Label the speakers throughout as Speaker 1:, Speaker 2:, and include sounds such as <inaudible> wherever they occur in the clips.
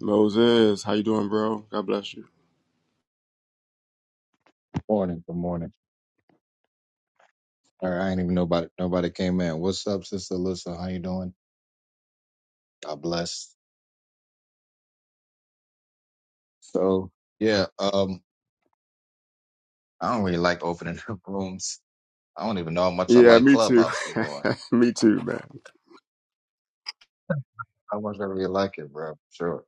Speaker 1: Moses, how you doing, bro? God bless you.
Speaker 2: Morning, good morning. All right, I ain't even nobody nobody came in. What's up, Sister Alyssa? How you doing? God bless. So yeah, um, I don't really like opening <laughs> up rooms. I don't even know how much I
Speaker 1: Yeah,
Speaker 2: like
Speaker 1: me too.
Speaker 2: Clubhouse anymore.
Speaker 1: <laughs> me too, man.
Speaker 2: How much I really like it, bro. Sure,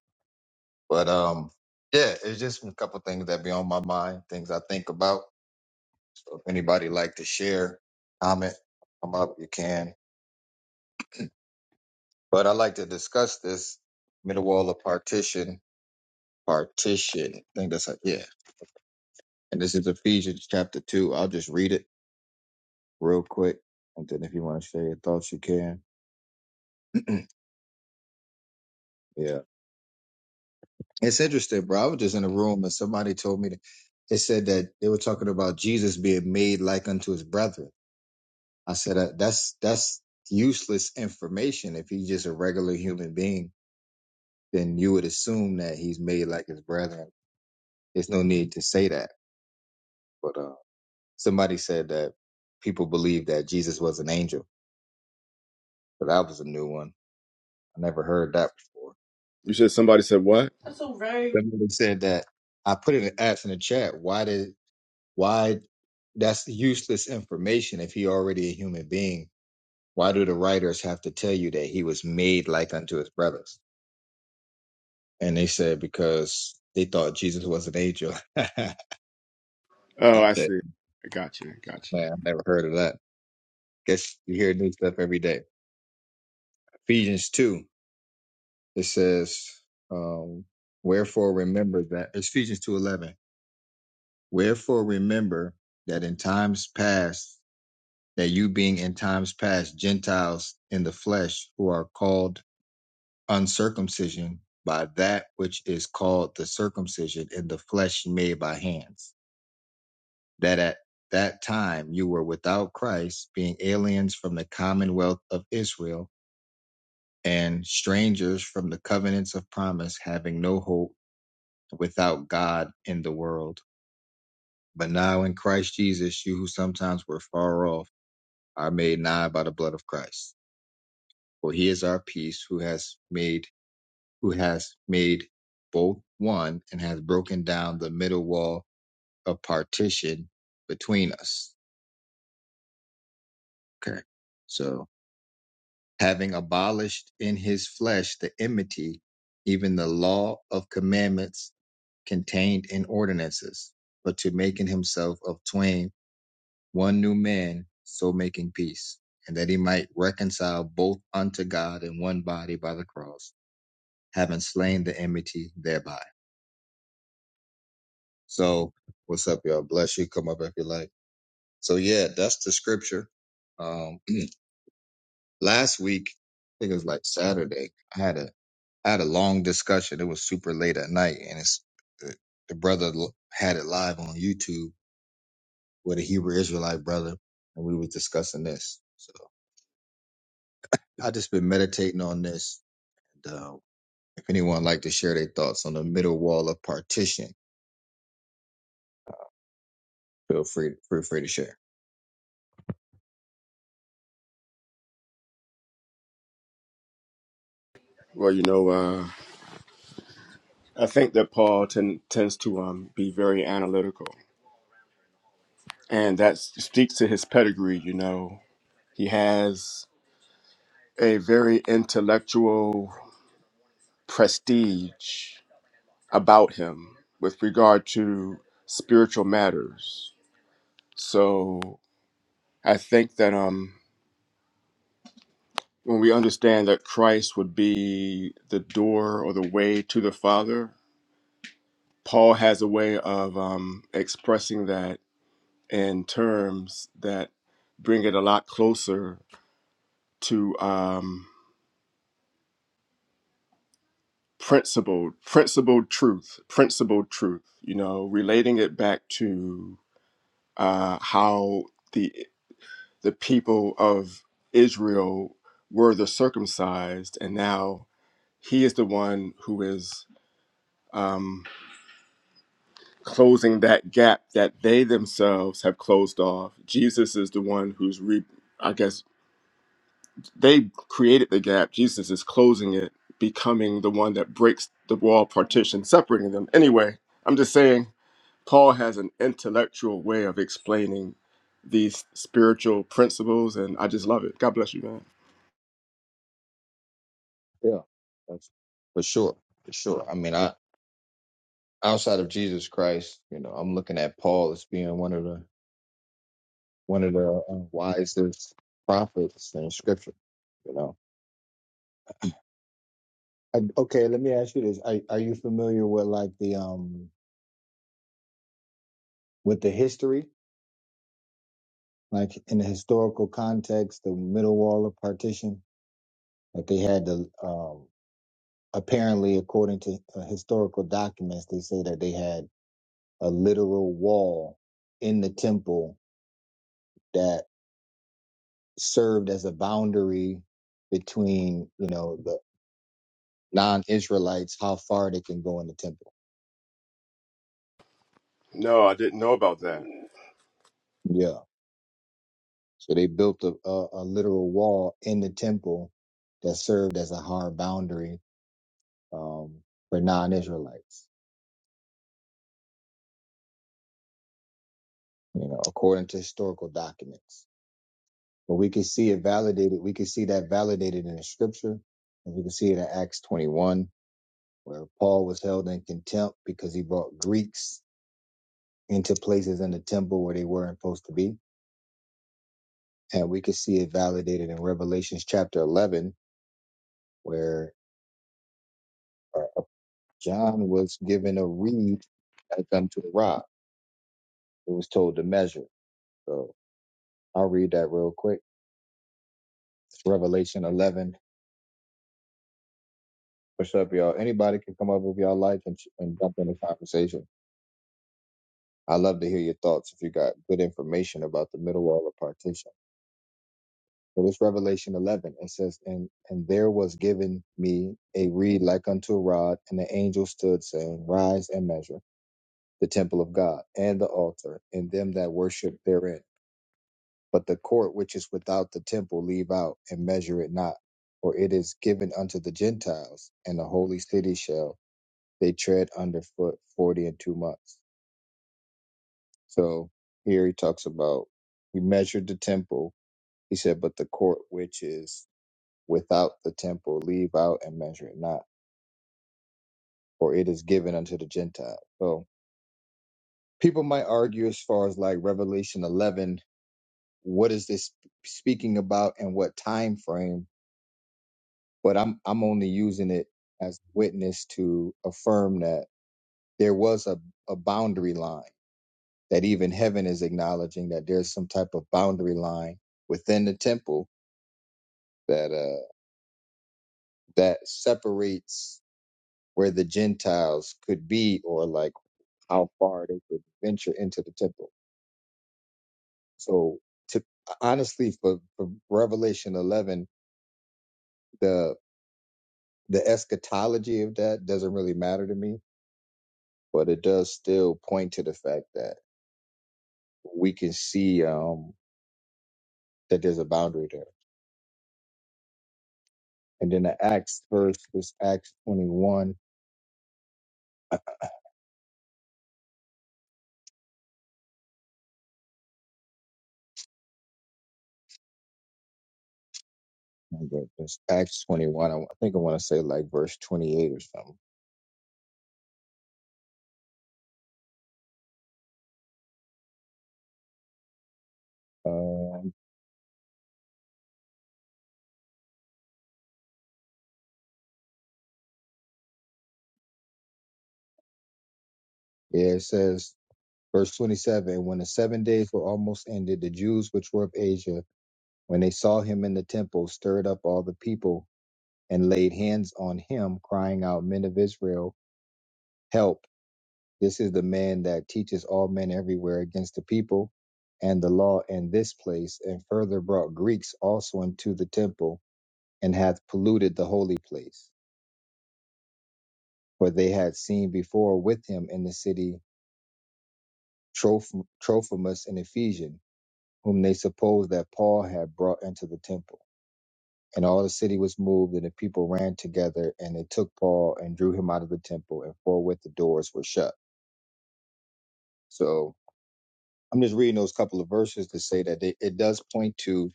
Speaker 2: but um, yeah, it's just a couple things that be on my mind, things I think about. So if anybody like to share, comment, come up, you can. But I like to discuss this middle wall of partition, partition. I think that's it. yeah And this is Ephesians chapter 2. I'll just read it real quick. And then if you want to share your thoughts, you can. <clears throat> yeah. It's interesting, bro. I was just in a room and somebody told me that it said that they were talking about Jesus being made like unto his brethren. I said, uh, that's, that's useless information. If he's just a regular human being, then you would assume that he's made like his brethren. There's no need to say that. But, uh, somebody said that people believe that Jesus was an angel, but that was a new one. I never heard that before.
Speaker 1: You said somebody said what? That's so very.
Speaker 2: Somebody said that I put it asked in the chat. Why did why that's useless information if he already a human being? Why do the writers have to tell you that he was made like unto his brothers? And they said because they thought Jesus was an angel. <laughs> I
Speaker 1: Oh, I
Speaker 2: said,
Speaker 1: see. Gotcha, gotcha.
Speaker 2: man, I never heard of that. Guess you hear new stuff every day. Ephesians two, it says, um, wherefore remember that it's Ephesians two eleven. Wherefore remember that in times past that you being in times past Gentiles in the flesh who are called uncircumcision by that which is called the circumcision in the flesh made by hands, that at that time you were without Christ, being aliens from the commonwealth of Israel and strangers from the covenants of promise, having no hope without God in the world. But now in Christ Jesus, you who sometimes were far off are made nigh by the blood of Christ. For he is our peace who has made who has made both one and has broken down the middle wall of partition between us. Okay. So having abolished in his flesh the enmity, even the law of commandments contained in ordinances, but to making himself of twain one new man, so making peace, and that he might reconcile both unto God in one body by the cross, having slain the enmity thereby So what's up, y'all? Bless you. Come up if you like. So yeah, that's the scripture. Um, last week, I think it was like Saturday. I had a I had a long discussion. It was super late at night, and it's the, the brother l- had it live on YouTube with a Hebrew Israelite brother, and we were discussing this. So I just been meditating on this. And, uh, if anyone like to share their thoughts on the middle wall of partition, feel free feel free to share.
Speaker 1: Well, you know, uh, I think that Paul ten- tends to um, be very analytical, and that speaks to his pedigree. You know, he has a very intellectual prestige about him with regard to spiritual matters. So I think that um, when we understand that Christ would be the door or the way to the Father, Paul has a way of um, expressing that in terms that bring it a lot closer to um, principled, principled truth, principled truth. You know, relating it back to uh, how the the people of Israel were the circumcised, and now he is the one who is. Um, closing that gap that they themselves have closed off. Jesus is the one who's re I guess they created the gap. Jesus is closing it, becoming the one that breaks the wall partition, separating them. Anyway, I'm just saying Paul has an intellectual way of explaining these spiritual principles and I just love it. God bless you, man.
Speaker 2: Yeah, that's for sure, for sure. I mean, I outside of Jesus Christ, you know, I'm looking at Paul as being one of the one of the uh, wisest prophets in Scripture. You know, I, okay, let me ask you this: are, are you familiar with like the um with the history, like in the historical context, the middle wall of partition that they had the um apparently according to uh, historical documents, they say that they had a literal wall in the temple served as a boundary between you know the non-israelites how far they can go in the temple
Speaker 1: No, I didn't know about that.
Speaker 2: yeah so they built a, a, a literal wall in the temple that served as a hard boundary um, for non-israelites you know according to historical documents but we can see it validated we can see that validated in the scripture and we can see it in acts 21 where paul was held in contempt because he brought greeks into places in the temple where they weren't supposed to be And we can see it validated in Revelations chapter 11, where uh, John was given a reed as unto a rod. It was told to measure. So I'll read that real quick. It's Revelation 11. What's up, y'all? Anybody can come up if y'all like and, and jump in the conversation. I love to hear your thoughts if you got good information about the middle wall of partition. But it's Revelation 11. It says, and, and there was given me a reed like unto a rod, and the angel stood saying, Rise and measure the temple of God, and the altar, and them that worship therein. But the court which is without the temple leave out, and measure it not, for it is given unto the Gentiles, and the holy city shall they tread under foot forty and two months. So here he talks about he measured the temple. He said, But the court which is without the temple leave out and measure it not, for it is given unto the Gentiles. So people might argue as far as like Revelation 11 what is this speaking about and what time frame but i'm i'm only using it as witness to affirm that there was a, a boundary line that even heaven is acknowledging that there's some type of boundary line within the temple that uh that separates where the gentiles could be or like how far they could venture into the temple so to honestly for, for revelation 11 the the eschatology of that doesn't really matter to me, but it does still point to the fact that we can see um, that there's a boundary there. And then the Acts verse, this Acts 21, this Acts 21, I think I want to say like verse 28 or something. Um, yeah, it says, verse 27, when the seven days were almost ended, the Jews which were of Asia, when they saw him in the temple, stirred up all the people and laid hands on him, crying out, Men of Israel, help. This is the man that teaches all men everywhere against the people and the law in this place, and further brought Greeks also into the temple, and hath polluted the holy place. For they had seen before with him in the city Troph- Trophimus an Ephesian, whom they supposed that Paul had brought into the temple. And all the city was moved, and the people ran together, and they took Paul and drew him out of the temple, and forthwith the doors were shut. So I'm just reading those couple of verses to say that they, it does point to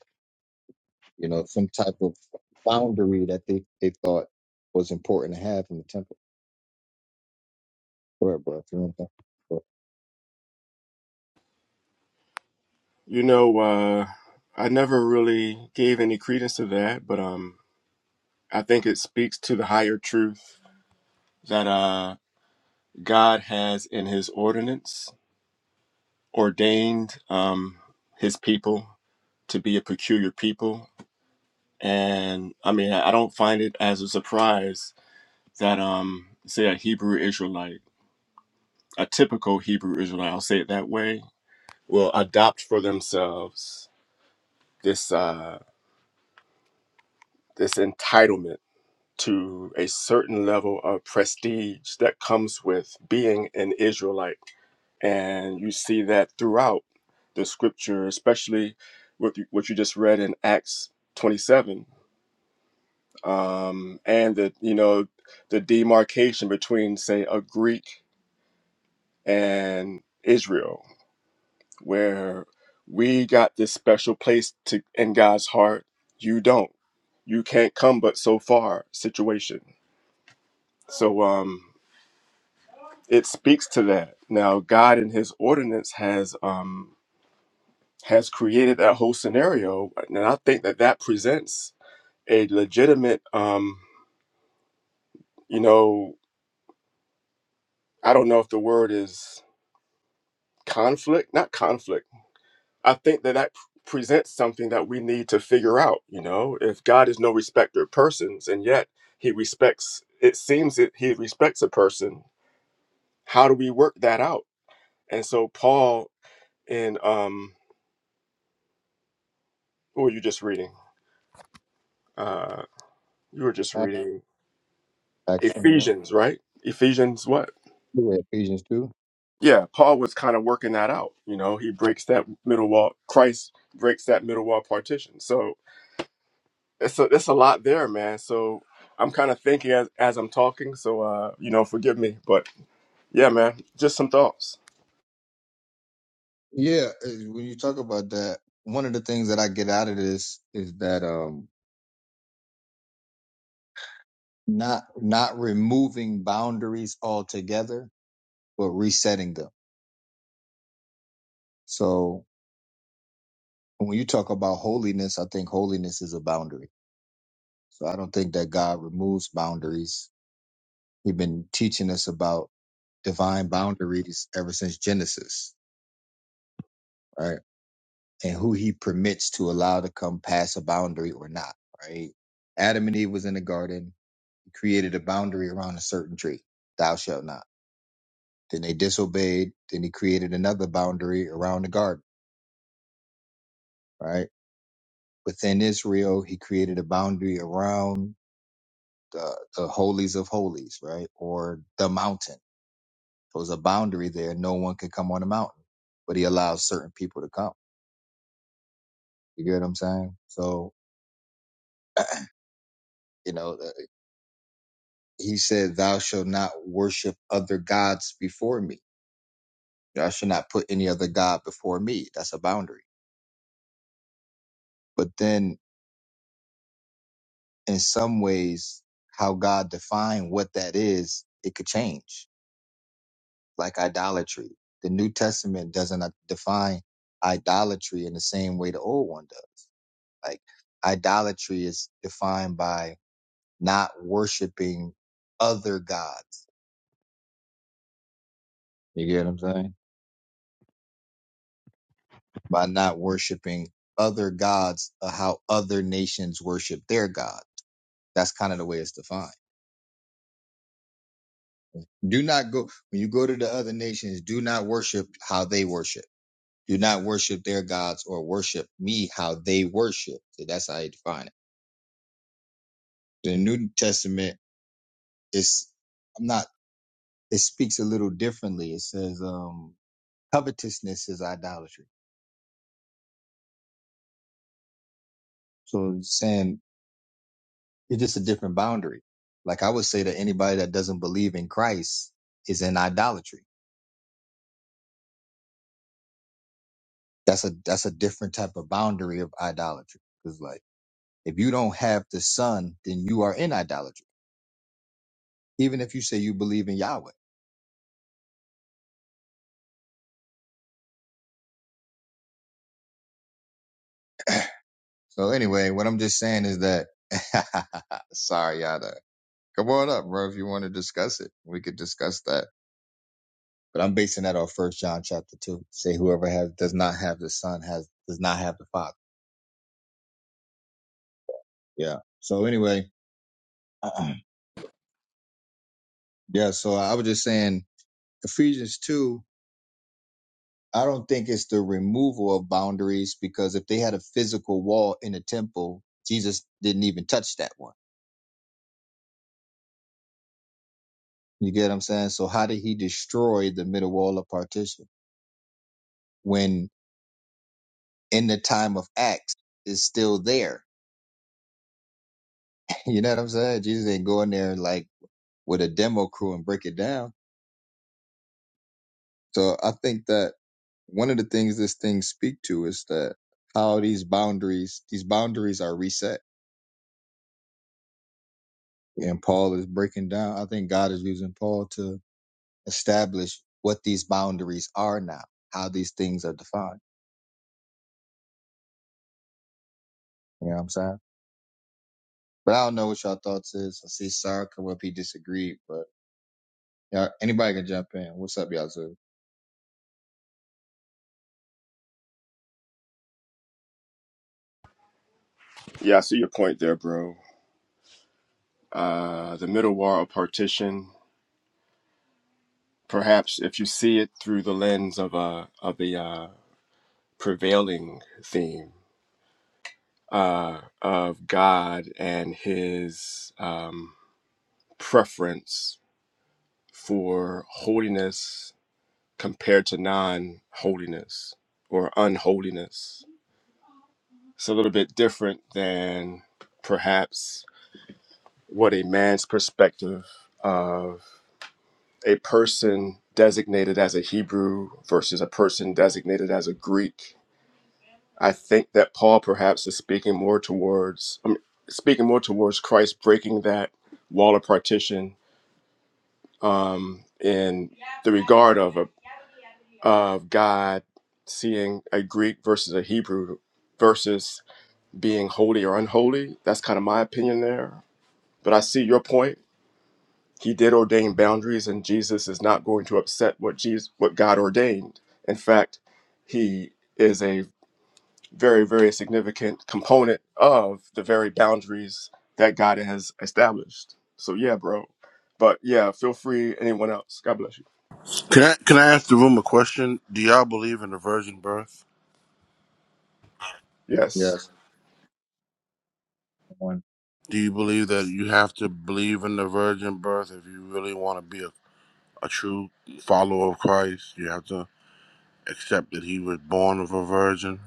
Speaker 2: you know, some type of boundary that they, they thought was important to have in the temple. Go ahead, bro. If you want to go
Speaker 1: You know, uh I never really gave any credence to that, but um I think it speaks to the higher truth that uh, God has in his ordinance ordained um, his people to be a peculiar people. And I mean, I don't find it as a surprise that, um, say, a Hebrew Israelite, a typical Hebrew Israelite, I'll say it that way, will adopt for themselves this, uh, this entitlement to a certain level of prestige that comes with being an Israelite. And you see that throughout the scripture, especially with what you just read in Acts 27. Um, and the, you know, the demarcation between, say, a Greek and Israel, where we got this special place to, in God's heart. You don't. You can't come but so far situation. So, um, it speaks to that. Now, God in His ordinance has um, has created that whole scenario, and I think that that presents a legitimate, um, you know, I don't know if the word is conflict, not conflict. I think that that presents something that we need to figure out. You know, if God is no respecter of persons, and yet He respects, it seems that He respects a person. How do we work that out? And so Paul in um, what were you just reading? Uh, You were just
Speaker 2: Acts
Speaker 1: reading
Speaker 2: Acts 21.
Speaker 1: Ephesians, right? Ephesians what?
Speaker 2: Go ahead, Ephesians 2.
Speaker 1: Yeah, Paul was kind of working that out. You know, he breaks that middle wall. Christ breaks that middle wall partition. So it's a, it's a lot there, man. So I'm kind of thinking as, as I'm talking. So, uh, you know, forgive me. But yeah, man, just some thoughts.
Speaker 2: Yeah, uh, when you talk about that, one of the things that I get out of this is that um not not removing boundaries altogether, but resetting them. So when you talk about holiness, I think holiness is a boundary. So I don't think that God removes boundaries. He's been teaching us about divine boundaries ever since Genesis, right? And who he permits to allow to come past a boundary or not, right? Adam and Eve was in the garden, he created a boundary around a certain tree, thou shalt not. Then they disobeyed, then he created another boundary around the garden, right? Within Israel, he created a boundary around the, the holies of holies, right? Or the mountain. There was a boundary there. No one could come on the mountain, but he allows certain people to come. You get what I'm saying? So You know, uh, he said, Thou shalt not worship other gods before me. Thou shalt not put any other God before me. That's a boundary. But then in some ways, how God defined what that is, it could change, like idolatry. The New Testament doesn't uh, define idolatry in the same way the old one does. Like idolatry is defined by not worshiping other gods. You get what I'm saying? by not worshiping other gods uh, how other nations worship their god that's kind of the way it's defined do not go when you go to the other nations do not worship how they worship do not worship their gods or worship me how they worship so that's how you define it the new testament is i'm not it speaks a little differently it says um covetousness is idolatry so it's saying It's just a different boundary. Like I would say that anybody that doesn't believe in Christ is in idolatry. That's a that's a different type of boundary of idolatry. Because like if you don't have the Son, then you are in idolatry. Even if you say you believe in Yahweh. So anyway, what I'm just saying is that <laughs> sorry, Yada. Come on up, bro, if you want to discuss it. We could discuss that. But I'm basing that off first John chapter two. Say whoever has does not have the son has does not have the father. Yeah. So anyway, <clears throat> Yeah, so I was just saying Ephesians 2, I don't think it's the removal of boundaries because if they had a physical wall in the temple, Jesus didn't even touch that one. You get what I'm saying? So how did he destroy the middle wall of partition when in the time of Acts it's still there? <laughs> You know what I'm saying? Jesus ain't not go in there like with a demo crew and break it down. So I think that one of the things this thing speak to is that how these boundaries, these boundaries are reset and Paul is breaking down. I think God is using Paul to establish what these boundaries are now, how these things are defined. You know what I'm saying? But I don't know what y'all thoughts is. I see Sarah come up, he disagreed, but yeah, anybody can jump in. What's up, y'all? Yazoo?
Speaker 1: Yeah, I see your point there, bro. Uh, the middle wall of partition, perhaps if you see it through the lens of, uh, of the uh, prevailing theme uh, of God and his um, preference for holiness compared to non holiness or unholiness. It's a little bit different than perhaps what a man's perspective of a person designated as a Hebrew versus a person designated as a Greek I think that Paul perhaps is speaking more towards, I mean, speaking more towards Christ breaking that wall of partition um, in the regard of a, of God seeing a Greek versus a Hebrew versus being holy or unholy. That's kind of my opinion there. But I see your point. He did ordain boundaries, and Jesus is not going to upset what Jesus, what God ordained. In fact, he is a very, very significant component of the very boundaries that God has established. So yeah, bro. But yeah, feel free. Anyone else? God bless you.
Speaker 3: Can I can I ask the room a question? Do y'all believe in the virgin birth?
Speaker 1: Yes,
Speaker 2: Yes. One.
Speaker 3: Do you believe that you have to believe in the virgin birth if you really want to be a, a true follower of Christ? You have to accept that he was born of a virgin.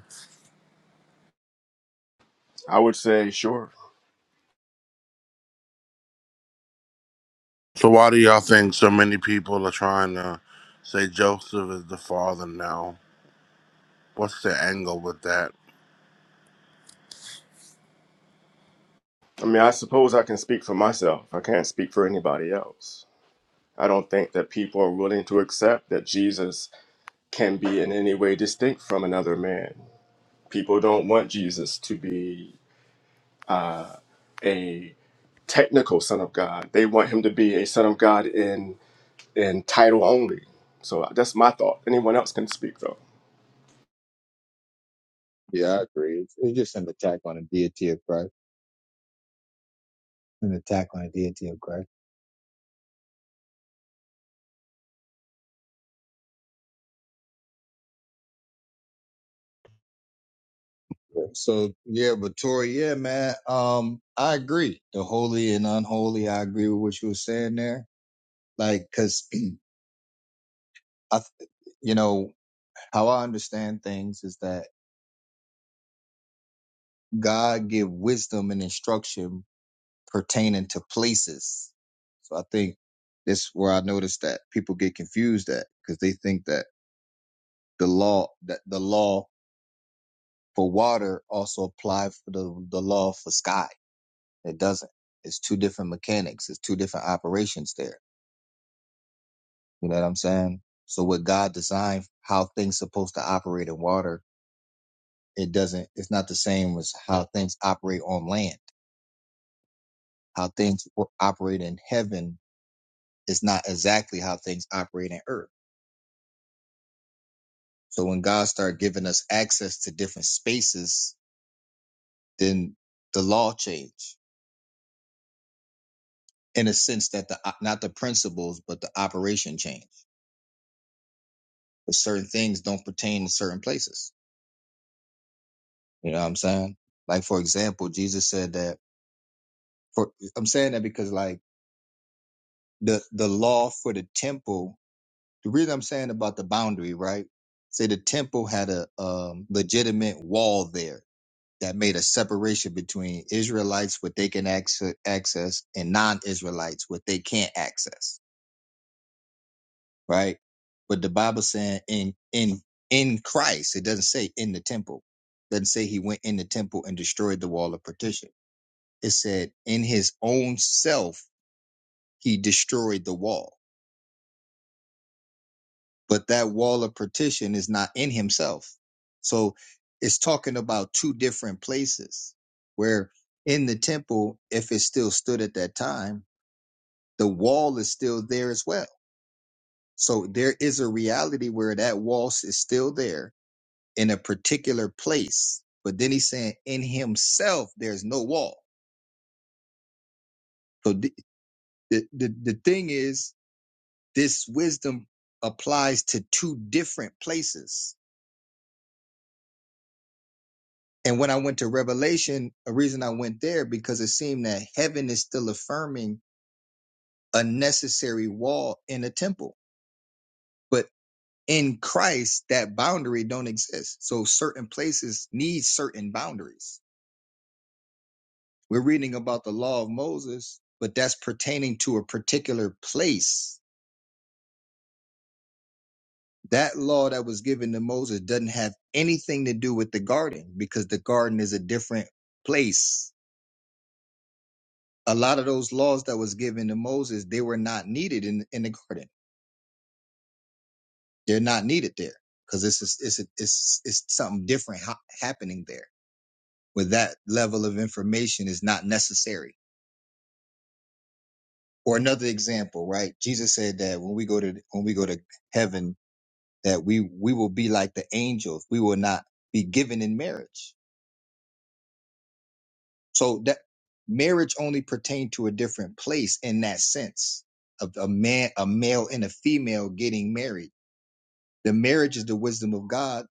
Speaker 1: I would say sure.
Speaker 3: So why do y'all think so many people are trying to say Joseph is the father now? What's the angle with that?
Speaker 1: I mean, I suppose I can speak for myself. I can't speak for anybody else. I don't think that people are willing to accept that Jesus can be in any way distinct from another man. People don't want Jesus to be a technical son of God. They want him to be a son of God in. in title only. So that's my thought. Anyone else can speak though.
Speaker 2: Yeah, I agree. It's, it's just an attack on the deity of Christ. An attack on the deity of Christ. So yeah, but Tori, yeah, man. Um, I agree. The holy and unholy, I agree with what you were saying there. Like, cause <clears throat> I, th- you know, How I understand things is that God give wisdom and instruction pertaining to places. So I think this where I noticed that people get confused at because they think that the law that the law for water also apply for the, the law for sky. It doesn't. It's two different mechanics. It's two different operations there. You know what I'm saying? So what God designed how things supposed to operate in water, it doesn't it's not the same as how things operate on land. how things wo- operate in heaven is not exactly how things operate in earth. So when God started giving us access to different spaces, then the law changed in a sense that the uh, not the principles but the operation changed. But certain things don't pertain to certain places. You know what I'm saying? Like for example, Jesus said that for I'm saying that because like the the law for the temple, the reason I'm saying about the boundary, right? Say the temple had a um, legitimate wall there that made a separation between Israelites, what they can access, and non-Israelites, what they can't access, right? But the Bible saying in in in Christ, it doesn't say in the temple. It doesn't say he went in the temple and destroyed the wall of partition. It said in his own self he destroyed the wall. But that wall of partition is not in himself. So it's talking about two different places where in the temple, if it still stood at that time, the wall is still there as well. So there is a reality where that wall is still there in a particular place. But then he's saying in himself, there's no wall. So the, the, the, the thing is, this wisdom applies to two different places. And when I went to Revelation, a reason I went there because it seemed that heaven is still affirming a necessary wall in a temple. But in Christ, that boundary don't exist. So certain places need certain boundaries. We're reading about the law of Moses, but that's pertaining to a particular place. That law that was given to Moses doesn't have anything to do with the garden because the garden is a different place. A lot of those laws that was given to Moses, they were not needed in, in the garden. They're not needed there because it's, a, it's, a, it's, it's something different ha- happening there where that level of information is not necessary or another example, right? Jesus said that when we go to when we go to heaven, that we we will be like the angels. We will not be given in marriage. So that marriage only pertained to a different place in that sense of a man, a male and a female getting married. The marriage is the wisdom of God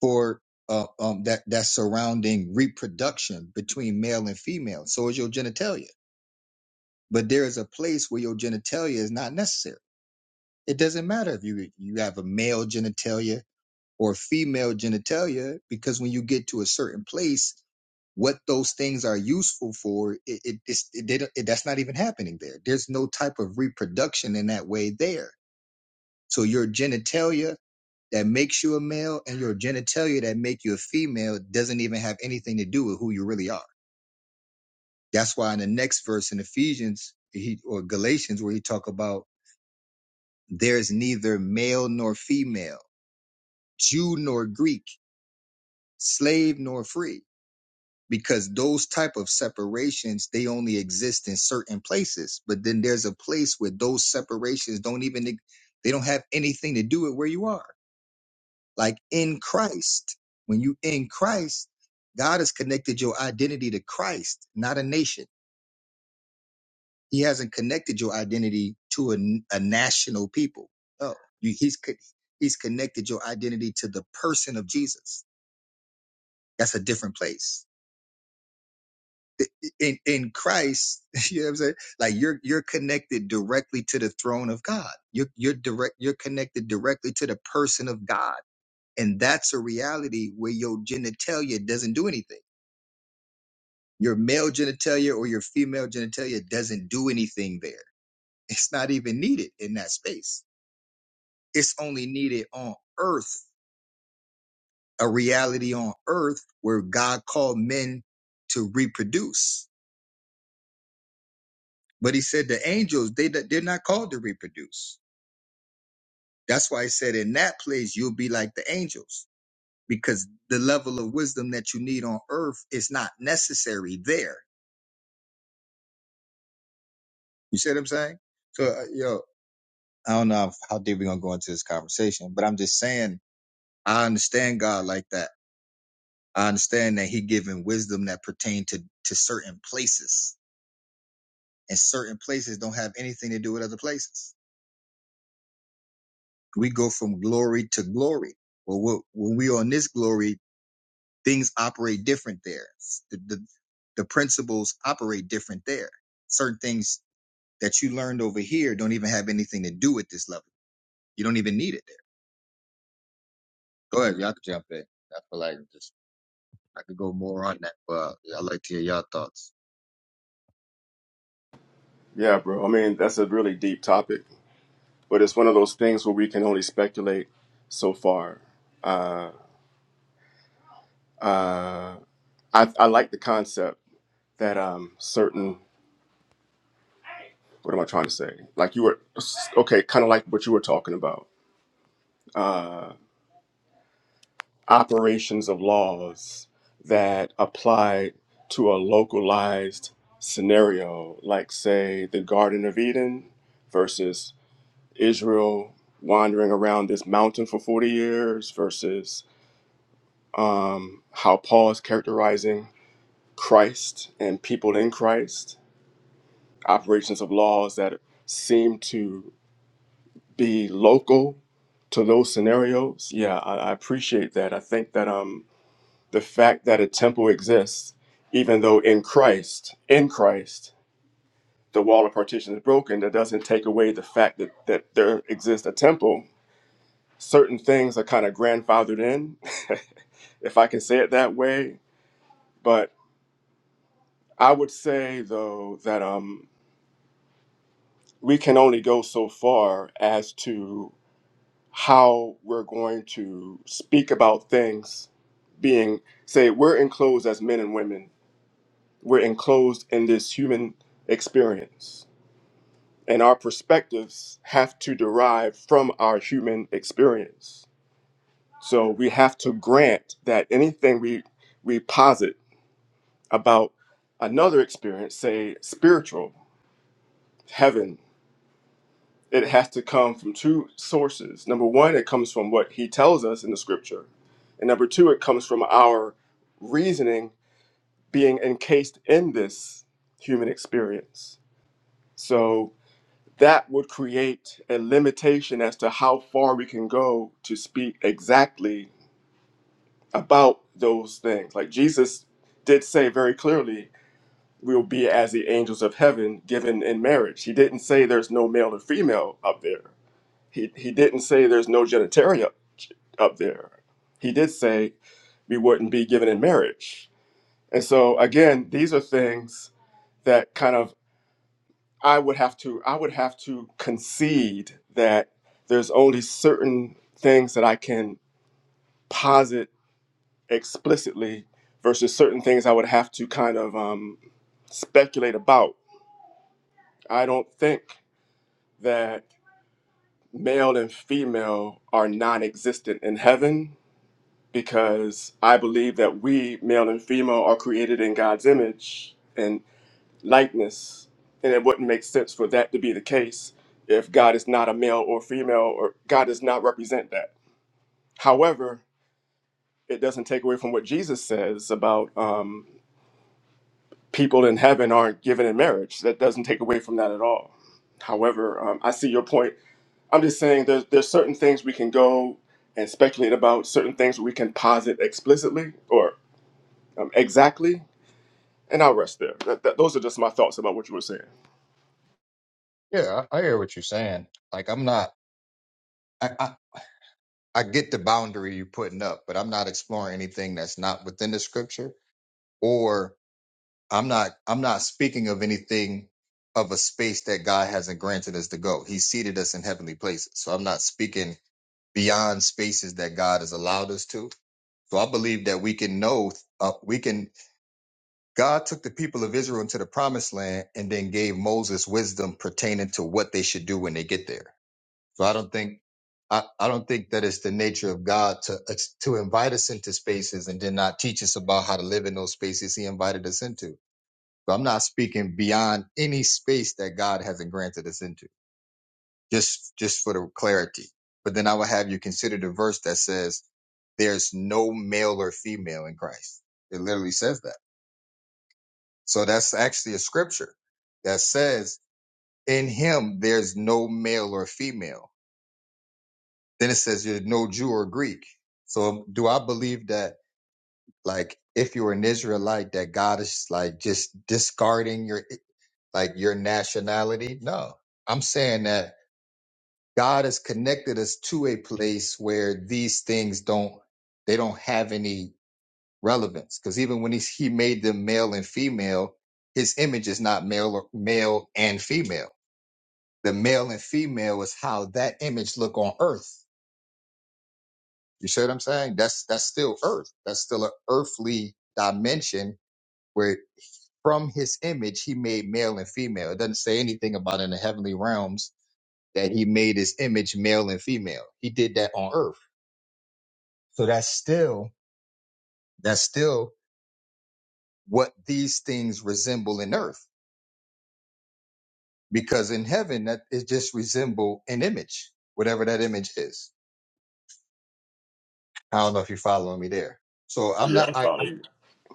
Speaker 2: for uh, um, that that surrounding reproduction between male and female. So is your genitalia, but there is a place where your genitalia is not necessary It doesn't matter if you you have a male genitalia or female genitalia because when you get to a certain place, what those things are useful for, it, it, it's, it, they don't- it that's not even happening there. There's no type of reproduction in that way there. So your genitalia that makes you a male and your genitalia that make you a female doesn't even have anything to do with who you really are. That's why in the next verse in Ephesians he, or Galatians where he talk about there's neither male nor female Jew nor Greek, slave nor free, because those type of separations they only exist in certain places. But then there's a place where those separations don't even e, they don't have anything to do with where you are. Like in Christ, when you in Christ, God has connected your identity to Christ, not a nation. He hasn't connected your identity to a a national people. No, you, he's he's connected your identity to the person of Jesus. That's a different place in in Christ, <laughs> you know what I'm saying? Like you're you're connected directly to the throne of God. You're you're direct you're connected directly to the person of God. And that's a reality where your genitalia doesn't do anything. Your male genitalia or your female genitalia doesn't do anything there. It's not even needed in that space. It's only needed on earth, a reality on earth where God called men to reproduce. But he said the angels, they they're not called to reproduce That's why I said in that place you'll be like the angels because the level of wisdom that you need on earth is not necessary there. You see what I'm saying? So, uh, yo, I don't know how deep we're gonna go into this conversation, but I'm just saying I understand God like that. I understand that He giving wisdom that pertain to to certain places, and certain places don't have anything to do with other places. We go from glory to glory. Well, we're- when we on this glory, things operate different there. The, the, the principles operate different there. Certain things that you learned over here don't even have anything to do with this level. You don't even need it there. Go ahead, y'all can jump in. I feel like just I could go more on that, but I'd like to hear y'all thoughts.
Speaker 1: Yeah, bro. I mean, that's a really deep topic, but it's one of those things where we can only speculate so far. Uh, uh, I, I like the concept that um, certain, what am I trying to say? Like you were, okay, kind of like what you were talking about operations of laws that apply to a localized scenario, like, say, the Garden of Eden versus Israel wandering around this mountain for 40 years versus um, how Paul is characterizing Christ and people in Christ, operations of laws that seem to be local to those scenarios. Yeah, I, I appreciate that. I think that um, the fact that a temple exists, even though in Christ, in Christ, the wall of partition is broken, that doesn't take away the fact that, that there exists a temple certain things are kind of grandfathered in, <laughs> if I can say it that way. But I would say, though, that um, we can only go so far as to how we're going to speak about things being, say, we're enclosed as men and women, we're enclosed in this human experience. And our perspectives have to derive from our human experience. So we have to grant that anything we we posit about another experience, say spiritual heaven, it has to come from two sources. Number one, it comes from what he tells us in the scripture. And number two, it comes from our reasoning being encased in this human experience. So that would create a limitation as to how far we can go to speak exactly about those things. Like Jesus did say very clearly we'll be as the angels of heaven given in marriage. He didn't say there's no male or female up there. He, he didn't say there's no genitalia up there. He did say we wouldn't be given in marriage. And so again, these are things that kind of I would have to I would have to concede that there's only certain things that I can posit explicitly versus certain things I would have to kind of um, speculate about. I don't think. that male and female are non existent in heaven because I believe that we, male and female, are created in God's image and likeness. And it wouldn't make sense for that to be the case if God is not a male or female, or God does not represent that. However, it doesn't take away from what Jesus says about um, people in heaven aren't given in marriage. That doesn't take away from that at all. However, um, I see your point I'm just saying there's there's certain things we can go and speculate about, certain things we can posit explicitly or um, exactly, and I'll rest there. That, that, those are just my thoughts about what you were saying.
Speaker 2: Yeah, I I hear what you're saying. Like I'm not I, I I get the boundary you're putting up, but I'm not exploring anything that's not within the scripture or. I'm not I'm not speaking of anything of a space that God hasn't granted us to go. He seated us in heavenly places. So I'm not speaking beyond spaces that God has allowed us to. So I believe that we can know uh, we can God took the people of Israel into the promised land and then gave Moses wisdom pertaining to what they should do when they get there. So I don't think I, I don't think that it's the nature of God to uh, to invite us into spaces and then not teach us about how to live in those spaces he invited us into. So I'm not speaking beyond any space that God hasn't granted us into. Just just for the clarity. But then I would have you consider the verse that says there's no male or female in Christ. It literally says that. So that's actually a scripture that says in him there's no male or female. Then it says there's no Jew or Greek. So um, do I believe that like if you're an Israelite that God is like just discarding your like your nationality. No, I'm saying that God has connected us to a place where these things don't they don't have any relevance. Because even when he's, he made them male and female, his image is not male or- male and female. The male and female is how that image look on Earth. You see what I'm saying? That's that's still Earth. That's still an earthly dimension where from his image he made male and female. It doesn't say anything about in the heavenly realms that he made his image male and female. He did that on earth. So that's still that's still what these things resemble in earth. Because in heaven that it just resemble an image, whatever that image is. I don't know if you're following me there. So I'm
Speaker 1: Yeah,
Speaker 2: not
Speaker 1: I
Speaker 2: I,
Speaker 1: follow you.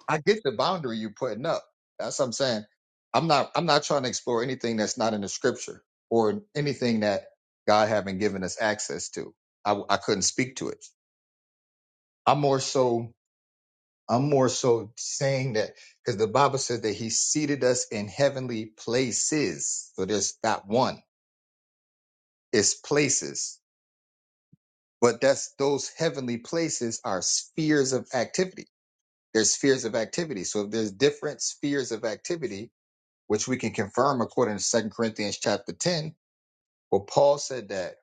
Speaker 2: I get the boundary you're putting up. That's what I'm saying. I'm not I'm not trying to explore anything that's not in the scripture or anything that God haven't given us access to. I, I couldn't speak to it. I'm more so I'm more so saying that because the Bible says that He seated us in heavenly places. So there's not one, it's places. But that's those heavenly places are spheres of activity. There's spheres of activity. So if there's different spheres of activity, which we can confirm according to Second Corinthians chapter 10, where Paul said that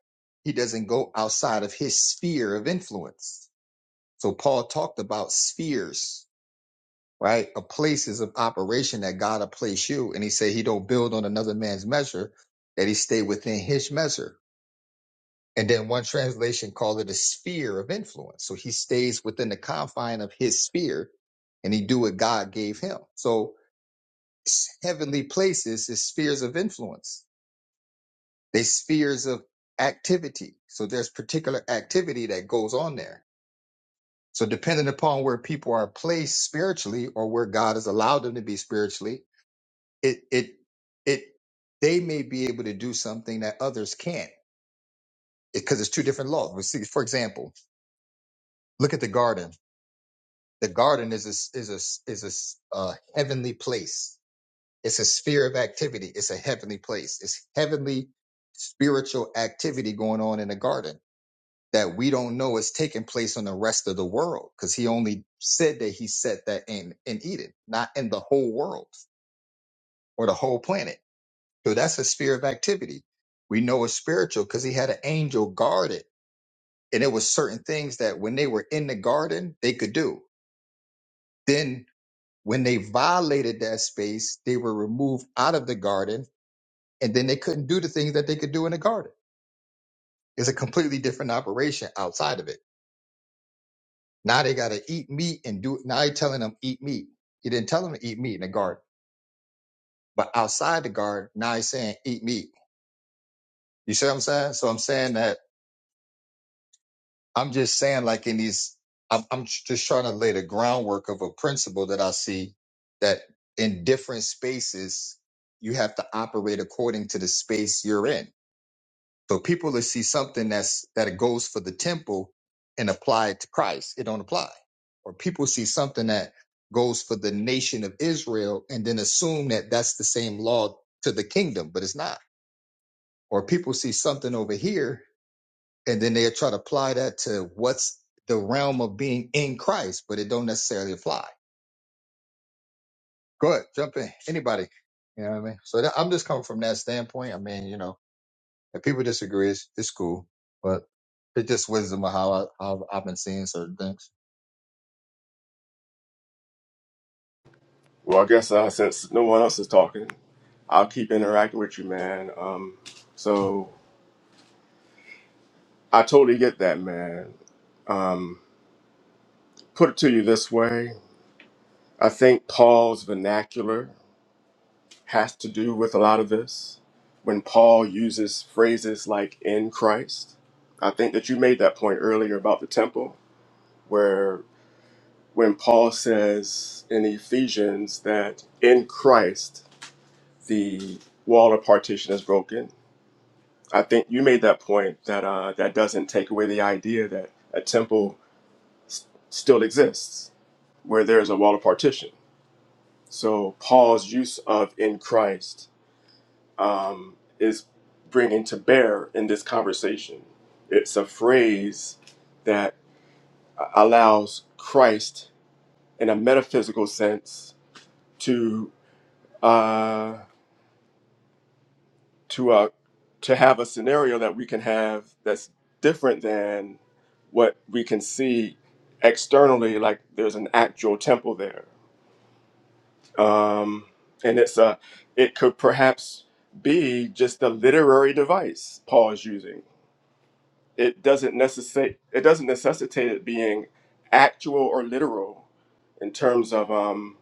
Speaker 2: he doesn't go outside of his sphere of influence. So Paul talked about spheres right? A place is an operation that God will place you. And he said he don't build on another man's measure, that he stay within his measure. And then one translation called it a sphere of influence. So he stays within the confine of his sphere and he do what God gave him. So s- heavenly places is spheres of influence. They spheres of activity. So there's particular activity that goes on there. So depending upon where people are placed spiritually or where God has allowed them to be spiritually, it it it they may be able to do something that others can't because it's two different laws. We see, for example, look at the garden. The garden is a s- is a is a uh, heavenly place. It's a sphere of activity. It's a heavenly place. It's heavenly spiritual activity going on in the garden that we don't know is taking place on the rest of the world because he only said that he set that in in Eden, not in the whole world or the whole planet So that's a sphere of activity. We know it's spiritual because he had an angel guard it. And it was certain things that when they were in the garden, they could do. Then when they violated that space, they were removed out of the garden and then they couldn't do the things that they could do in the garden. It's a completely different operation outside of it. Now they got to eat meat and do Now he's telling them eat meat. He didn't tell them to eat meat in the garden, but outside the garden, now he's saying eat meat. You see what I'm saying? So I'm saying that I'm just saying, like in these, I'm, I'm just trying to lay the groundwork of a principle that I see that in different spaces, you have to operate according to the space you're in. So people that see something that's that goes for the temple and apply it to Christ, it don't apply. Or people see something that goes for the nation of Israel and then assume that that's the same law to the kingdom, but it's not. Or people see something over here and then they try to apply that to what's the realm of being in Christ, but it don't necessarily apply. Go ahead, jump in, anybody. You know what I mean? So that, I'm just coming from that standpoint. I mean, you know, if people disagree, it's, it's cool, but it's just wisdom of how I, how I've been seeing certain things.
Speaker 1: Well, I guess uh, since no one else is talking, I'll keep interacting with you, man. Um, so I totally get that, man. Um, put it to you this way: I think Paul's vernacular has to do with a lot of this. When Paul uses phrases like in Christ, I think that you made that point earlier about the temple, where when Paul says in Ephesians that in Christ the wall of partition is broken, I think you made that point that uh, that doesn't take away the idea that a temple s- still exists where there is a wall of partition. So Paul's use of in Christ um, is bringing to bear in this conversation. It's a phrase that allows Christ, in a metaphysical sense, to uh, to uh, to have a scenario that we can have that's different than what we can see externally. Like there's an actual temple there, um, and it's a it could perhaps be just a literary device Paul is using it doesn't necessitate it doesn't necessitate it being actual or literal in terms of um,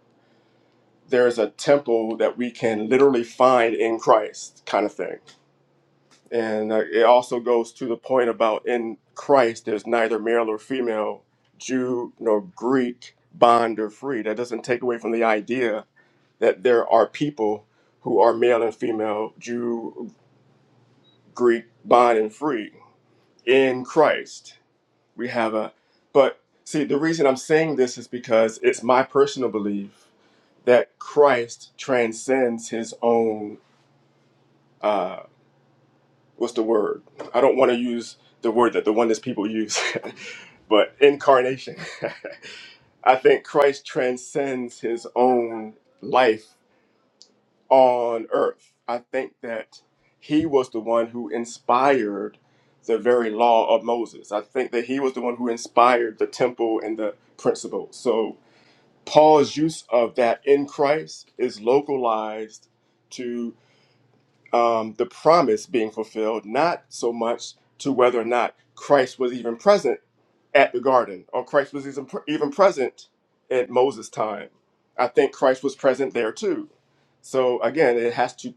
Speaker 1: there's a temple that we can literally find in Christ kind of thing. And uh, it also goes to the point about in Christ there's neither male or female, Jew nor Greek, bond or free. That doesn't take away from the idea that there are people who are male and female, Jew, Greek, bond and free in Christ we have a but see the reason i'm saying this is because it's my personal belief that christ transcends his own uh what's the word i don't want to use the word that the oneness people use <laughs> but incarnation <laughs> i think christ transcends his own life on earth. I think that he was the one who inspired the very law of Moses. I think that he was the one who inspired the temple and the principles. So Paul's use of that in Christ is localized to um, the promise being fulfilled, not so much to whether or not Christ was even present at the garden or Christ was even, even present at Moses' time. I think Christ was present there too. So again, it has to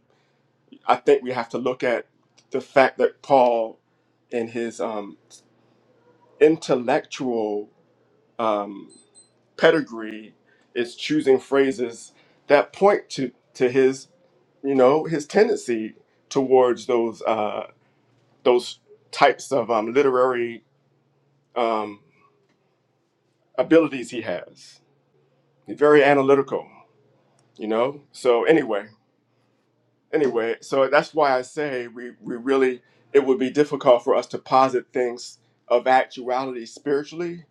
Speaker 1: I think we have to look at the fact that Paul, in his um, intellectual um, pedigree, is choosing phrases that point to to his, you know, his tendency towards those uh, those types of um, literary um, abilities he has. He's very analytical, you know. So anyway, anyway, so that's why I say we, we really, it would be difficult for us to posit things of actuality spiritually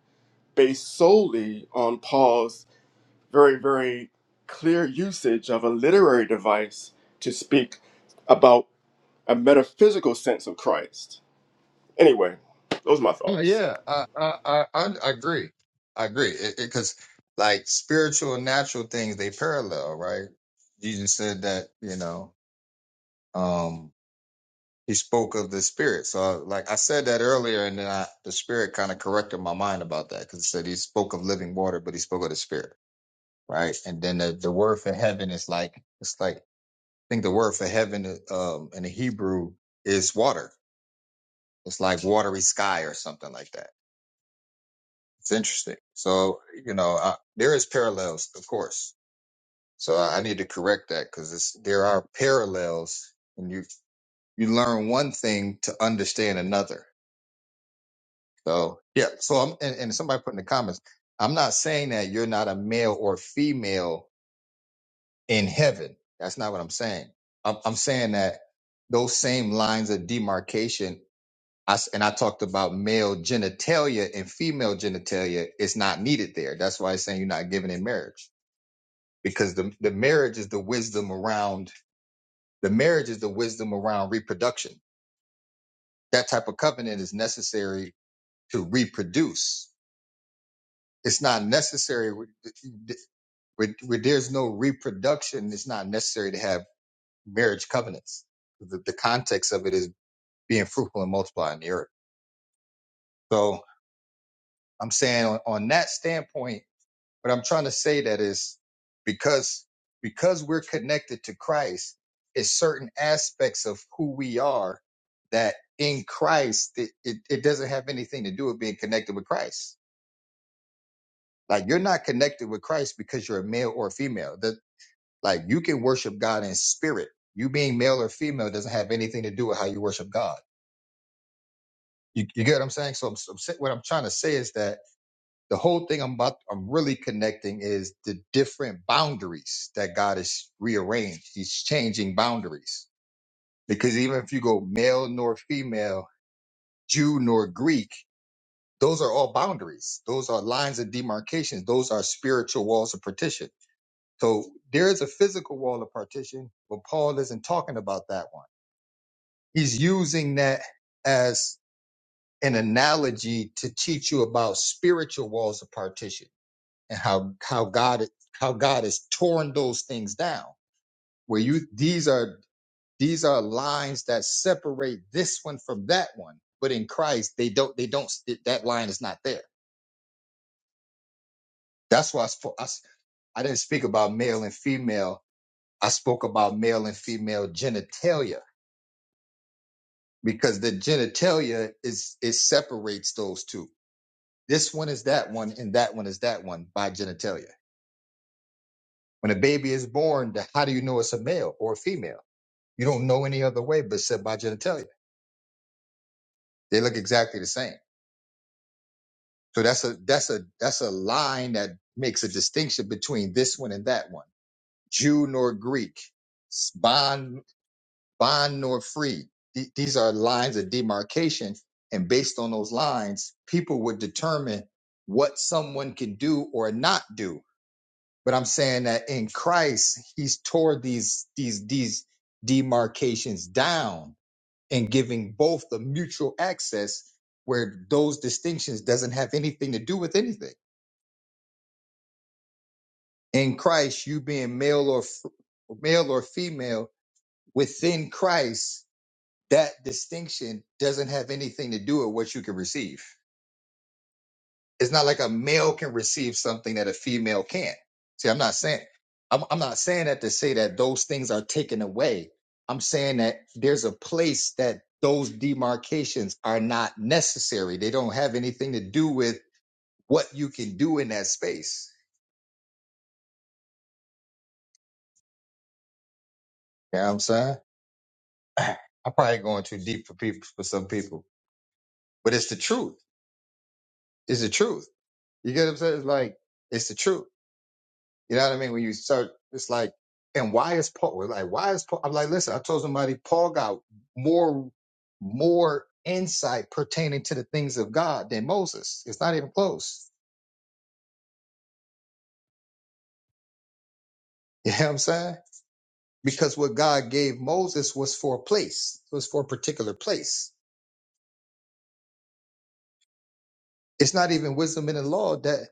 Speaker 1: based solely on Paul's very, very clear usage of a literary device to speak about a metaphysical sense of Christ. Anyway, those are my
Speaker 2: Uh,
Speaker 1: thoughts.
Speaker 2: Yeah, I I I, I I agree. I agree because like spiritual and natural things they parallel, right? Jesus said that you know. He spoke of the spirit. So, like I said that earlier, and then I, the spirit kind of corrected my mind about that because it said he spoke of living water, but he spoke of the spirit, right? And then the, the word for heaven is like it's like I think the word for heaven um, in the Hebrew is water. It's like watery sky or something like that. It's interesting. So you know, I, there is parallels, of course. So I, I need to correct that because there are parallels, and you you learn one thing to understand another So yeah, so I'm and, and somebody put in the comments, I'm not saying that you're not a male or female in heaven. That's not what I'm saying. I'm, I'm saying that those same lines of demarcation, I s and I talked about male genitalia and female genitalia It's not needed there. That's why I'm saying you're not given in marriage because the the marriage is the wisdom around the marriage is the wisdom around reproduction. That type of covenant is necessary to reproduce. It's not necessary where, where there's no reproduction, it's not necessary to have marriage covenants. The, the context of it is being fruitful and multiplying the earth. So I'm saying on, on that standpoint, what I'm trying to say that is because because we're connected to Christ, it's certain aspects of who we are that in Christ it, it, it doesn't have anything to do with being connected with Christ. Like you're not connected with Christ because you're a male or a female. Like you can worship God in spirit. You being male or female doesn't have anything to do with how you worship God. You, you get what I'm saying? So, I'm, so I'm sa- what I'm trying to say is that the whole thing I'm about, I'm really connecting is the different boundaries that God has rearranged. He's changing boundaries because even if you go male nor female, Jew nor Greek, those are all boundaries. Those are lines of demarcations. Those are spiritual walls of partition. So there is a physical wall of partition, but Paul isn't talking about that one. He's using that as an analogy to teach you about spiritual walls of partition and how how God how God has torn those things down. Where you these are these are lines that separate this one from that one, but in Christ they don't they don't that line is not there. That's why I, spo- I s- I didn't speak about male and female. I spoke about male and female genitalia because the genitalia is it separates those two. This one is that one, and that one is that one by genitalia. When a baby is born, the- how do you know it's a male or a female? You don't know any other way but said by genitalia. They look exactly the same. So that's a that's a that's a line that makes a distinction between this one and that one. Jew nor Greek, bond bond nor free. The- These are lines of demarcation, and based on those lines, people would determine what someone can do or not do but I'm saying that in Christ, He's tore these these these demarcations down and giving both the mutual access where those distinctions doesn't have anything to do with anything. In Christ, you being male or f- male or female within Christ, that distinction doesn't have anything to do with what you can receive. It's not like a male can receive something that a female can't. See, I'm not saying I'm, I'm not saying that to say that those things are taken away. I'm saying that there's a place that those demarcations are not necessary. They don't have anything to do with what you can do in that space. You know what I'm saying? <clears throat> I'm probably going too deep for people for some people. But it's the truth. It's the truth. You get what I'm saying? It's like it's the truth. You know what I mean? When you start, it's like, and why is Paul? like, why is Paul? I'm like, listen, I told somebody Paul got more, more insight pertaining to the things of God than Moses. It's not even close. <laughs> You know what I'm saying? Because what God gave Moses was for a place, it was for a particular place. It's not even wisdom in the law that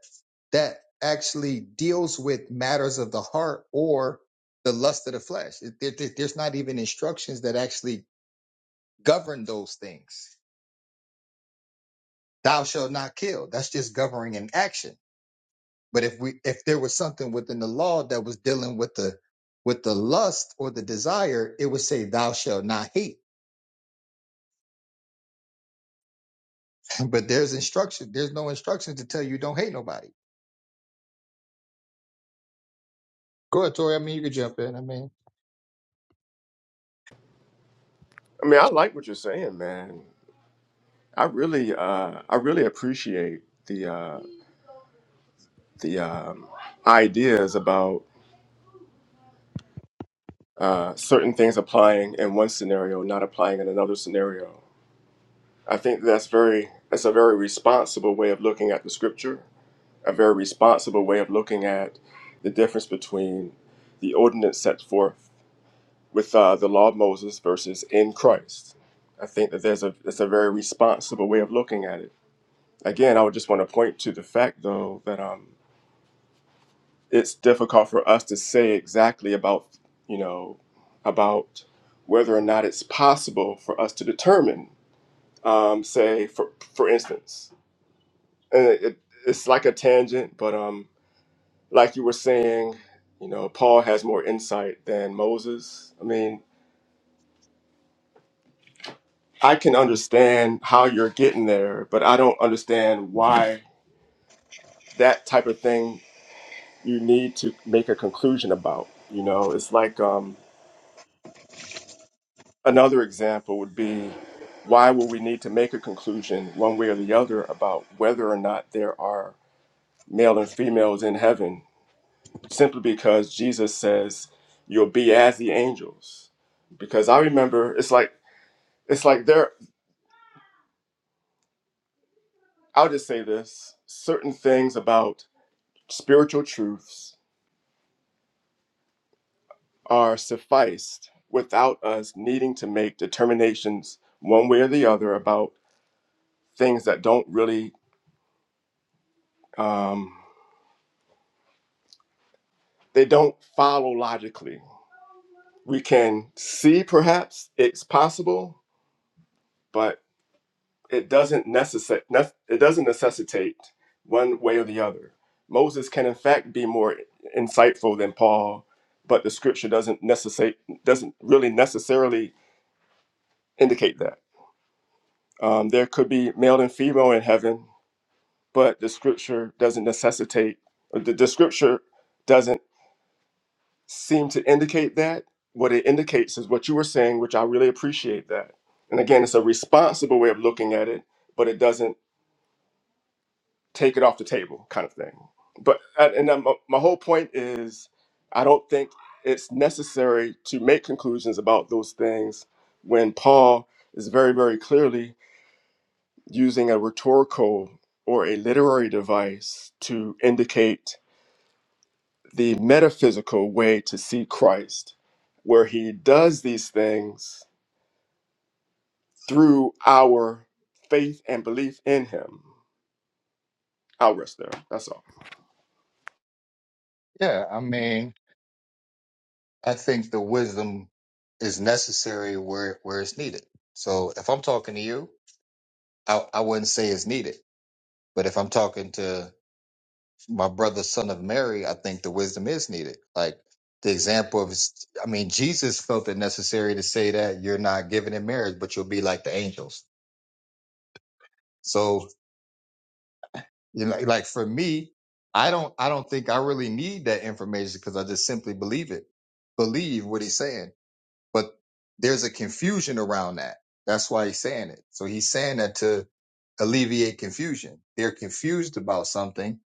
Speaker 2: that actually deals with matters of the heart or the lust of the flesh. It- There- there- there's not even instructions that actually govern those things thou shalt not kill. That's just governing an action. But if we if there was something within the law that was dealing with the with the lust or the desire, it would say thou shalt not hate. <laughs> But there's instruction. There's no instruction to tell you don't hate nobody. Go ahead, Tori. I mean, you could jump in. I mean,
Speaker 1: I mean, I like what you're saying, man. I really, uh, I really appreciate the uh, the um, ideas about uh, certain things applying in one scenario, not applying in another scenario. I think that's very that's a very responsible way of looking at the scripture, a very responsible way of looking at the difference between the ordinance set forth with uh, the law of Moses versus in Christ. I think that there's a It's a very responsible way of looking at it. Again, I would just want to point to the fact though that um, it's difficult for us to say exactly about you know about whether or not it's possible for us to determine um, say for for instance and it, it- it's like a tangent but um like you were saying you know paul has more insight than moses i mean i can understand how you're getting there but i don't understand why that type of thing you need to make a conclusion about you know it's like um Another example would be why would we need to make a conclusion one way or the other about whether or not there are male and females in heaven simply because Jesus says you'll be as the angels. Because I remember it's like it's like there I'll just say this, certain things about spiritual truths are sufficed without us needing to make determinations one way or the other about things that don't really um, They don't follow logically. We can see perhaps it's possible, but it doesn't necessi- nec- it doesn't necessitate one way or the other. Moses can in fact be more insightful than Paul, but the scripture doesn't necessate doesn't really necessarily indicate that. Um, there could be male and female in heaven, but the scripture doesn't necessitate the, the scripture doesn't seem to indicate that. What it indicates is what you were saying, which I really appreciate that. And again, it's a responsible way of looking at it, but it doesn't take it off the table, kind of thing. But and and then my, my whole point is, I don't think it's necessary to make conclusions about those things when Paul is very, very clearly using a rhetorical or a literary device to indicate the metaphysical way to see Christ, where he does these things through our faith and belief in him. I'll rest there. That's all.
Speaker 2: yeah. I mean, I think the wisdom is necessary where where it's needed. So if I'm talking to you, I, I wouldn't say it's needed. But if I'm talking to my brother, son of Mary, I think the wisdom is needed. Like the example of, I mean, Jesus felt it necessary to say that you're not given in marriage, but you'll be like the angels. So, you know, like for me, I don't, I don't think I really need that information because I just simply believe it, believe what he's saying. But there's a confusion around that. That's why he's saying it. So he's saying that to alleviate confusion. They're confused about something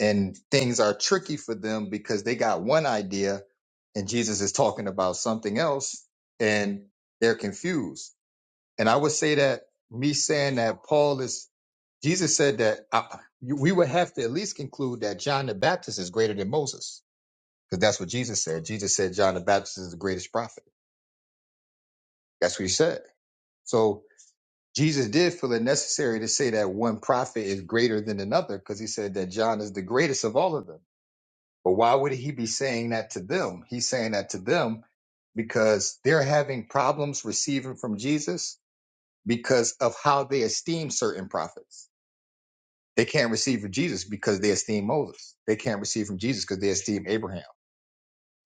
Speaker 2: and things are tricky for them because they got one idea and Jesus is talking about something else and they're confused. And I would say that me saying that Paul is, Jesus said that I, we would have to at least conclude that John the Baptist is greater than Moses because that's what Jesus said. Jesus said John the Baptist is the greatest prophet. That's what he said. So Jesus did feel it necessary to say that one prophet is greater than another because he said that John is the greatest of all of them. But why would he be saying that to them? He's saying that to them because they're having problems receiving from Jesus because of how they esteem certain prophets. They can't receive from Jesus because they esteem Moses. They can't receive from Jesus because they esteem Abraham.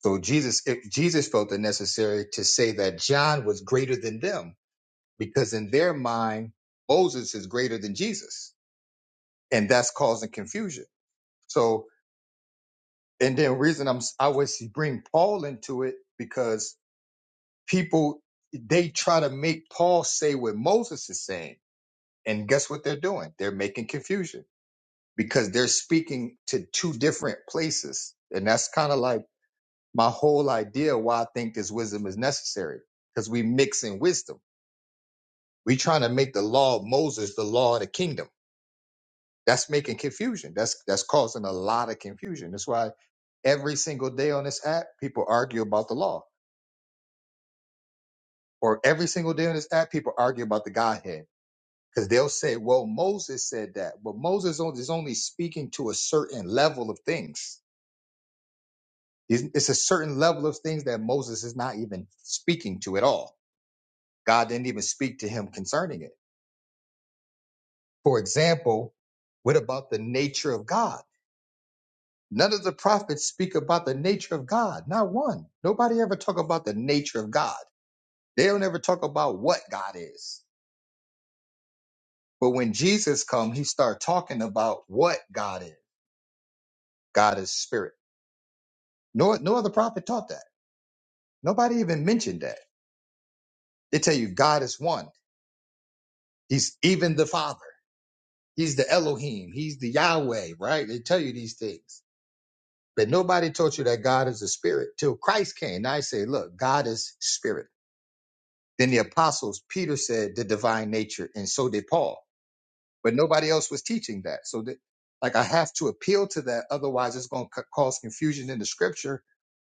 Speaker 2: So Jesus, if Jesus felt it necessary to say that John was greater than them because in their mind, Moses is greater than Jesus. And that's causing confusion. So, and then reason I'm, I was bring Paul into it because people they try to make Paul say what Moses is saying. And guess what they're doing? They're making confusion because they're speaking to two different places. And that's kind of like my whole idea why I think this wisdom is necessary because we mix in wisdom. we are trying to make the law of Moses the law of the kingdom. That's making confusion. That's that's causing a lot of confusion. That's why every single day on this app, people argue about the law. Or every single day on this app, people argue about the Godhead Because they'll say, well, Moses said that, but Moses on- is only speaking to a certain level of things. It's it's a certain level of things that Moses is not even speaking to at all. God didn't even speak to him concerning it. For example, what about the nature of God? None of the prophets speak about the nature of God. Not one. Nobody ever talk about the nature of God. They don't ever talk about what God is. But when Jesus come, he start talking about what God is. God is spirit. No, no other prophet taught that. Nobody even mentioned that. They tell you God is one. He's even the Father. He's the Elohim. He's the Yahweh, right? They tell you these things. But nobody taught you that God is a spirit till Christ came. Now I say, look, God is spirit. Then the apostles, Peter said the divine nature, and so did Paul. But nobody else was teaching that. So that, like, I have to appeal to that. Otherwise, it's going to cause confusion in the scripture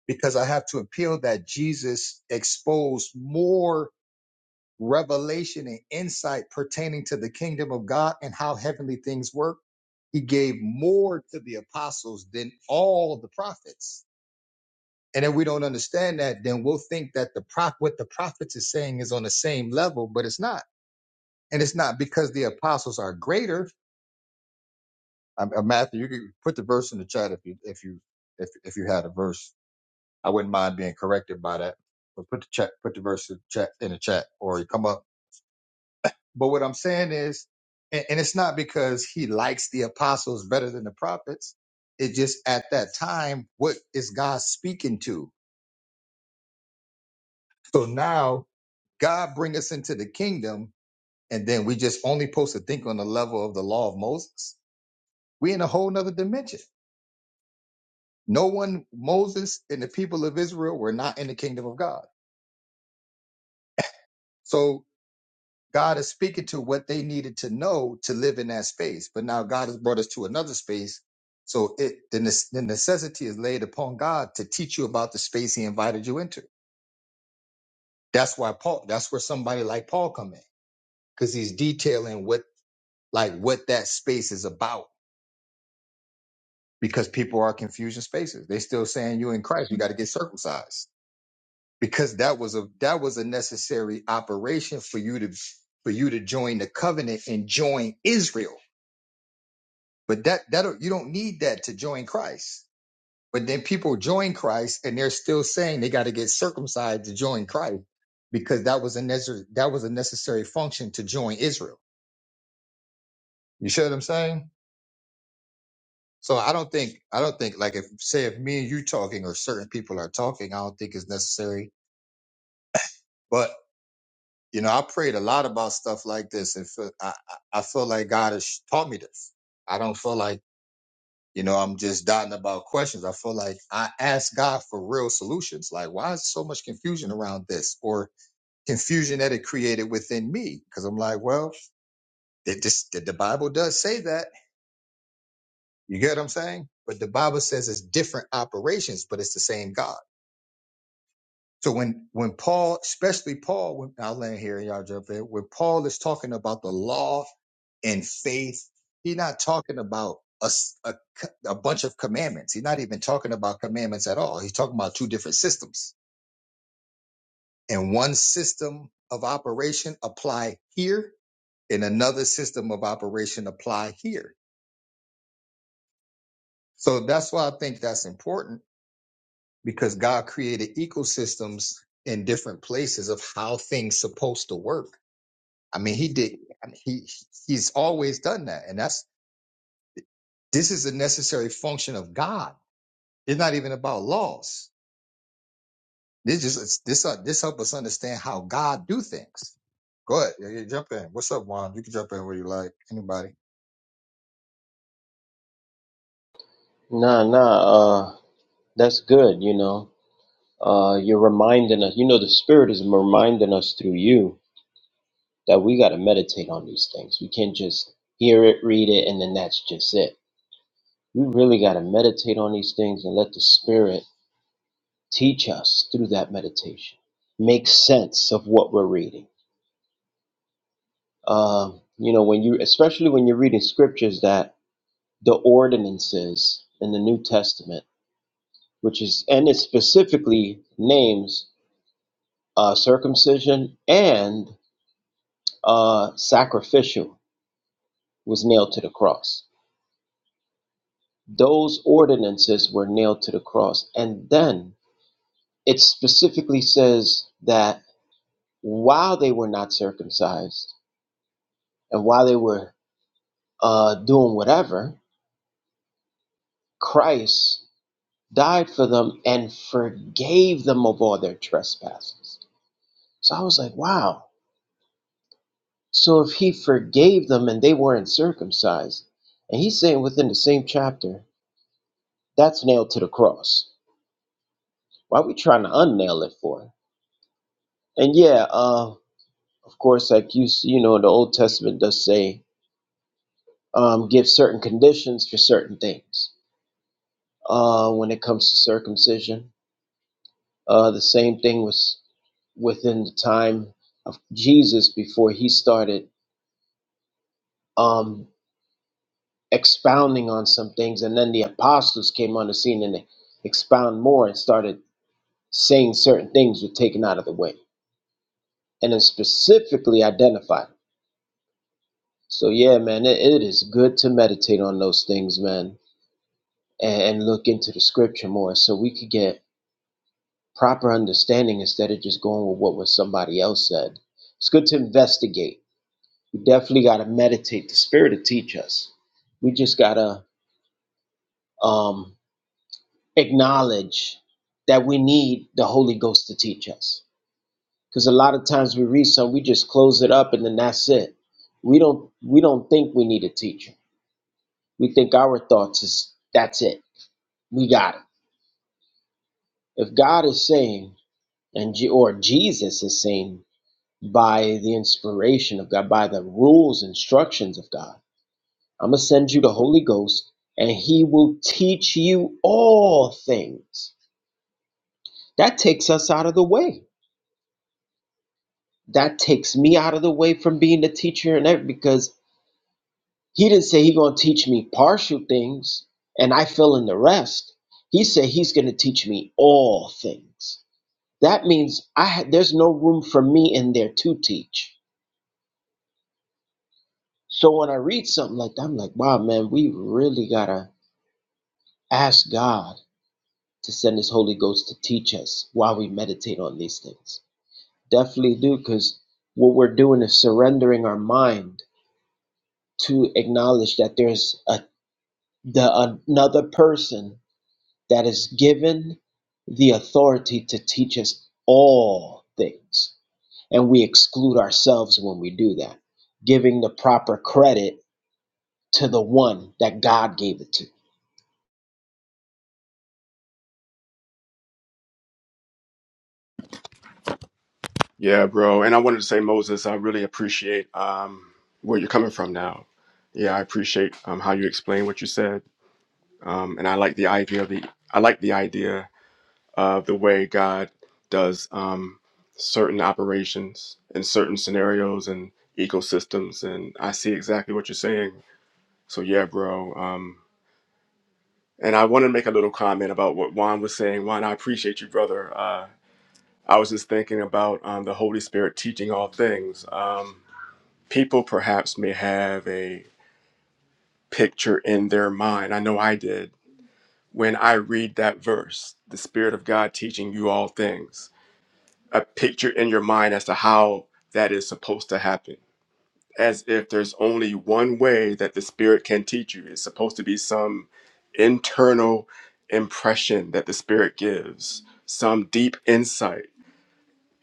Speaker 2: because I have to appeal that Jesus exposed more revelation and insight pertaining to the kingdom of God and how heavenly things work. He gave more to the apostles than all the prophets. And if we don't understand that, then we'll think that the prop what the prophets is saying is on the same level, but it's not. And it's not because the apostles are greater. Um, uh, Matthew, you can put the verse in the chat if you if you if if you had a verse. I wouldn't mind being corrected by that. But put the chat, put the verse in the chat, in the chat or you come up But what I'm saying is, and, and it's not because he likes the apostles better than the prophets. It just at that time, what is God speaking to? So now God bring us into the kingdom, and then we just only supposed to think on the level of the law of Moses. We in a whole nother dimension. No one, Moses and the people of Israel were not in the kingdom of God. So God is speaking to what they needed to know to live in that space. But now God has brought us to another space. So it the, ne- the necessity is laid upon God to teach you about the space he invited you into. That's why Paul, that's where somebody like Paul come in. Because he's detailing what like what that space is about. Because people are confusion spaces. They still saying you in Christ, you got to get circumcised. Because that was a that was a necessary operation for you to for you to join the covenant and join Israel But that that you don't need that to join Christ. But then people join Christ and they're still saying they got to get circumcised to join Christ because that was a necessary that was a necessary function to join Israel. You see what I'm saying? So I don't think I don't think like if say if me and you talking or certain people are talking, I don't think it's necessary. But you know, I prayed a lot about stuff like this, and feel, I I I feel like God has taught me this. I don't feel like You know, I'm just dotting about questions. I feel like I ask God for real solutions. Like, why is so much confusion around this or confusion that it created within me? Because I'm like, well, it just, the the Bible does say that. You get what I'm saying? But the Bible says it's different operations, but it's the same God. So when when Paul, especially Paul, when I'll land here and y'all jump in, when Paul is talking about the law and faith, he's not talking about a, s- a c- a bunch of commandments. He's not even talking about commandments at all. He's talking about two different systems. And one system of operation apply here, and another system of operation apply here. So that's why I think that's important because God created ecosystems in different places of how things supposed to work I mean, he did. I mean, he he's always done that, and that's this is a necessary function of God. It's not even about laws. This just it's, this uh, this help us understand how God do things. Go ahead, yeah, yeah, jump in. What's up, Juan? You can jump in where you like. Anybody?
Speaker 4: Nah, nah, uh, that's good, you know. Uh, you're reminding us, you know, the Spirit is reminding us through you that we got to meditate on these things. We can't just hear it, read it, and then that's just it. We really got to meditate on these things and let the Spirit teach us through that meditation. Make sense of what we're reading. Um, you know, when you, especially when you're reading scriptures that the ordinances in the New Testament, which is, and it specifically names uh, circumcision and uh, sacrificial was nailed to the cross. Those ordinances were nailed to the cross. And then it specifically says that while they were not circumcised and while they were uh, doing whatever, Christ died for them and forgave them of all their trespasses. So I was like, wow. So if he forgave them and they weren't circumcised, and he's saying within the same chapter That's nailed to the cross. Why are we trying to unnail it for? And yeah, uh, of course, like you, s- you know, the Old Testament does say, um, give certain conditions for certain things. Uh, when it comes to circumcision, uh, the same thing was within the time of Jesus before he started um, expounding on some things, and then the apostles came on the scene and they expound more and started saying certain things were taken out of the way and then specifically identified. So yeah, man, it, it is good to meditate on those things, man, and, and look into the scripture more so we could get proper understanding instead of just going with what was somebody else said. It's good to investigate. We definitely gotta meditate. The spirit to teach us. We just gotta um acknowledge that we need the Holy Ghost to teach us. Because a lot of times we read something, we just close it up and then that's it. We don't we don't think we need a teacher. We think our thoughts is that's it we got it. If God is saying, and Je- or Jesus is saying, by the inspiration of God, by the rules, instructions of God, I'm gonna send you the Holy Ghost, and He will teach you all things. That takes us out of the way. That takes me out of the way from being the teacher and everything, because He didn't say He's gonna teach me partial things and I fill in the rest. He said He's gonna teach me all things. that means I ha- there's no room for me in there to teach. So when I read something like that, I'm like, wow, man, we really gotta ask God to send His Holy Ghost to teach us while we meditate on these things. Definitely do, because what we're doing is surrendering our mind to acknowledge that there's a the another person that is given the authority to teach us all things and we exclude ourselves when we do that, giving the proper credit to the one that God gave it to.
Speaker 1: Yeah, bro. And I wanted to say, Moses, I really appreciate um, where you're coming from now. Yeah, I appreciate um, how you explain what you said, um, and I like the idea of the I like the idea of the way God does um, certain operations in certain scenarios and ecosystems, and I see exactly what you're saying So yeah, bro. Um, and I want to make a little comment about what Juan was saying. Juan, I appreciate you, brother. Uh, I was just thinking about um, the Holy Spirit teaching all things. Um, people perhaps may have a picture in their mind. I know I did when I read that verse, the Spirit of God teaching you all things. A picture in your mind as to how that is supposed to happen. as if there's only one way that the Spirit can teach you. It's supposed to be some internal impression that the Spirit gives, some deep insight,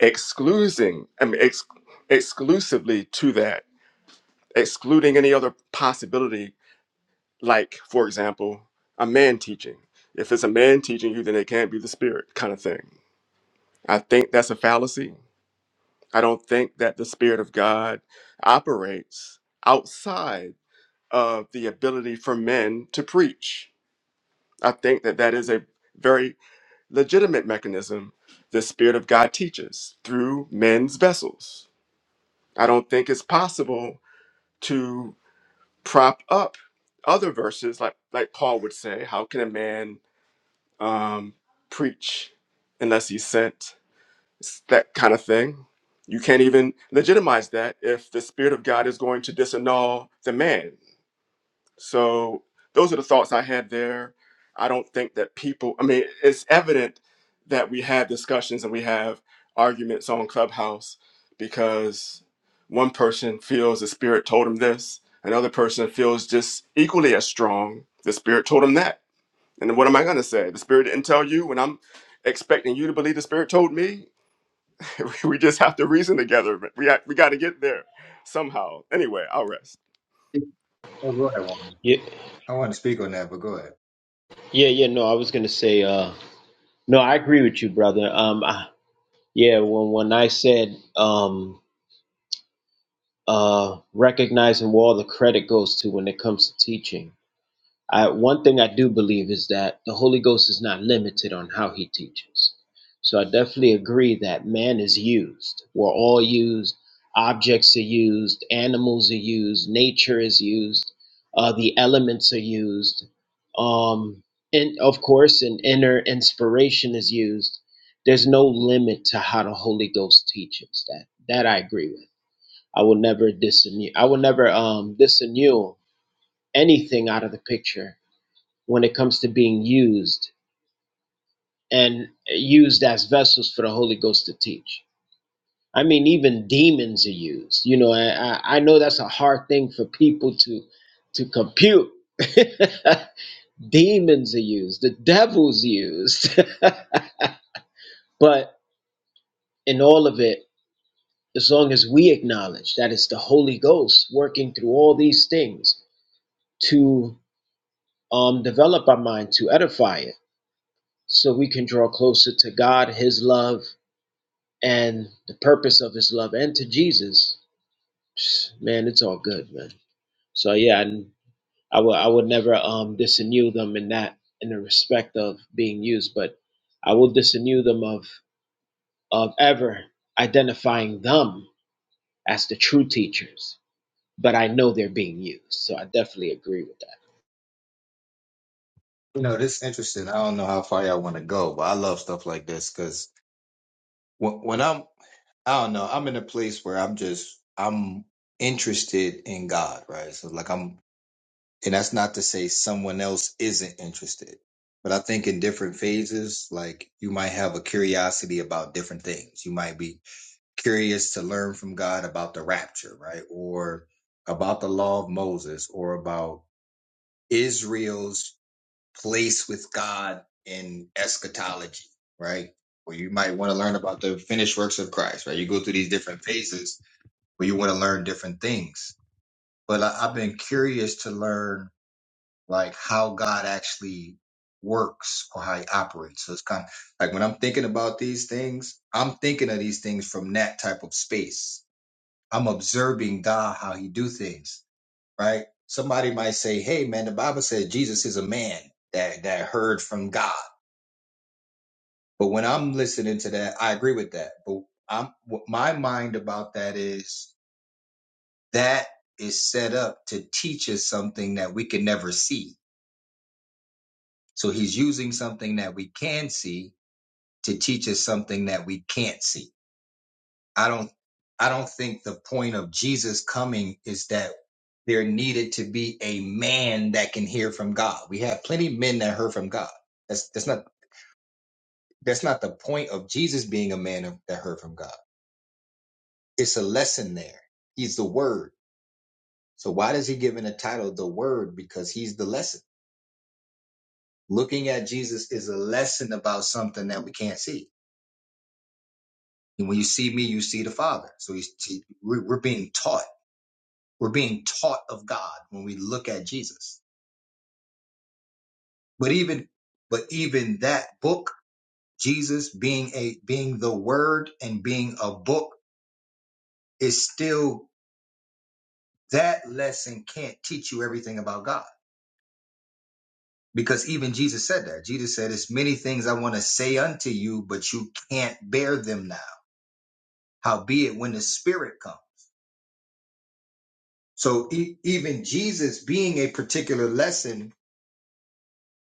Speaker 1: excluding, I mean, ex- exclusively to that, excluding any other possibility, like, for example, a man teaching. If it's a man teaching you, then it can't be the Spirit, kind of thing. I think that's a fallacy. I don't think that the Spirit of God operates outside of the ability for men to preach. I think that that is a very legitimate mechanism the Spirit of God teaches through men's vessels. I don't think it's possible to prop up other verses, like, like Paul would say, how can a man um, preach unless he's sent? It's that kind of thing. You can't even legitimize that if the Spirit of God is going to disannul the man So those are the thoughts I had there. I don't think that people, I mean, it's evident that we have discussions and we have arguments on Clubhouse because one person feels the spirit told him this, another person feels just equally as strong. The spirit told him that. And then what am I going to say? The spirit didn't tell you when I'm expecting you to believe the spirit told me. <laughs> we just have to reason together. but We, ha- we got to get there somehow. Anyway, I'll rest.
Speaker 2: Oh, go ahead, Juan.
Speaker 4: Yeah,
Speaker 2: I want to speak on that, but go ahead.
Speaker 4: yeah, yeah. No, I was gonna say, uh, no, I agree with you, brother. Um, I, yeah, when when I said, um, uh, recognizing where all the credit goes to when it comes to teaching, I, one thing I do believe is that the Holy Ghost is not limited on how he teaches. So I definitely agree that man is used. We're all used. Objects are used. Animals are used. Nature is used. Uh, the elements are used. Um, and of course, an inner inspiration is used. There's no limit to how the Holy Ghost teaches. That that I agree with. I will never disinu I will never um, disannul anything out of the picture when it comes to being used and used as vessels for the Holy Ghost to teach. I mean, even demons are used. You know, I, I I know that's a hard thing for people to to compute. <laughs> demons are used. The devil's used. <laughs> but in all of it, as long as we acknowledge that it's the Holy Ghost working through all these things to um, develop our mind, to edify it, so we can draw closer to God, His love, and the purpose of his love and to Jesus, man, it's all good, man. So yeah, I, I would I would never um disenu them in that in the respect of being used, but I will disenu them of of ever identifying them as the true teachers. But I know they're being used, so I definitely agree with that.
Speaker 2: You know, this is interesting. I don't know how far y'all want to go, but I love stuff like this because when, when I'm, I don't know, I'm in a place where I'm just, I'm interested in God, right? So like I'm and that's not to say someone else isn't interested but i think in different phases like you might have a curiosity about different things you might be curious to learn from god about the rapture right or about the law of moses or about israel's place with god in eschatology right or you might want to learn about the finished works of christ right you go through these different phases where you want to learn different things but I, i've been curious to learn like how God actually works or how he operates. So it's kind of like when I'm thinking about these things, I'm thinking of these things from that type of space. I'm observing God how he do things, right? Somebody might say, "Hey man, the Bible said Jesus is a man that that heard from God." But when I'm listening to that, I agree with that. But I'm what my mind about that is that is set up to teach us something that we can never see. So he's using something that we can see to teach us something that we can't see. I don't I don't think the point of Jesus coming is that there needed to be a man that can hear from God. We have plenty of men that heard from God. That's that's not that's not the point of Jesus being a man of, that heard from God. It's a lesson there. He's the word. So why does he give in a title the word? Because he's the lesson. Looking at Jesus is a lesson about something that we can't see. And when you see me, you see the Father. So he's, we're we're being taught We're being taught of God when we look at Jesus. But even but even that book, Jesus being a being the word and being a book is still that lesson can't teach you everything about God. Because even Jesus said that. Jesus said, It's many things I want to say unto you, but you can't bear them now. Howbeit when the spirit comes. So e- even Jesus being a particular lesson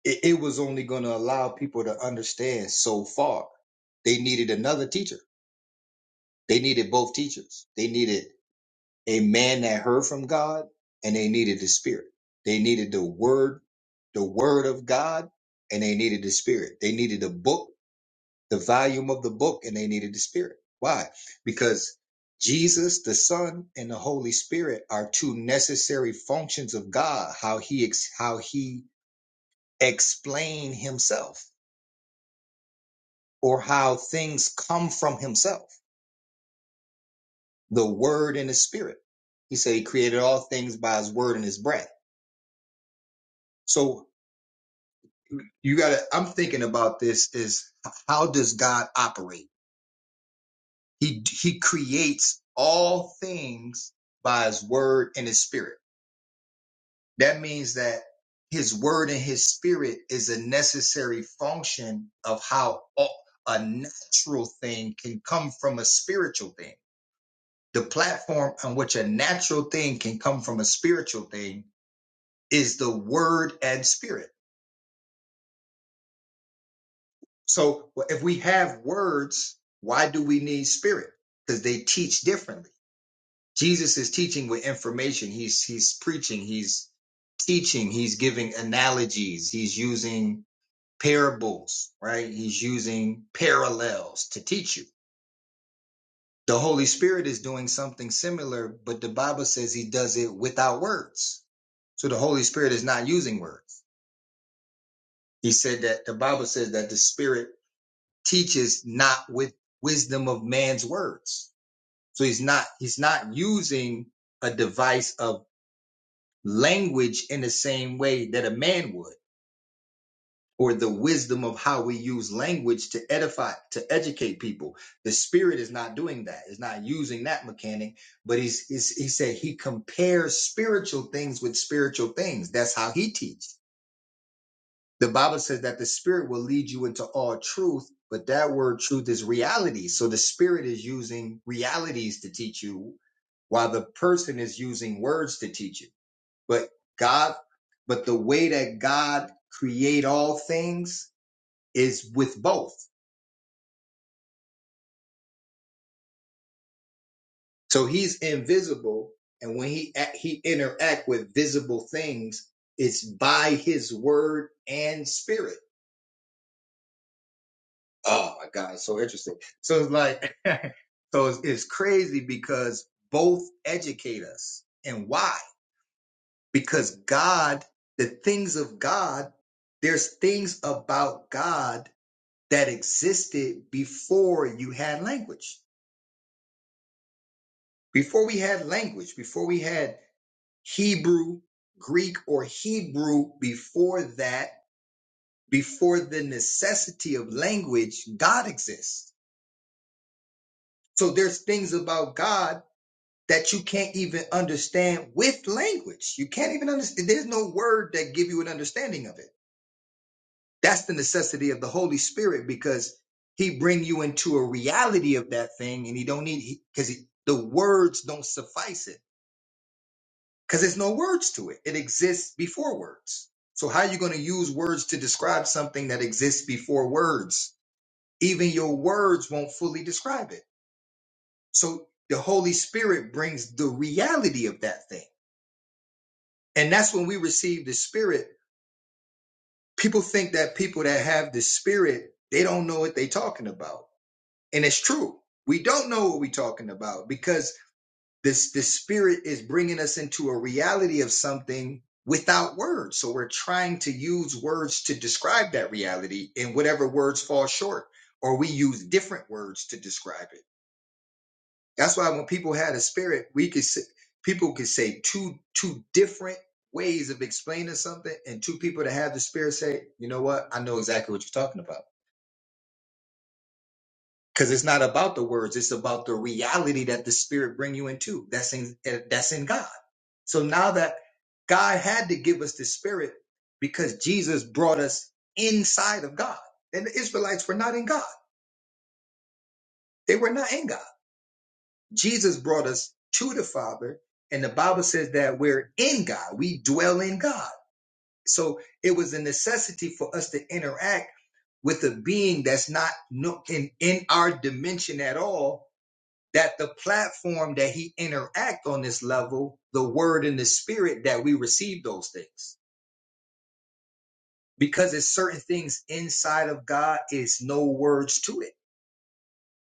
Speaker 2: it, it was only going to allow people to understand so far. They needed another teacher. They needed both teachers. They needed a man that heard from God and they needed the spirit. They needed the word, the word of God and they needed the spirit. They needed the book, the volume of the book and they needed the spirit. Why? Because Jesus, the Son, and the Holy Spirit are two necessary functions of God, how he, ex- how he explained himself or how things come from himself, the word and his spirit. He said he created all things by his word and his breath. So you gotta, I'm thinking about this is how does God operate? He, he creates all things by his word and his spirit. That means that his word and his spirit is a necessary function of how all, a natural thing can come from a spiritual thing the platform on which a natural thing can come from a spiritual thing is the word and spirit. So well, if we have words, why do we need spirit? Because they teach differently. Jesus is teaching with information. He's he's preaching. He's teaching. He's giving analogies. He's using parables, right? He's using parallels to teach you The Holy Spirit is doing something similar, but the Bible says he does it without words. So the Holy Spirit is not using words. He said that the Bible says that the Spirit teaches not with wisdom of man's words. So he's not he's not using a device of language in the same way that a man would. or the wisdom of how we use language to edify, to educate people. The spirit is not doing that. It's not using that mechanic, but he's, he's he said he compares spiritual things with spiritual things. That's how he teaches. The Bible says that the spirit will lead you into all truth, but that word truth is reality. So the spirit is using realities to teach you while the person is using words to teach you. But God, but the way that God create all things is with both. So he's invisible, and when he act- he interact with visible things, it's by his word and spirit. Oh my God, it's so interesting. So it's like, <laughs> so it's, it's crazy because both educate us, and why? Because God, the things of God, there's things about God that existed before you had language, before we had language, before we had Hebrew, Greek, or Hebrew before that, before the necessity of language, God exists. So there's things about God that you can't even understand with language. You can't even understand. There's no word that give you an understanding of it. That's the necessity of the Holy Spirit because he bring you into a reality of that thing and he don't need, because the words don't suffice it. because there's no words to it. It exists before words. So how are you going to use words to describe something that exists before words? Even your words won't fully describe it. So the Holy Spirit brings the reality of that thing. And that's when we receive the Spirit. People think that people that have the Spirit, they don't know what they're talking about. And it's true. We don't know what we're talking about because This this spirit is bringing us into a reality of something without words. So we're trying to use words to describe that reality, and whatever words fall short, or we use different words to describe it. That's why when people had a spirit, we could say, people could say two two different ways of explaining something, and two people that have the spirit say, "You know what? I know exactly what you're talking about." because it's not about the words it's about the reality that the spirit bring you into that's in eh, that's in god so now that god had to give us the spirit because jesus brought us inside of god and the israelites were not in god they were not in god jesus brought us to the father and the bible says that we're in god we dwell in god so it was a necessity for us to interact with a being that's not no- in, in our dimension at all that the platform that he interact on this level, the word and the spirit that we receive those things. Because it's certain things inside of God is no words to it.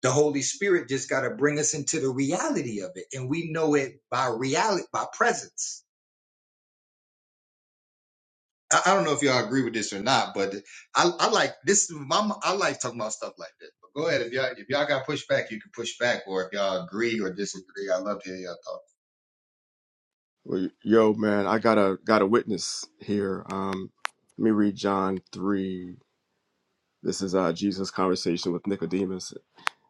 Speaker 2: The Holy Spirit just got to bring us into the reality of it. And we know it by reality, by presence. I, I don't know if y'all agree with this or not, but I, I like this. My, I like talking about stuff like this. But go ahead. If y'all, if y'all got pushback, you can push back. Or if y'all agree or disagree, I love to hear y'all talk.
Speaker 1: Well, yo, man, I got a got a witness here. Um, let me read John three. This is uh, Jesus' conversation with Nicodemus.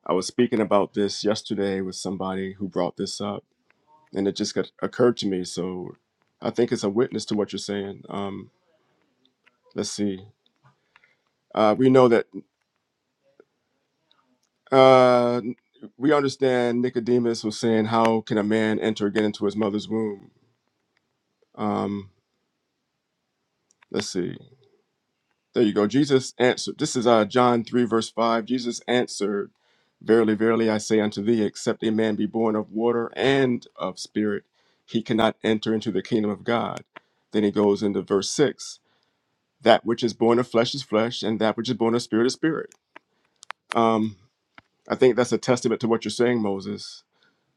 Speaker 1: I was speaking about this yesterday with somebody who brought this up, and it just got, occurred to me. So, I think it's a witness to what you're saying. Um, let's see. Uh, we know that uh, we understand Nicodemus was saying, "How can a man enter again into his mother's womb?" Um, let's see. There you go. Jesus answered. This is uh, John 3, verse 5. Jesus answered, Verily, verily, I say unto thee, except a man be born of water and of spirit, he cannot enter into the kingdom of God. Then he goes into verse 6 That which is born of flesh is flesh, and that which is born of spirit is spirit. Um, I think that's a testament to what you're saying, Moses.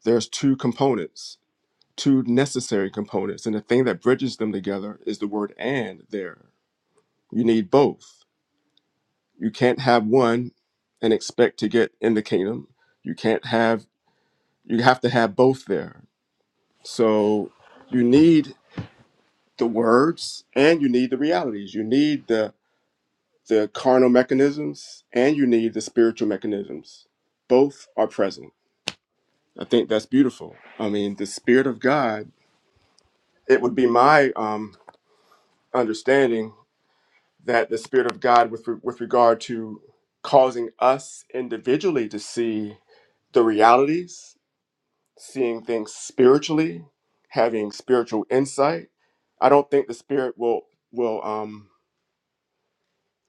Speaker 1: There's two components, two necessary components. And the thing that bridges them together is the word and there. You need both You can't have one and expect to get in the kingdom. You can't have, you have to have both there. So you need the words and you need the realities. You need the, the carnal mechanisms and you need the spiritual mechanisms. Both are present. I think that's beautiful. I mean, the Spirit of God, it would be my um, understanding that the Spirit of God, with, re- with regard to causing us individually to see the realities seeing things spiritually, having spiritual insight. I don't think the spirit will will um,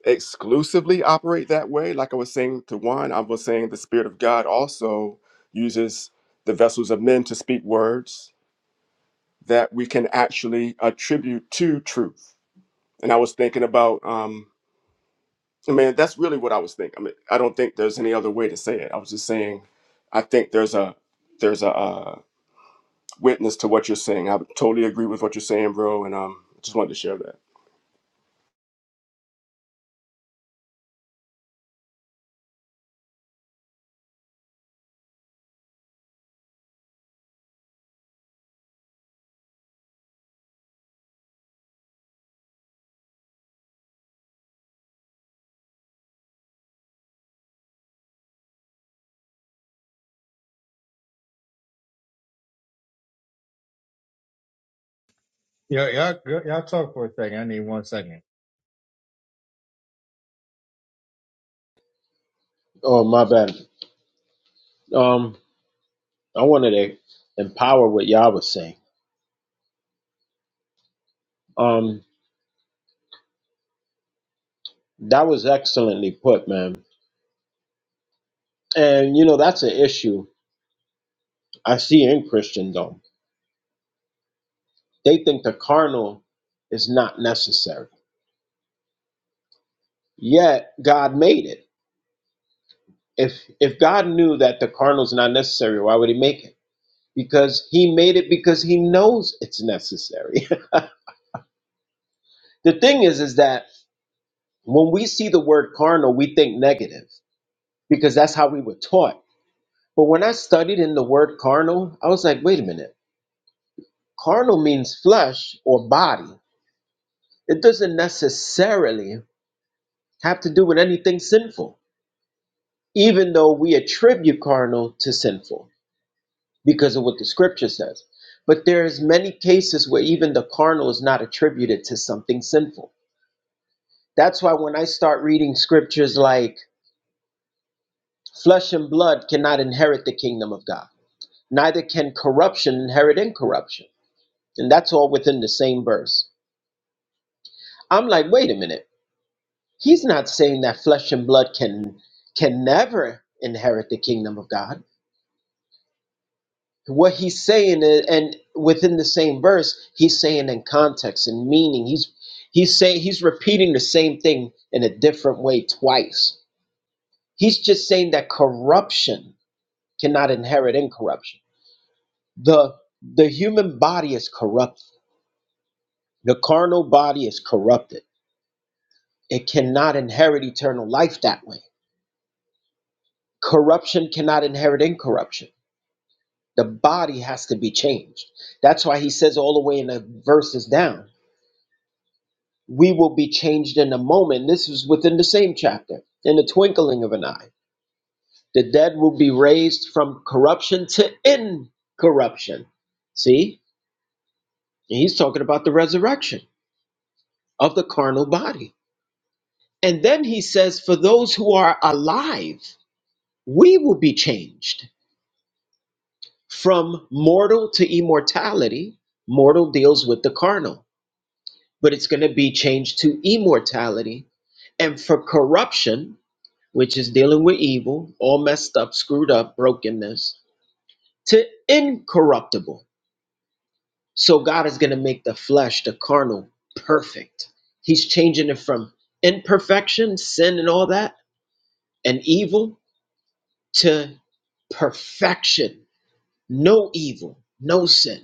Speaker 1: exclusively operate that way. Like I was saying to one, I was saying the spirit of God also uses the vessels of men to speak words that we can actually attribute to truth. And I was thinking about, um, I mean, that's really what I was thinking. I mean, I don't think there's any other way to say it. I was just saying, I think there's a there's a uh, witness to what you're saying. I totally agree with what you're saying, bro, and um, just wanted to share that.
Speaker 2: Y'all, y'all, y'all talk for a second. I need one second.
Speaker 4: Oh my bad. Um, I wanted to empower what y'all was saying. Um, that was excellently put, man. And you know that's an issue I see in Christendom. They think the carnal is not necessary. Yet God made it. If if God knew that the carnal is not necessary, why would he make it? Because he made it because he knows it's necessary. <laughs> the thing is is that when we see the word carnal, we think negative because that's how we were taught. But when I studied in the word carnal, I was like, wait a minute. Carnal means flesh or body. It doesn't necessarily have to do with anything sinful even though we attribute carnal to sinful because of what the scripture says but there's many cases where even the carnal is not attributed to something sinful that's why when i start reading scriptures like flesh and blood cannot inherit the kingdom of god neither can corruption inherit incorruption and that's all within the same verse i'm like wait a minute he's not saying that flesh and blood can can never inherit the kingdom of god what he's saying i- and within the same verse he's saying in context and meaning he's he's saying he's repeating the same thing in a different way twice he's just saying that corruption cannot inherit incorruption the the human body is corrupt the carnal body is corrupted it cannot inherit eternal life that way corruption cannot inherit incorruption the body has to be changed that's why he says all the way in the verses down we will be changed in a moment. This is within the same chapter, in the twinkling of an eye. The dead will be raised from corruption to incorruption. See, And he's talking about the resurrection of the carnal body. And then he says, for those who are alive, we will be changed from mortal to immortality. Mortal deals with the carnal, but it's going to be changed to immortality and for corruption which is dealing with evil, all messed up, screwed up, brokenness, to incorruptible. So God is going to make the flesh, the carnal, perfect. He's changing it from imperfection, sin, and all that, and evil to perfection, no evil, no sin,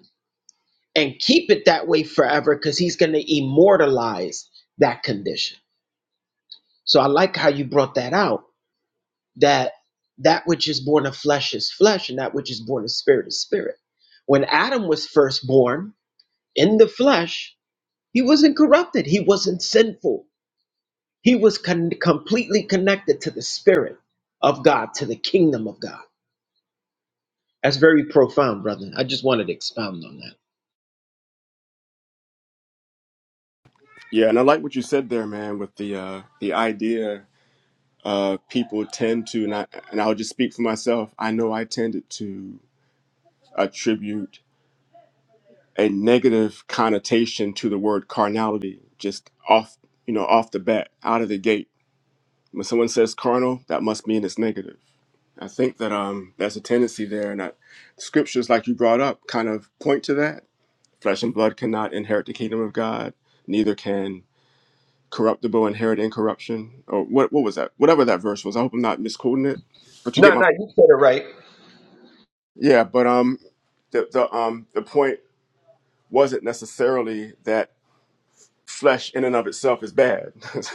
Speaker 4: and keep it that way forever because He's going to immortalize that condition. So I like how you brought that out that that which is born of flesh is flesh and that which is born of spirit is spirit when adam was first born in the flesh he wasn't corrupted he wasn't sinful he was con- completely connected to the spirit of god to the kingdom of god that's very profound brother i just wanted to expound on that
Speaker 1: Yeah, and I like what you said there, man, with the uh, the idea uh, people tend to, and I and I'll just speak for myself. I know I tended to attribute a negative connotation to the word carnality just off, you know, off the bat, out of the gate. When someone says carnal, that must mean it's negative. I think that um, there's a tendency there, and that scriptures, like you brought up, kind of point to that Flesh and blood cannot inherit the kingdom of God, neither can corruptible inherit incorruption. Or what what was that? Whatever that verse was. I hope I'm not misquoting it. But you
Speaker 4: No,
Speaker 1: get my
Speaker 4: no, you said it right.
Speaker 1: Yeah, but um the, the um the point wasn't necessarily that flesh in and of itself is bad. <laughs>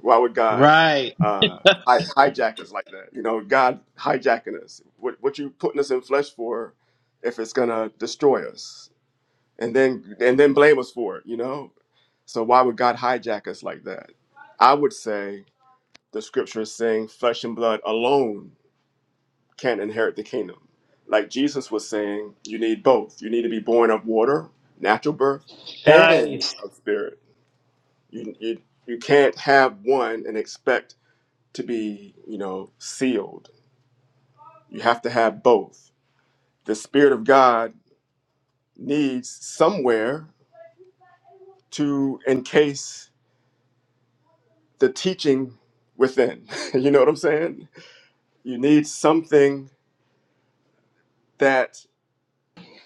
Speaker 1: Why would God
Speaker 4: right
Speaker 1: uh hi- hijack us like that? You know, God hijacking us. What what you putting us in flesh for if it's gonna destroy us and then and then blame us for it, you know? So why would God hijack us like that? I would say the scripture is saying flesh and blood alone can't inherit the kingdom. Like Jesus was saying, you need both. You need to be born of water, natural birth, and
Speaker 4: Nice.
Speaker 1: of spirit. You you, you can't have one and expect to be, you know, sealed. You have to have both. The spirit of God needs somewhere to encase the teaching within. <laughs> you know what I'm saying? You need something that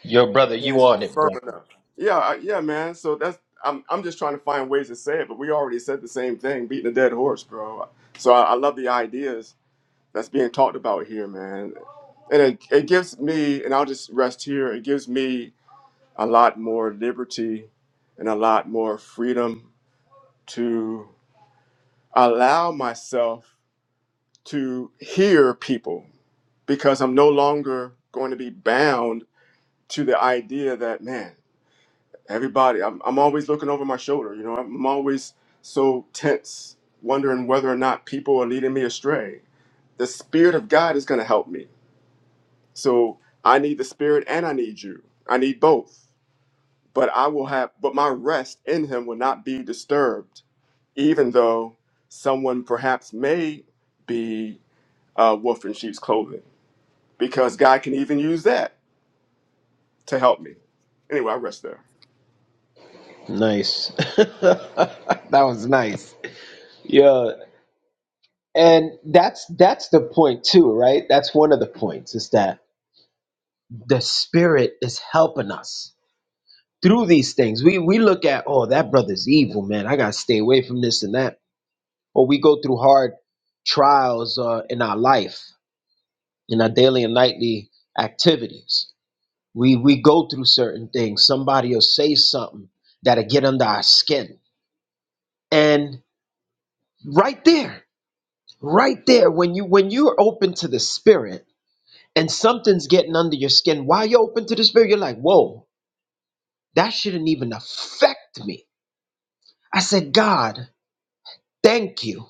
Speaker 4: Yo, brother, you
Speaker 1: can
Speaker 4: on
Speaker 1: be
Speaker 4: it, bro.
Speaker 1: firm enough. Yeah, I- yeah, man. So that's I'm I'm just trying to find ways to say it, but we already said the same thing, beating a dead horse, bro. So I, I love the ideas that's being talked about here, man. And it, it gives me, and I'll just rest here. It gives me a lot more liberty and a lot more freedom to allow myself to hear people because I'm no longer going to be bound to the idea that man, everybody, I'm, I'm always looking over my shoulder. You know, I'm always so tense, wondering whether or not people are leading me astray. The Spirit of God is going to help me. So I need the Spirit and I need you. I need both. But I will have, but my rest in Him will not be disturbed, even though someone perhaps may be a wolf in sheep's clothing, because God can even use that to help me. Anyway, I rest there.
Speaker 4: Nice. <laughs> that was nice. Yeah. And that's that's the point too, right? That's one of the points is that the spirit is helping us through these things. We we look at, oh, that brother's evil, man. I gotta stay away from this and that. Or we go through hard trials uh, in our life, in our daily and nightly activities. We we go through certain things. Somebody will say something that'll get under our skin. And right there. right there when you when you're open to the spirit and something's getting under your skin while you're open to the spirit you're like whoa that shouldn't even affect me i said god thank you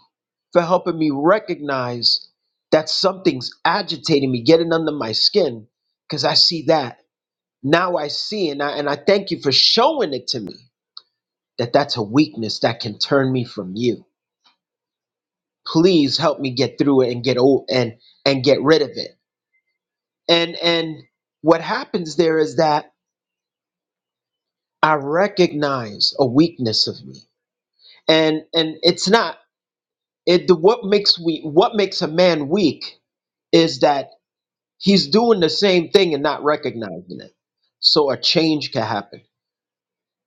Speaker 4: for helping me recognize that something's agitating me getting under my skin because i see that now i see and I, and I thank you for showing it to me that that's a weakness that can turn me from you please help me get through it and get old and and get rid of it And and what happens there is that I recognize a weakness of me. And and it's not it the what makes we what makes a man weak is that he's doing the same thing and not recognizing it. So a change can happen.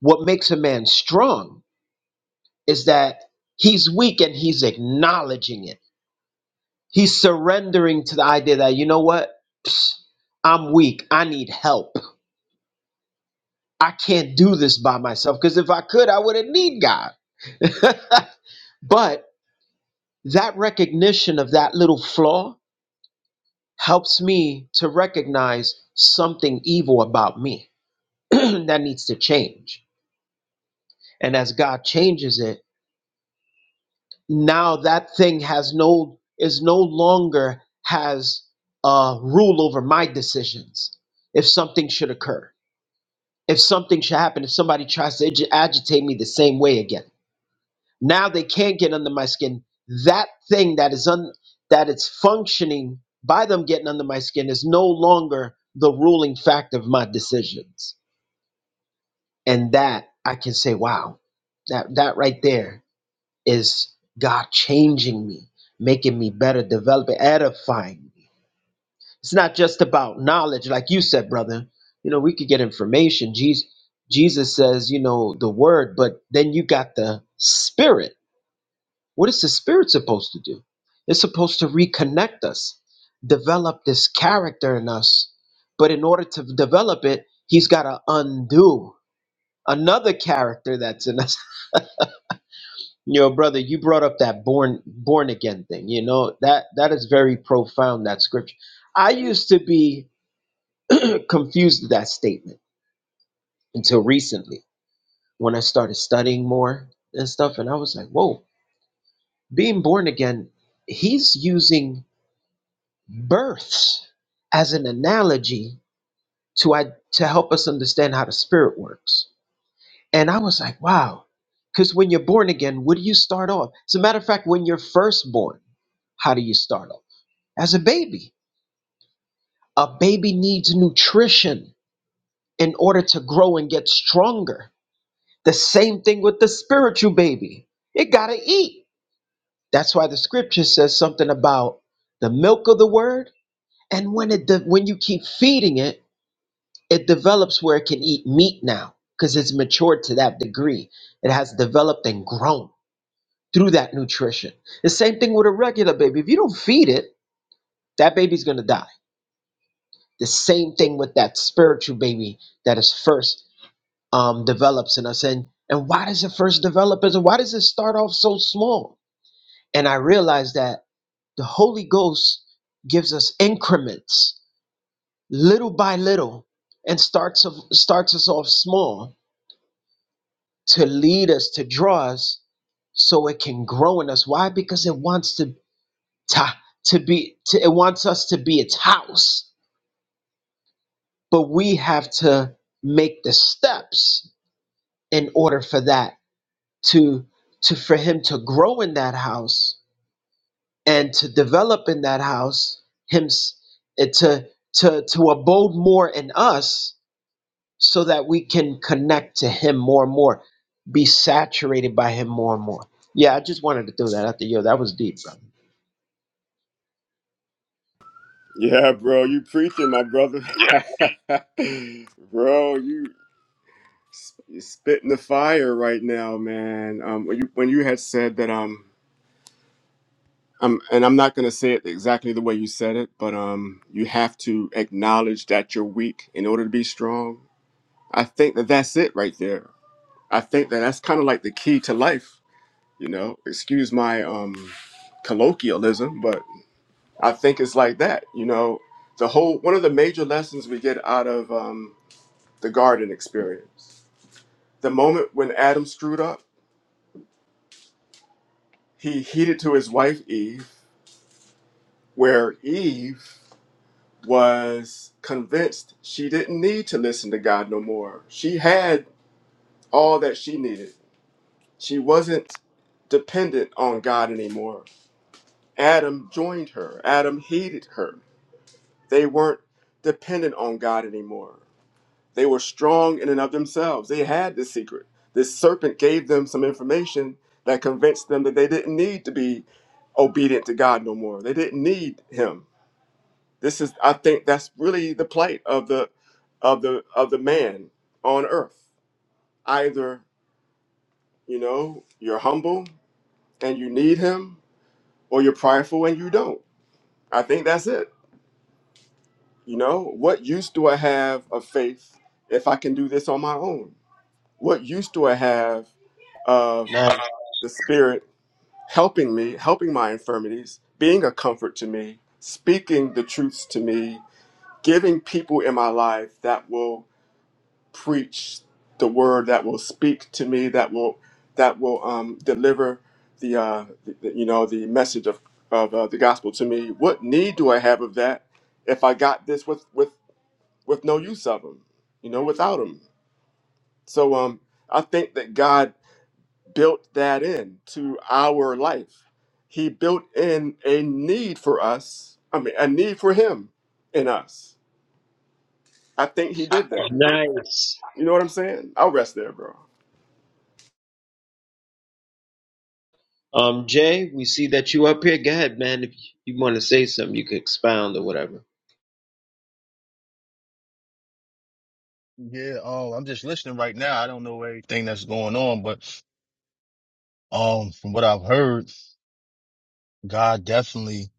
Speaker 4: What makes a man strong is that he's weak and he's acknowledging it. He's surrendering to the idea that, you know what? Psst, I'm weak. I need help. I can't do this by myself because if I could, I wouldn't need God. <laughs> but that recognition of that little flaw helps me to recognize something evil about me <clears throat> that needs to change. And as God changes it, now that thing has no is no longer has uh, rule over my decisions. If something should occur, if something should happen, if somebody tries to ag- agitate me the same way again Now they can't get under my skin. That thing that is un that it's functioning by them getting under my skin is no longer the ruling fact of my decisions. And that I can say, wow, that that right there is God changing me, making me better, developing, edifying me. It's not just about knowledge, like you said, brother. You know, we could get information. Jesus Jesus says, you know, the word, but then you got the spirit What is the spirit supposed to do? It's supposed to reconnect us, develop this character in us. But in order to develop it, he's got to undo another character that's in us. <laughs> You know, brother, you brought up that born born again thing. You know that that is very profound. That scripture. I used to be confused with that statement until recently when I started studying more and stuff, and I was like, whoa, being born again. He's using births as an analogy to I, to help us understand how the spirit works. And I was like, wow, because when you're born again, what do you start off? As a matter of fact, when you're first born, how do you start off? As a baby, a baby needs nutrition in order to grow and get stronger. The same thing with the spiritual baby; it gotta eat. That's why the scripture says something about the milk of the word, and when it when you keep feeding it it develops where it can eat meat now because it's matured to that degree. It has developed and grown through that nutrition. The same thing with a regular baby. If you don't feed it, that baby's going to die. The same thing with that spiritual baby that is first um, develops in us. And, and why does it first develop? And why does it start off so small? And I realized that the Holy Ghost gives us increments little by little and starts, of, starts us off small to lead us, to draw us, so it can grow in us. Why? Because it wants to to, to be to, it wants us to be its house, but we have to make the steps in order for that to to for him to grow in that house and to develop in that house him to to to abode more in us so that we can connect to him more and more, be saturated by him more and more. Yeah, I just wanted to throw that out there. Yo, that was deep, brother.
Speaker 1: Yeah, bro, you preaching, my brother. <laughs> bro, you sp- spitting the fire right now, man. Um, when you when you had said that, um, um, and I'm not gonna say it exactly the way you said it, but um, you have to acknowledge that you're weak in order to be strong. I think that that's it right there. I think that that's kind of like the key to life. You know, excuse my um colloquialism, but I think it's like that. You know, the whole one of the major lessons we get out of um the garden experience. The moment when Adam screwed up, he heeded to his wife Eve, where Eve was convinced she didn't need to listen to God no more. She had all that she needed. She wasn't dependent on God anymore. Adam joined her, Adam heeded her. They weren't dependent on God anymore. They were strong in and of themselves. They had the secret. This serpent gave them some information that convinced them that they didn't need to be obedient to God no more. They didn't need him. This is I think that's really the plight of the of the of the man on earth. Either, you know, you're humble and you need him or you're prideful and you don't. I think that's it. You know, what use do I have of faith if I can do this on my own? What use do I have of
Speaker 4: Nice.
Speaker 1: the Spirit helping me, helping my infirmities, being a comfort to me, speaking the truths to me, giving people in my life that will preach the word, that will speak to me, that will that will um, deliver the, uh, the the- you know the message of of uh, the gospel to me. What need do I have of that if I got this with with with no use of them, you know, without them? So um, I think that God built that in to our life. He built in a need for us, I mean, a need for him in us. I think he did that.
Speaker 4: nice.
Speaker 1: You know what I'm saying? I'll rest there, bro.
Speaker 4: Um, Jay, we see that you up here. Go ahead, man. If you want to say something, you could expound or whatever.
Speaker 5: Yeah, um, I'm just listening right now. I don't know everything that's going on, but um, from what I've heard, God definitely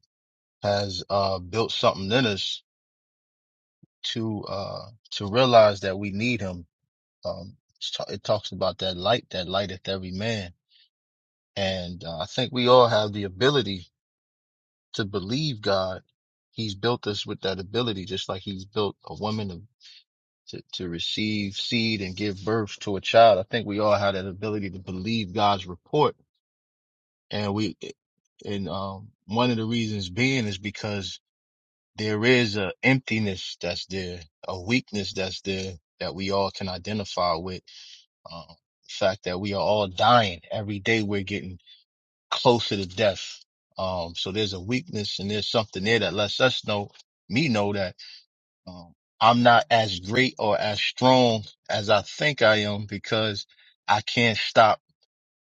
Speaker 5: has uh built something in us to uh to realize that we need Him. Um, it's ta- it talks about that light that lighteth every man, and uh, I think we all have the ability to believe God. He's built us with that ability, just like He's built a woman to to, to receive seed and give birth to a child. I think we all have that ability to believe God's report and we and um one of the reasons being is because there is a emptiness that's there, a weakness that's there that we all can identify with. Um, the fact that we are all dying every day, we're getting closer to death. Um, so there's a weakness and there's something there that lets us know, me know that um, I'm not as great or as strong as I think I am because I can't stop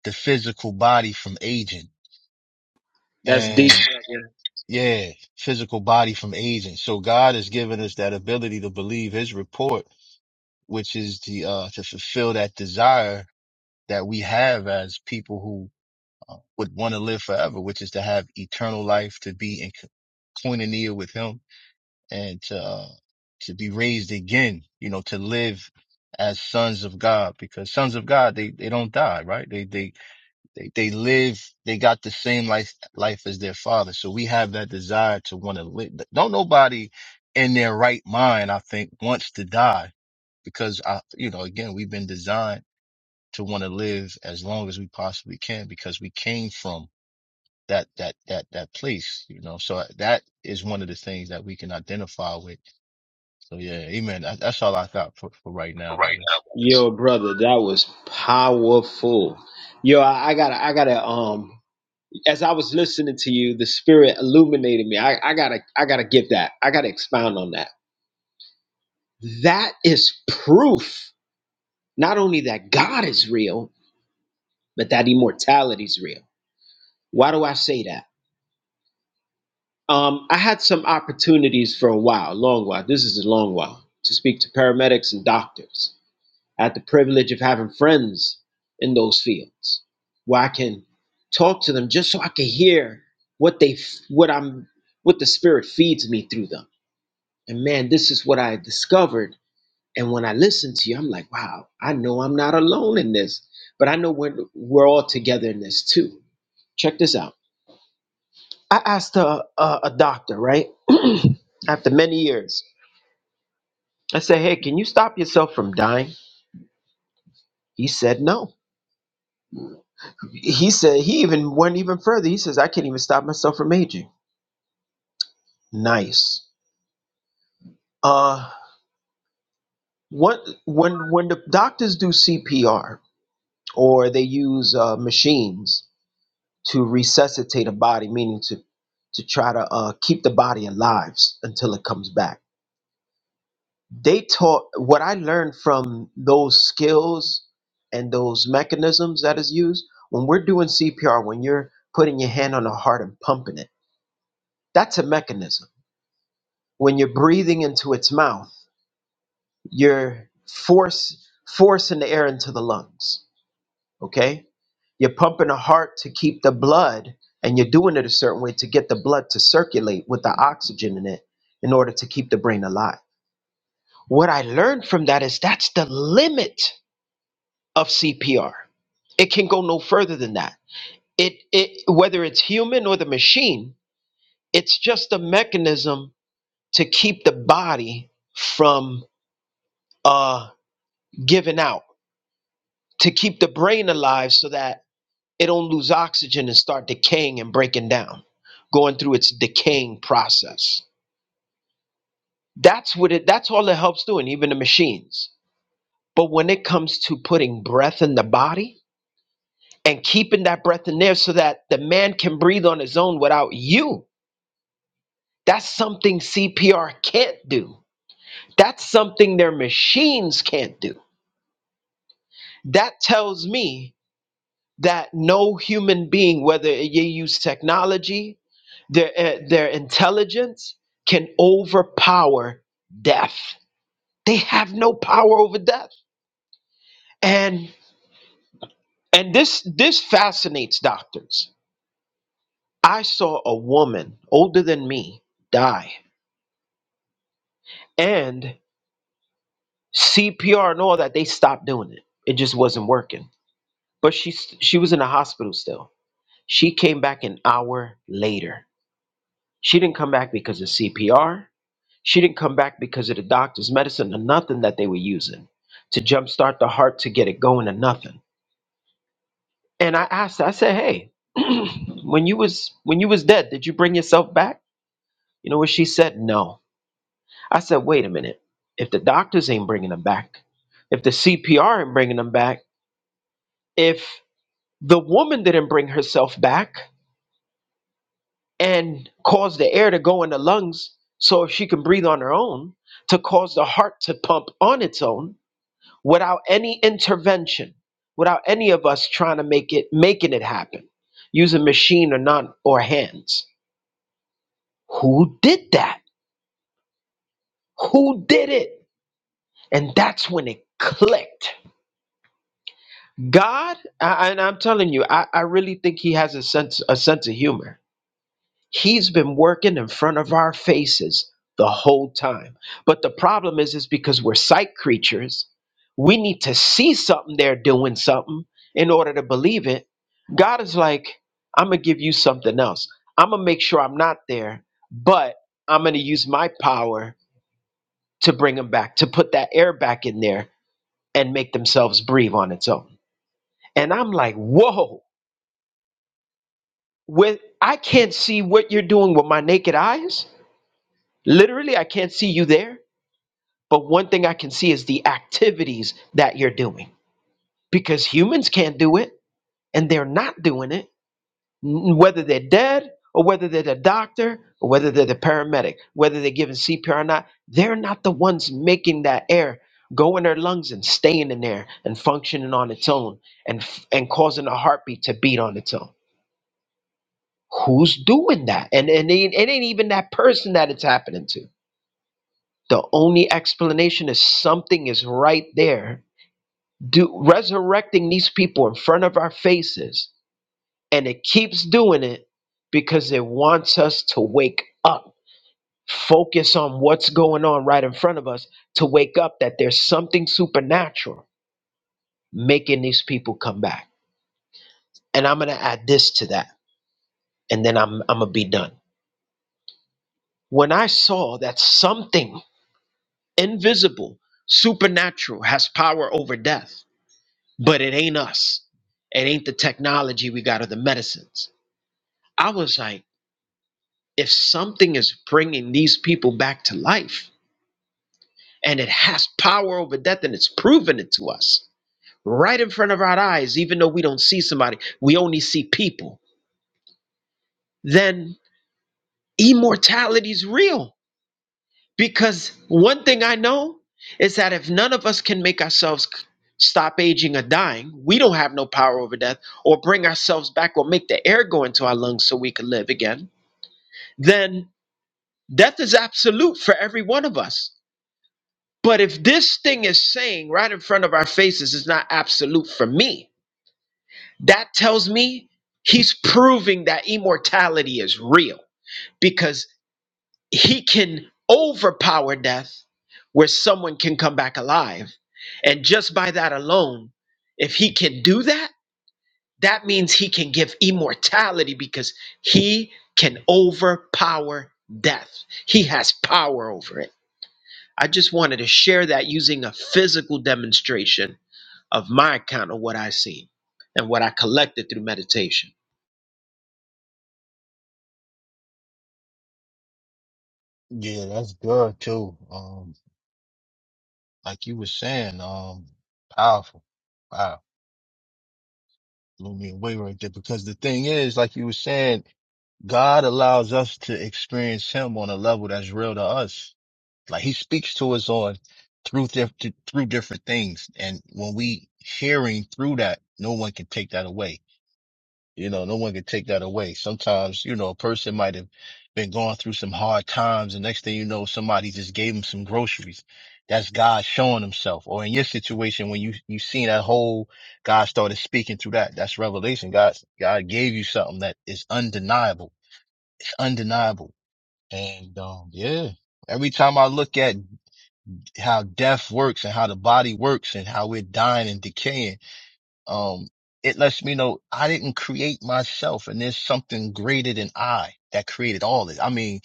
Speaker 5: the physical body from aging
Speaker 4: That's deep.
Speaker 5: and.
Speaker 4: brother.
Speaker 5: Yeah, physical body from aging. So God has given us that ability to believe his report, which is the, uh, to fulfill that desire that we have as people who uh, would want to live forever, which is to have eternal life, to be in co- koinonia with him and to, uh, to be raised again, you know, to live as sons of God because sons of God, they, they don't die, right? They, they, they, they live, they got the same life, life as their father. So we have that desire to want to live. Don't nobody in their right mind, I think, wants to die because I, you know, again, we've been designed to want to live as long as we possibly can because we came from that, that, that, that place, you know, so uh, that is one of the things that we can identify with. So yeah, amen. That, that's all I got for, for right now, brothers.
Speaker 4: Yo, brother, that was powerful. Yo, I, I gotta, I gotta. Um, as I was listening to you, the spirit illuminated me. I, I gotta, I gotta give that. I gotta expound on that. That is proof. Not only that God is real, but that immortality is real. Why do I say that? Um, I had some opportunities for a while, a long while. This is a long while to speak to paramedics and doctors. I had the privilege of having friends in those fields where I can talk to them just so I can hear what they, f- what I'm, what the spirit feeds me through them. And man, this is what I discovered And when I listen to you, I'm like, wow, I know I'm not alone in this, but I know we're, we're all together in this too. Check this out. I asked a, a, a doctor, right? <clears throat> After many years, I said, hey, can you stop yourself from dying? He said, no. He said, he even went even further. He says, I can't even stop myself from aging. Nice. Uh, what, when, when the doctors do CPR or they use uh, machines, to resuscitate a body, meaning to to try to uh, keep the body alive s- until it comes back. They taught what I learned from those skills and those mechanisms that is used when we're doing CPR. When you're putting your hand on the heart and pumping it, that's a mechanism. When you're breathing into its mouth, you're force forcing the air into the lungs. Okay, You're pumping the heart to keep the blood, and you're doing it a certain way to get the blood to circulate with the oxygen in it in order to keep the brain alive. What I learned from that is that's the limit of CPR. It can go no further than that. It, it whether it's human or the machine, it's just a mechanism to keep the body from uh, giving out, to keep the brain alive so that it don't lose oxygen and start decaying and breaking down going through its decaying process that's what it that's all it helps doing even the machines but when it comes to putting breath in the body and keeping that breath in there so that the man can breathe on his own without you that's something cpr can't do that's something their machines can't do that tells me that no human being whether you use technology Their, eh, their intelligence can overpower death. They have no power over death. And and this this fascinates doctors. I saw a woman older than me die. And CPR and all that, they stopped doing it. It just wasn't working. But she she was in the hospital still. She came back an hour later. She didn't come back because of CPR. She didn't come back because of the doctor's medicine or nothing that they were using to jumpstart the heart to get it going or nothing. And I asked her, I said, Hey, <clears throat> when you was when you was dead, did you bring yourself back? You know what she said? No. I said, wait a minute. If the doctors ain't bringing them back, if the CPR ain't bringing them back, if the woman didn't bring herself back and cause the air to go in the lungs so she can breathe on her own, to cause the heart to pump on its own, without any intervention, without any of us trying to make it making it happen, using machine or not or hands. Who did that? Who did it? And that's when it clicked. God, I, and I'm telling you, I, I really think He has a sense a sense of humor He's been working in front of our faces the whole time. But the problem is, is because we're sight creatures, we need to see something they're doing something in order to believe it. God is like, I'm gonna give you something else. I'm gonna make sure I'm not there, but I'm gonna use my power to bring them back, to put that air back in there and make themselves breathe on its own. And I'm like, whoa, with I can't see what you're doing with my naked eyes Literally, I can't see you there, but one thing I can see is the activities that you're doing because humans can't do it and they're not doing it, n- whether they're dead or whether they're the doctor or whether they're the paramedic, whether they're giving CPR or not. They're not the ones making that air go in their lungs and staying in there and functioning on its own and f- and causing a heartbeat to beat on its own. Who's doing that? And and it it ain't even that person that it's happening to The only explanation is something is right there, do, resurrecting these people in front of our faces. And it keeps doing it because it wants us to wake up, focus on what's going on right in front of us, to wake up that there's something supernatural making these people come back. And I'm going to add this to that, and then I'm, I'm going to be done. When I saw that something invisible, supernatural, has power over death but it ain't us. It ain't the technology we got or the medicines. I was like, if something is bringing these people back to life and it has power over death and it's proven it to us right in front of our eyes, even though we don't see somebody, we only see people, then immortality's real Because one thing I know is that if none of us can make ourselves c- stop aging or dying, we don't have no power over death or bring ourselves back or make the air go into our lungs so we can live again, then death is absolute for every one of us. But if this thing is saying right in front of our faces is not absolute for me, that tells me he's proving that immortality is real Because. he can overpower death where someone can come back alive. And just by that alone, if he can do that, that means he can give immortality because he can overpower death. He has power over it. I just wanted to share that using a physical demonstration of my account of what I seen and what I collected through meditation.
Speaker 5: Yeah, that's good too. Um, like you were saying, um, powerful. wow. blew me away right there because the thing is, like you were saying, God allows us to experience Him on a level that's real to us. Like He speaks to us on through diff- through different things, and when we hearing through that, no one can take that away. You know, no one can take that away. Sometimes, you know, a person might have been going through some hard times, and next thing you know, somebody just gave them some groceries. That's God showing himself. Or in your situation, when you you seen that whole, God started speaking through that. That's revelation. God God gave you something that is undeniable. It's undeniable. And um, yeah. Every time I look at how death works and how the body works and how we're dying and decaying um, it lets me know I didn't create myself and there's something greater than I that created all this. I mean,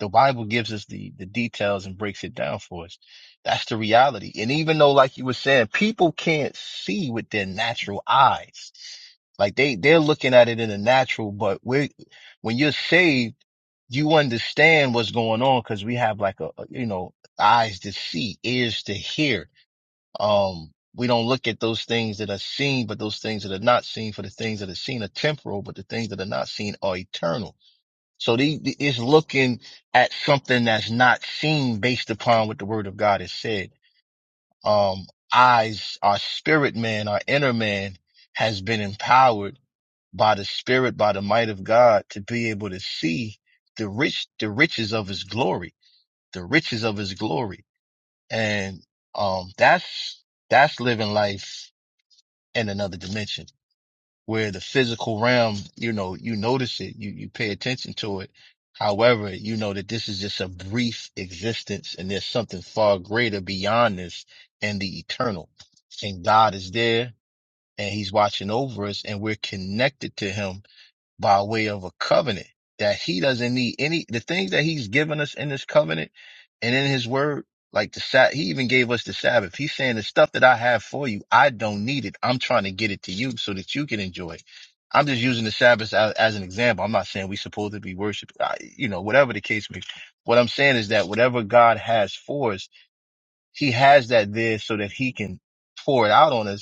Speaker 5: the Bible gives us the, the details and breaks it down for us. That's the reality. And even though, like you were saying, people can't see with their natural eyes, like they, they're looking at it in the natural, but we when you're saved, you understand what's going on because we have like a, a, you know, eyes to see, ears to hear um, we don't look at those things that are seen, but those things that are not seen, for the things that are seen are temporal, but the things that are not seen are eternal. So the, the- it's looking at something that's not seen based upon what the word of God has said. Um, eyes, our spirit man, our inner man has been empowered by the spirit, by the might of God to be able to see the rich, the riches of his glory, the riches of his glory. And, um, that's, that's living life in another dimension where the physical realm, you know, you notice it, you, you pay attention to it. However, you know that this is just a brief existence and there's something far greater beyond this and the eternal. And God is there and he's watching over us and we're connected to him by way of a covenant that he doesn't need any the things that he's given us in this covenant and in his word like the sat he even gave us the sabbath he's saying the stuff that i have for you i don't need it i'm trying to get it to you so that you can enjoy it i'm just using the sabbath as, as an example i'm not saying we supposed to be worship I- you know whatever the case may be what i'm saying is that whatever god has for us he has that there so that he can pour it out on us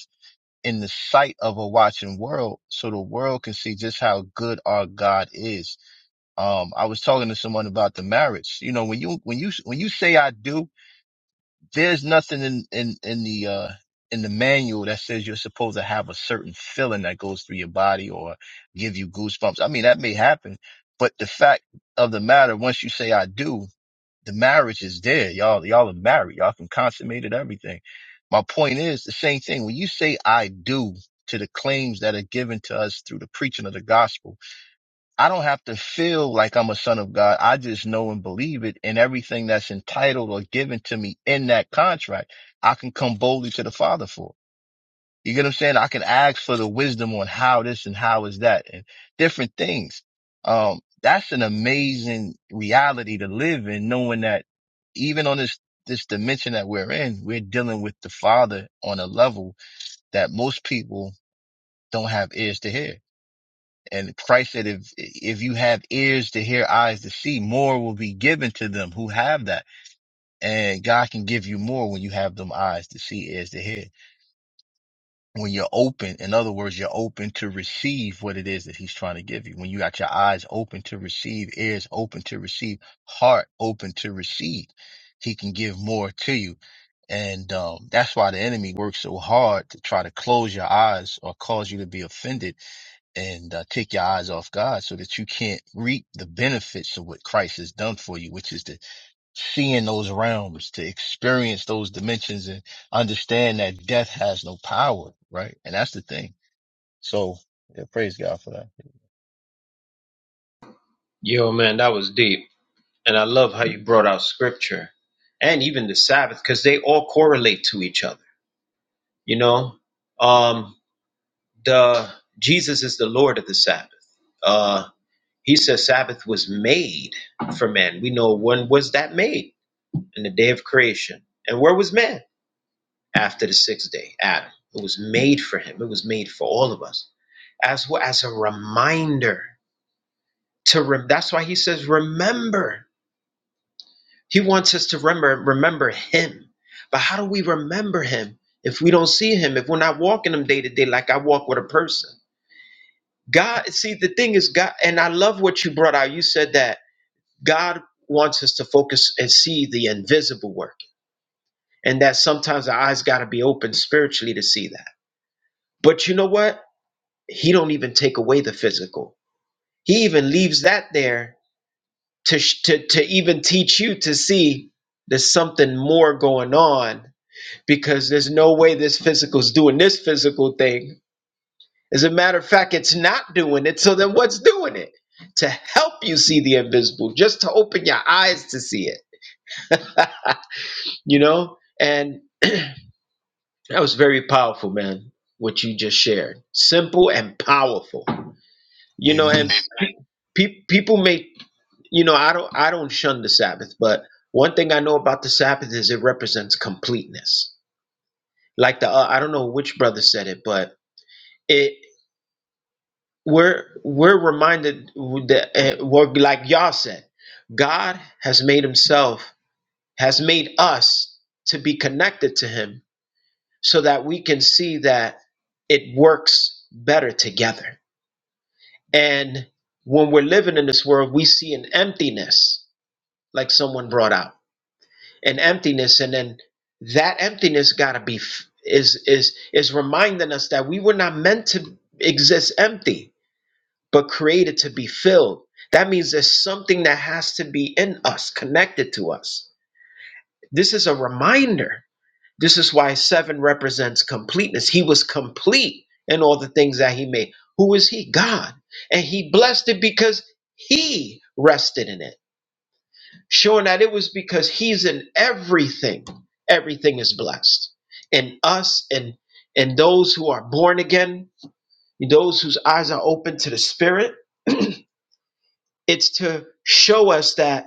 Speaker 5: in the sight of a watching world so the world can see just how good our God is. Um, I was talking to someone about the marriage. You know, when you, when you, when you say I do, there's nothing in, in, in the, uh, in the manual that says you're supposed to have a certain feeling that goes through your body or give you goosebumps. I mean, that may happen, but the fact of the matter, once you say I do, the marriage is there. Y'all, y'all are married. Y'all can consummate it, everything. My point is the same thing. When you say I do to the claims that are given to us through the preaching of the gospel, I don't have to feel like I'm a son of God. I just know and believe it and everything that's entitled or given to me in that contract, I can come boldly to the father for. You get what I'm saying? I can ask for the wisdom on how this and how is that and different things. Um, that's an amazing reality to live in, knowing that even on this, this dimension that we're in, we're dealing with the father on a level that most people don't have ears to hear. And Christ said, if, if you have ears to hear, eyes to see, more will be given to them who have that. And God can give you more when you have them eyes to see, ears to hear. when you're open, in other words, you're open to receive what it is that he's trying to give you. When you got your eyes open to receive, ears open to receive, heart open to receive, he can give more to you. And um, that's why the enemy works so hard to try to close your eyes or cause you to be offended and uh, take your eyes off God so that you can't reap the benefits of what Christ has done for you, which is the seeing those realms, to experience those dimensions and understand that death has no power, right? And that's the thing. So yeah, praise God for that.
Speaker 4: Yo, man, that was deep. And I love how you brought out scripture and even the Sabbath because they all correlate to each other. You know, um, the Jesus is the Lord of the Sabbath. Uh, he says Sabbath was made for man. We know when was that made in the day of creation, and where was man after the sixth day? Adam. It was made for him. It was made for all of us as well as a reminder to. Rem- that's why he says remember He wants us to remember remember him. But how do we remember him if we don't see him, if we're not walking him day to day like I walk with a person? God, see the thing is God and I love what you brought out. You said that God wants us to focus and see the invisible work. And that sometimes our eyes gotta be open spiritually to see that. But you know what? He don't even take away the physical. He even leaves that there to sh- to, to even teach you to see there's something more going on because there's no way this physical is doing this physical thing. As a matter of fact, it's not doing it. So then what's doing it? To help you see the invisible, just to open your eyes to see it, you know? And that was very powerful, man, what you just shared. Simple and powerful. You know, and
Speaker 5: Amen.
Speaker 4: pe- people may, you know, I don't I don't shun the Sabbath, but one thing I know about the Sabbath is it represents completeness. Like the uh, I don't know which brother said it, but it. we're we're reminded that uh, what like y'all said god has made himself has made us to be connected to him so that we can see that it works better together and when we're living in this world we see an emptiness like someone brought out an emptiness and then that emptiness got to be f- is is is reminding us that we were not meant to exist empty but created to be filled. That means there's something that has to be in us, connected to us. This is a reminder. This is why seven represents completeness. He was complete in all the things that he made. Who is he? God. And he blessed it because he rested in it, showing that it was because he's in everything. Everything is blessed in us and and those who are born again, those whose eyes are open to the spirit. <clears throat> It's to show us that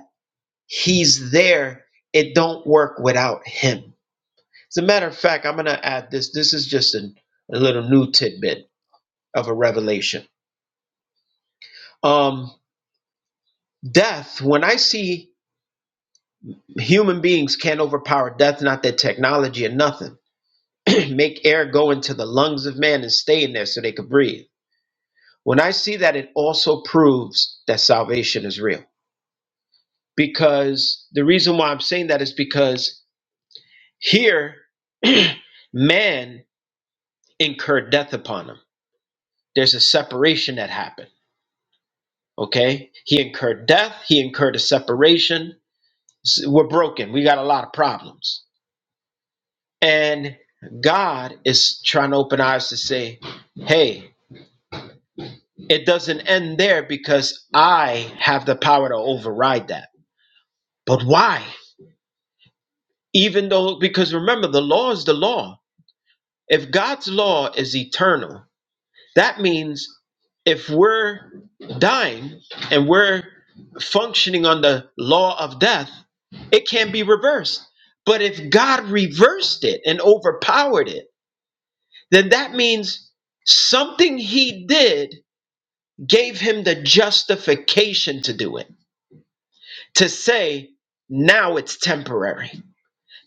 Speaker 4: he's there. It don't work without him. As a matter of fact, I'm going to add this. This is just an, a little new tidbit of a revelation. Um, death, when I see human beings can't overpower death, not their technology or nothing, <clears throat> make air go into the lungs of man and stay in there so they could breathe. When I see that, it also proves that salvation is real. Because the reason why I'm saying that is because Here, <clears throat> man incurred death upon him. There's a separation that happened. Okay? He incurred death, he incurred a separation. We're broken. We got a lot of problems. And God is trying to open our eyes to say, hey, it doesn't end there because I have the power to override that. But why? Even though, because remember, the law is the law. If God's law is eternal, That means if we're dying and we're functioning on the law of death, it can be reversed. But if God reversed it and overpowered it, then that means something he did gave him the justification to do it, to say, now it's temporary.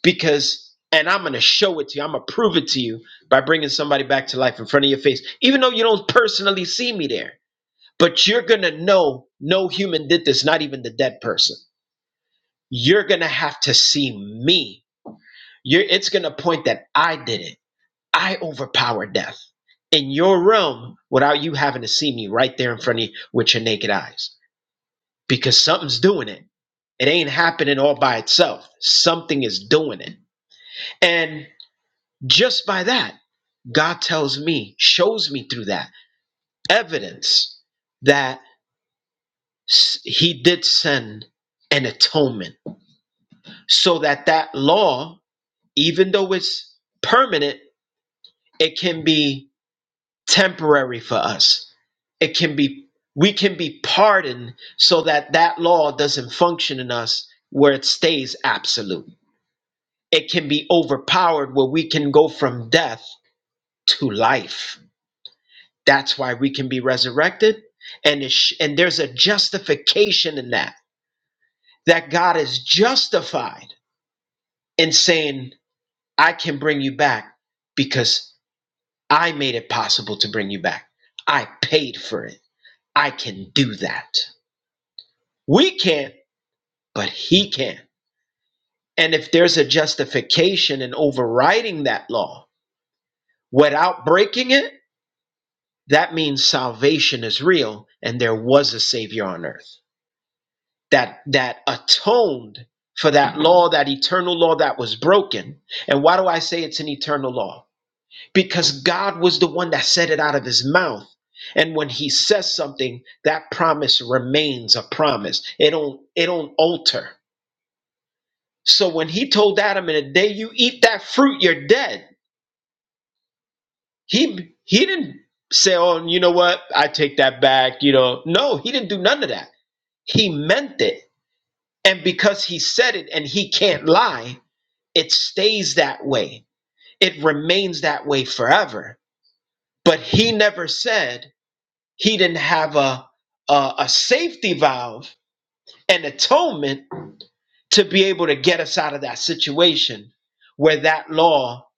Speaker 4: Because, and I'm going to show it to you, I'm going to prove it to you by bringing somebody back to life in front of your face, even though you don't personally see me there. But you're going to know no human did this, not even the dead person. You're going to have to see me. You're, it's going to point that I did it. I overpower death in your realm without you having to see me right there in front of you with your naked eyes because something's doing it. It ain't happening all by itself. Something is doing it. And just by that, God tells me, shows me through that evidence that s- He did send an atonement so that that law, even though it's permanent, it can be temporary for us. It can be we can be pardoned so that that law doesn't function in us where it stays absolute. It can be overpowered where we can go from death to life. That's why we can be resurrected and it sh- and there's a justification in that that God is justified in saying I can bring you back because. I made it possible to bring you back. I paid for it. I can do that. We can't, but he can. And if there's a justification in overriding that law without breaking it, that means salvation is real and there was a savior on earth that that atoned for that law, that eternal law that was broken. And why do I say it's an eternal law? because God was the one that said it out of his mouth. And when he says something, that promise remains a promise. It don't it don't alter. So when he told Adam in the day you eat that fruit, you're dead. He he didn't say, Oh, you know what? I take that back, you know. No, he didn't do none of that. He meant it. And because he said it and he can't lie, it stays that way. It remains that way forever. But he never said He didn't have a, a, a safety valve and atonement to be able to get us out of that situation where that law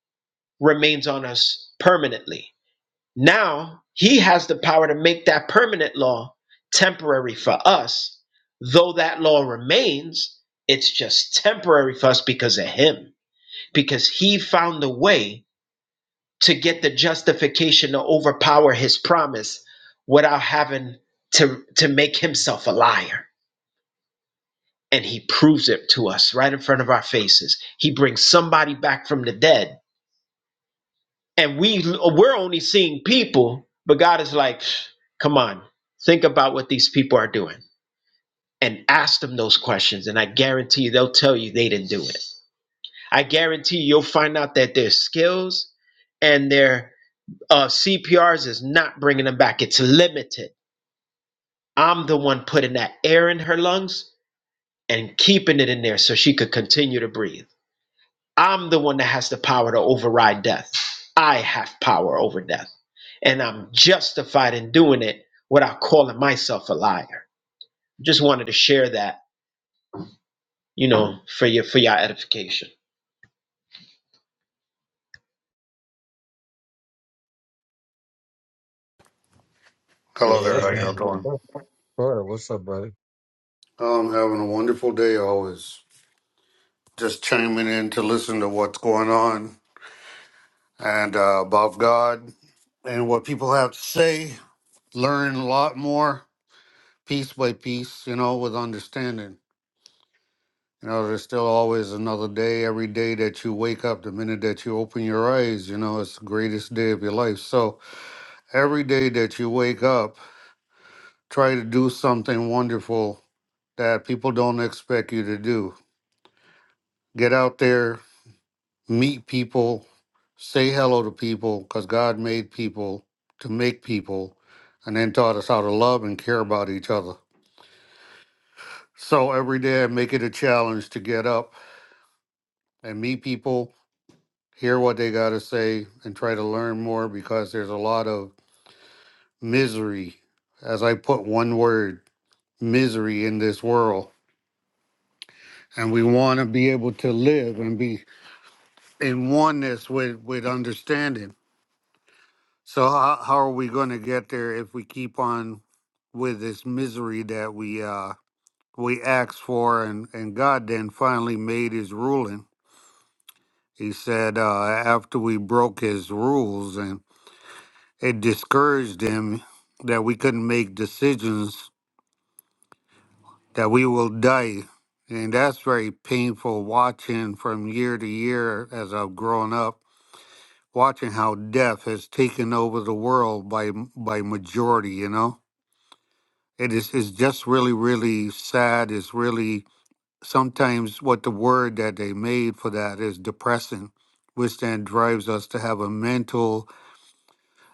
Speaker 4: remains on us permanently. Now he has the power to make that permanent law temporary for us. Though that law remains, it's just temporary for us because of him, because he found a way to get the justification to overpower his promise without having to to make himself a liar and he proves it to us right in front of our faces he brings somebody back from the dead and we we're only seeing people but god is like come on think about what these people are doing and ask them those questions and i guarantee you they'll tell you they didn't do it i guarantee you, you'll find out that their skills and their uh, cprs is not bringing them back it's limited I'm the one putting that air in her lungs and keeping it in there so she could continue to breathe. I'm the one that has the power to override death. I have power over death. And I'm justified in doing it without calling myself a liar. Just wanted to share that, you know, for your for your edification.
Speaker 2: Yeah,
Speaker 6: Hello
Speaker 5: Yeah,
Speaker 2: y'all
Speaker 6: there. How
Speaker 2: should.
Speaker 6: y'all
Speaker 5: amen.
Speaker 6: doing?
Speaker 2: Sure, what's up, brother?
Speaker 6: I'm having a wonderful day always. Just chiming in to listen to what's going on and uh, about God and what people have to say. Learn a lot more piece by piece, you know, with understanding. You know, there's still always another day. Every day that you wake up, the minute that you open your eyes, you know, it's the greatest day of your life. So every day that you wake up, try to do something wonderful that people don't expect you to do. Get out there, meet people, say hello to people, because God made people to make people, and then taught us how to love and care about each other. So every day I make it a challenge to get up and meet people, hear what they got to say, and try to learn more because there's a lot of misery, as I put one word, misery in this world. And we want to be able to live and be in oneness with, with understanding So how, how are we going to get there if we keep on with this misery that we uh we asked for and and God then finally made his ruling. He said uh after we broke his rules and it discouraged him that we couldn't make decisions that we will die. And that's very painful watching from year to year as I've grown up, watching how death has taken over the world by by majority, you know It is it's just really, really sad. It's really sometimes what the word that they made for that is depressing, which then drives us to have a mental,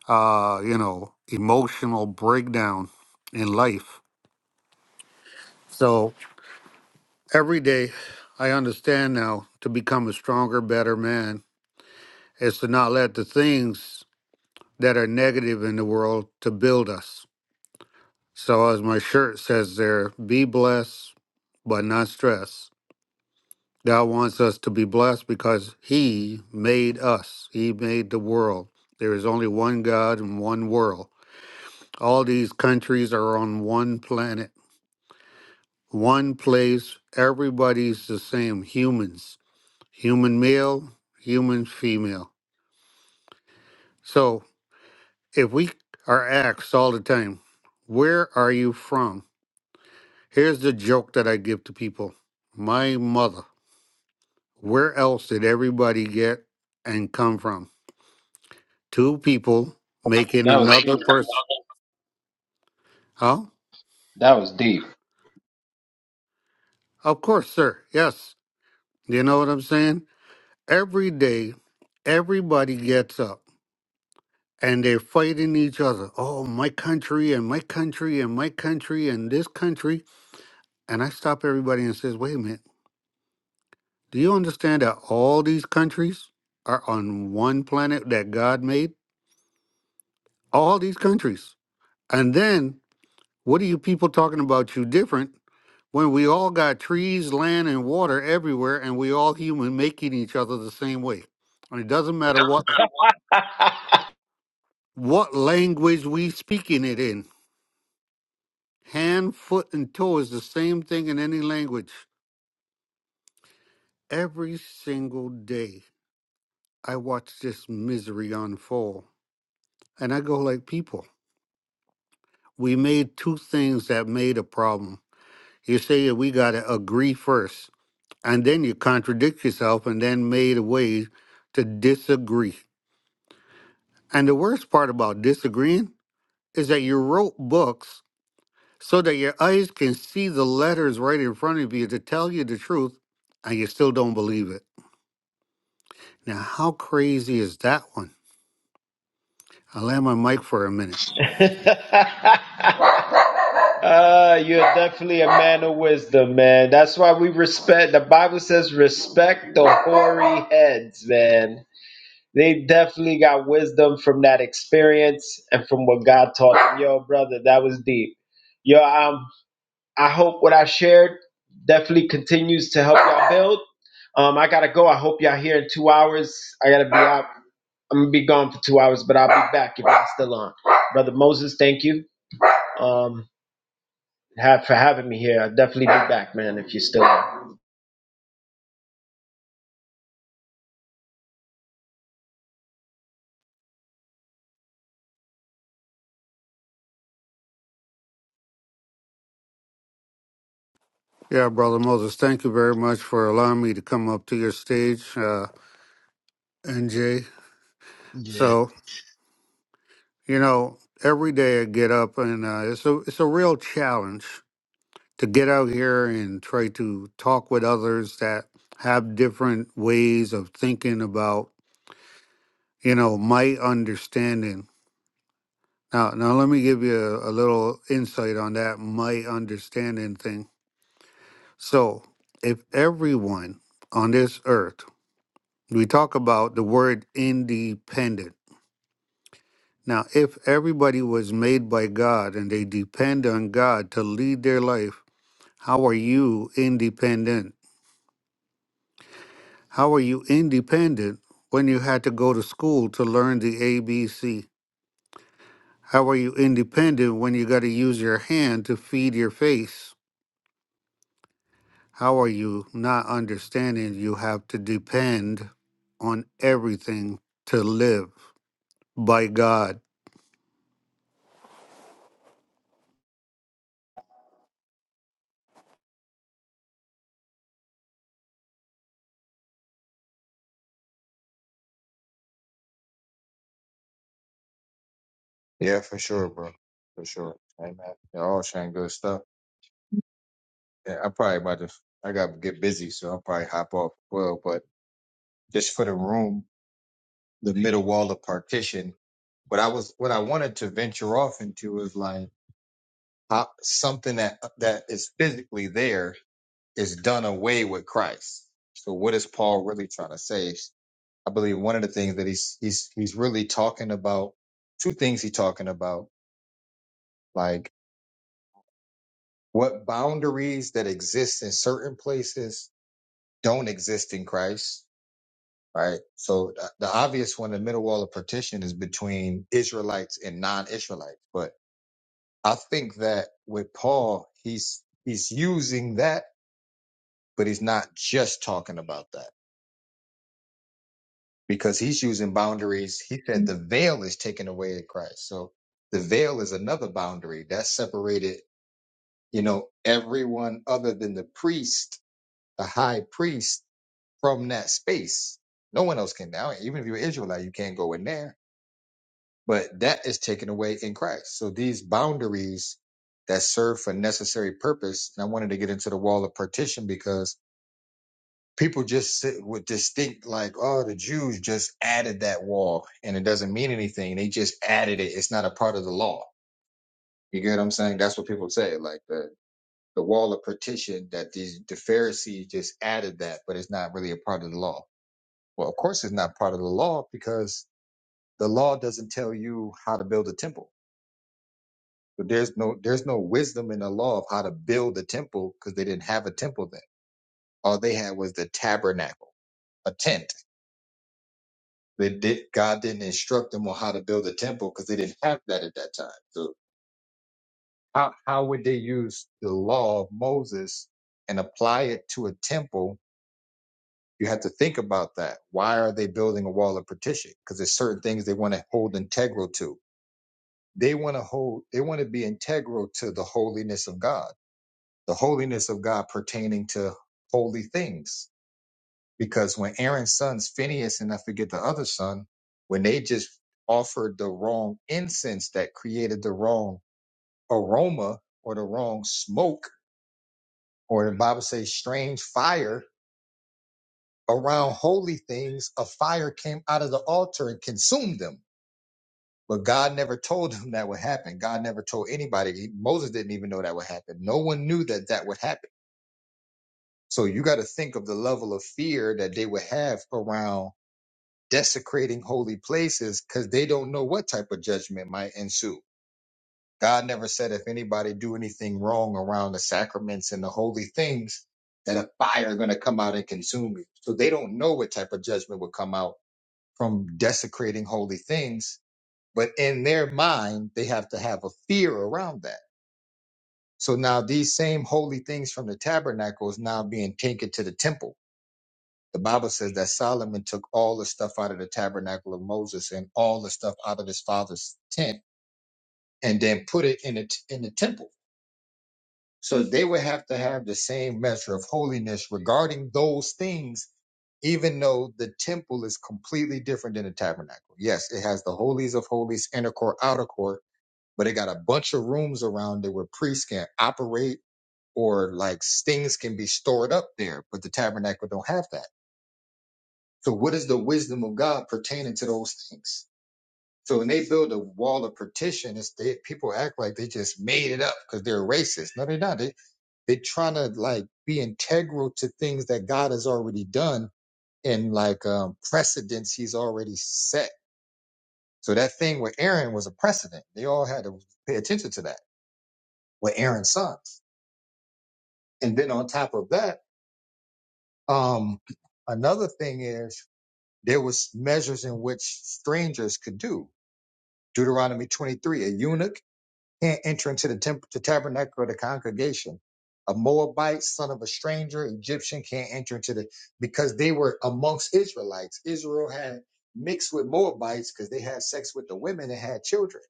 Speaker 6: uh, you know, emotional breakdown in life. So every day I understand now to become a stronger, better man is to not let the things that are negative in the world to build us. So as my shirt says there, be blessed, but not stressed. God wants us to be blessed because He made us, He made the world. There is only one God and one world. All these countries are on one planet, one place. Everybody's the same humans, human male, human female. So if we are asked all the time, Where are you from? Here's the joke that I give to people My mother. Where else did everybody get and come from? two people making
Speaker 4: That was deep.
Speaker 6: another person. Huh?
Speaker 4: That was
Speaker 6: Of course, sir. Yes. You know what I'm saying? Every day, everybody gets up and they're fighting each other. Oh, my country and my country and my country and this country. And I stop everybody and says, wait a minute. Do you understand that all these countries are on one planet that God made? All these countries. And then what are you people talking about you different? when we all got trees, land, and water everywhere, and we all human making each other the same way. And it doesn't matter what
Speaker 4: deep. <laughs>
Speaker 6: what language we speaking it in. Hand, foot, and toe is the same thing in any language. Every single day, I watch this misery unfold, and I go like, people, we made two things that made a problem. You say that we gotta agree first, and then you contradict yourself, and then made a way to disagree And the worst part about disagreeing is that you wrote books so that your eyes can see the letters right in front of you to tell you the truth, and you still don't believe it. Now, how crazy is that one? I'll land my mic for a minute.
Speaker 4: <laughs> uh, you're definitely a man of wisdom, man. That's why we respect. The Bible says respect the hoary heads, man. They definitely got wisdom from that experience and from what God taught them. Yo, brother, that was deep. Yo, um, I hope what I shared definitely continues to help y'all build. Um, I gotta go. I hope y'all here in two hours. I gotta be out. I'm gonna be gone for two hours, but I'll be back if y'all still on. Brother Moses, thank you um have for having me here. I'll definitely be back, man, if you're still
Speaker 6: Yeah, Brother Moses, thank you very much for allowing me to come up to your stage, uh, NJ.
Speaker 5: Yeah.
Speaker 6: So, you know, every day I get up and uh, it's, a, it's a real challenge to get out here and try to talk with others that have different ways of thinking about, you know, my understanding. Now, now let me give you a, a little insight on that my understanding thing. So, if everyone on this earth, we talk about the word independent. Now, if everybody was made by God and they depend on God to lead their life, how are you independent? How are you independent when you had to go to school to learn the ABC? How are you independent when you got to use your hand to feed your face? How are you not understanding you have to depend on everything to live by God?
Speaker 2: Yeah, for sure, bro. For sure. Amen. Y'all sharing good stuff. Yeah, I'm probably about to. I got to get busy, so I'll probably hop off. as Well, but just for the room, the middle wall of partition. But I was what I wanted to venture off into is like how, something that that is physically there is done away with Christ. So what is Paul really trying to say? I believe one of the things that he's he's he's really talking about. Two things he's talking about. like, What boundaries that exist in certain places don't exist in Christ, right? So the, the obvious one, the middle wall of partition is between Israelites and non-Israelites. But I think that with Paul, he's, he's using that, but he's not just talking about that because he's using boundaries. He said the veil is taken away in Christ. So the veil is another boundary that separated, you know, everyone other than the priest, the high priest from that space. No one else can now. Even if you're Israelite, you can't go in there. But that is taken away in Christ. So these boundaries that serve for necessary purpose, and I wanted to get into the wall of partition because people just sit with distinct like, oh, the Jews just added that wall and it doesn't mean anything. They just added it. It's not a part of the law. You get what I'm saying? That's what people say. Like the the wall of partition that these the Pharisees just added that, but it's not really a part of the law Well, of course, it's not part of the law because the law doesn't tell you how to build a temple. So there's no there's no wisdom in the law of how to build a temple because they didn't have a temple then. All they had was the tabernacle, a tent. They did God didn't instruct them on how to build a temple because they didn't have that at that time. So how how would they use the law of Moses and apply it to a temple? You have to think about that. Why are they building a wall of partition? Because there's certain things they want to hold integral to They want to hold, they want to be integral to the holiness of God, the holiness of God pertaining to holy things. Because when Aaron's sons, Phineas and I forget the other son, when they just offered the wrong incense that created the wrong aroma or the wrong smoke, or the Bible says strange fire around holy things, a fire came out of the altar and consumed them But God never told them that would happen. God never told anybody. He- Moses didn't even know that would happen. No one knew that that would happen. So you got to think of the level of fear that they would have around desecrating holy places because they don't know what type of judgment might ensue. God never said if anybody do anything wrong around the sacraments and the holy things that a fire is going to come out and consume you. So they don't know what type of judgment would come out from desecrating holy things But in their mind, they have to have a fear around that. So now these same holy things from the tabernacle is now being taken to the temple. The Bible says that Solomon took all the stuff out of the tabernacle of Moses and all the stuff out of his father's tent and then put it in the, t- in the temple. So they would have to have the same measure of holiness regarding those things, even though the temple is completely different than the tabernacle. Yes, it has the holies of holies, inner court, outer court, but it got a bunch of rooms around it where priests can operate or like things can be stored up there, but the tabernacle don't have that. So what is the wisdom of God pertaining to those things? So when they build a wall of partition, it's they, people act like they just made it up because they're racist. No, they're not. They they're trying to like be integral to things that God has already done and like um precedents He's already set. So that thing with Aaron was a precedent. They all had to pay attention to that. With Aaron's son. And then on top of that, um, another thing is there was measures in which strangers could do. Deuteronomy 23, a eunuch can't enter into the temple, the tabernacle of the congregation. A Moabite, son of a stranger, Egyptian can't enter into the, because they were amongst Israelites. Israel had mixed with Moabites because they had sex with the women and had children.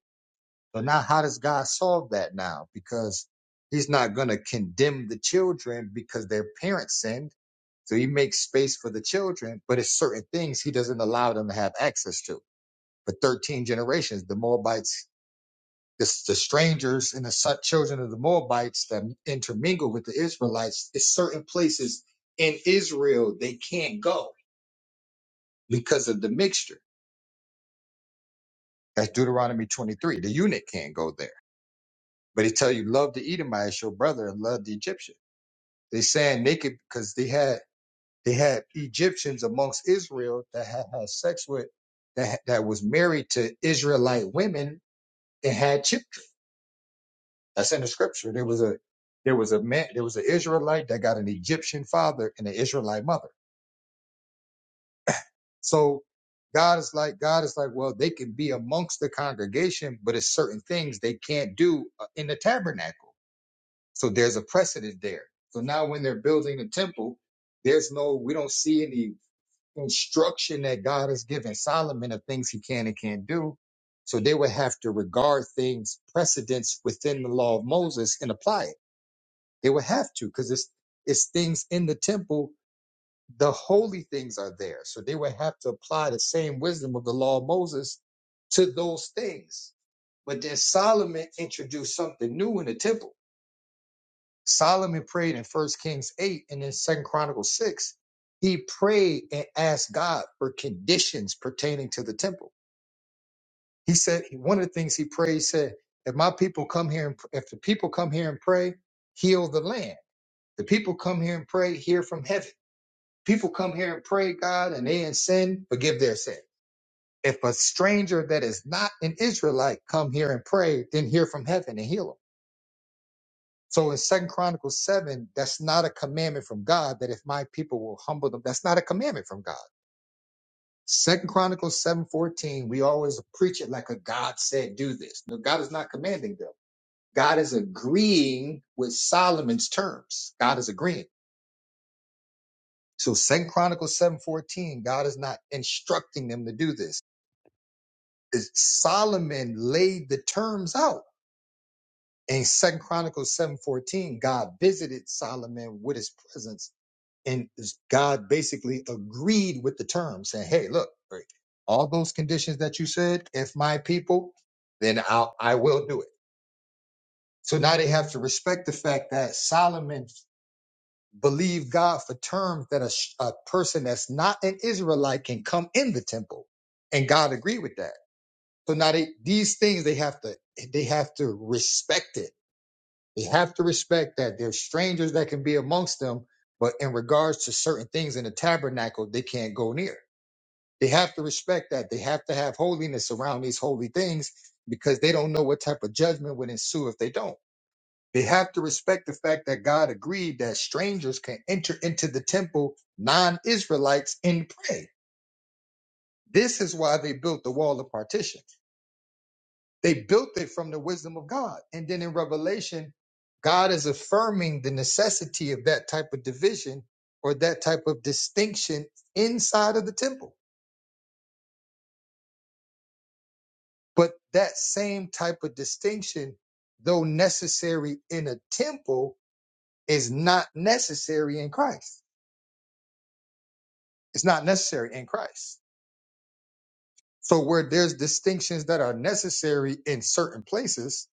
Speaker 2: So now how does God solve that now? Because he's not going to condemn the children because their parents sinned. So he makes space for the children, but it's certain things he doesn't allow them to have access to. For 13 generations, the Moabites, the, the strangers and the son- children of the Moabites that intermingle with the Israelites, it's certain places in Israel they can't go because of the mixture. That's Deuteronomy 23. The eunuch can't go there. But he tell you, love the Edomites, your brother, and love the Egyptian. They saying naked because they had they had Egyptians amongst Israel that had, had sex with that had- that was married to Israelite women and had children. That's in the scripture. There was a there was a man there was an Israelite that got an Egyptian father and an Israelite mother. So God is like God is like well they can be amongst the congregation, but it's certain things they can't do uh, in the tabernacle. So there's a precedent there. So now when they're building the temple, there's no we don't see any instruction that God has given Solomon of things he can and can't do. So they would have to regard things precedents within the law of Moses and apply it. They would have to because it's it's things in the temple. The holy things are there, so they would have to apply the same wisdom of the law of Moses to those things. But then Solomon introduced something new in the temple. Solomon prayed in First Kings 8 and in Second Chronicles 6. He prayed and asked God for conditions pertaining to the temple. He said one of the things he prayed he said, "If my people come here and if the people come here and pray, heal the land. The people come here and pray, hear from heaven. People come here and pray, God, and they in sin, forgive their sin. If a stranger that is not an Israelite come here and pray, then hear from heaven and heal them." So in Second Chronicles 7, that's not a commandment from God that if my people will humble them, that's not a commandment from God. Second Chronicles 7:14, we always preach it like a God said, do this. No, God is not commanding them. God is agreeing with Solomon's terms. God is agreeing. So Second Chronicles 7:14, God is not instructing them to do this. It's Solomon laid the terms out. In Second Chronicles 7:14, God visited Solomon with his presence and God basically agreed with the term, saying, "Hey, look, right, all those conditions that you said, if my people, then I'll I will do it." So now they have to respect the fact that Solomon believed God for terms that a, sh- a person that's not an Israelite can come in the temple, and God agreed with that. So now they, these things they have to they have to respect it they have to respect that there's strangers that can be amongst them, but in regards to certain things in the tabernacle, they can't go near. They have to respect that. They have to have holiness around these holy things because they don't know what type of judgment would ensue if they don't. They have to respect the fact that God agreed that strangers can enter into the temple, non Israelites, and pray. This is why they built the wall of partition. They built it from the wisdom of God. And then in Revelation, God is affirming the necessity of that type of division or that type of distinction inside of the temple. But that same type of distinction, though necessary in a temple, is not necessary in Christ. It's not necessary in Christ. So where there's distinctions that are necessary in certain places,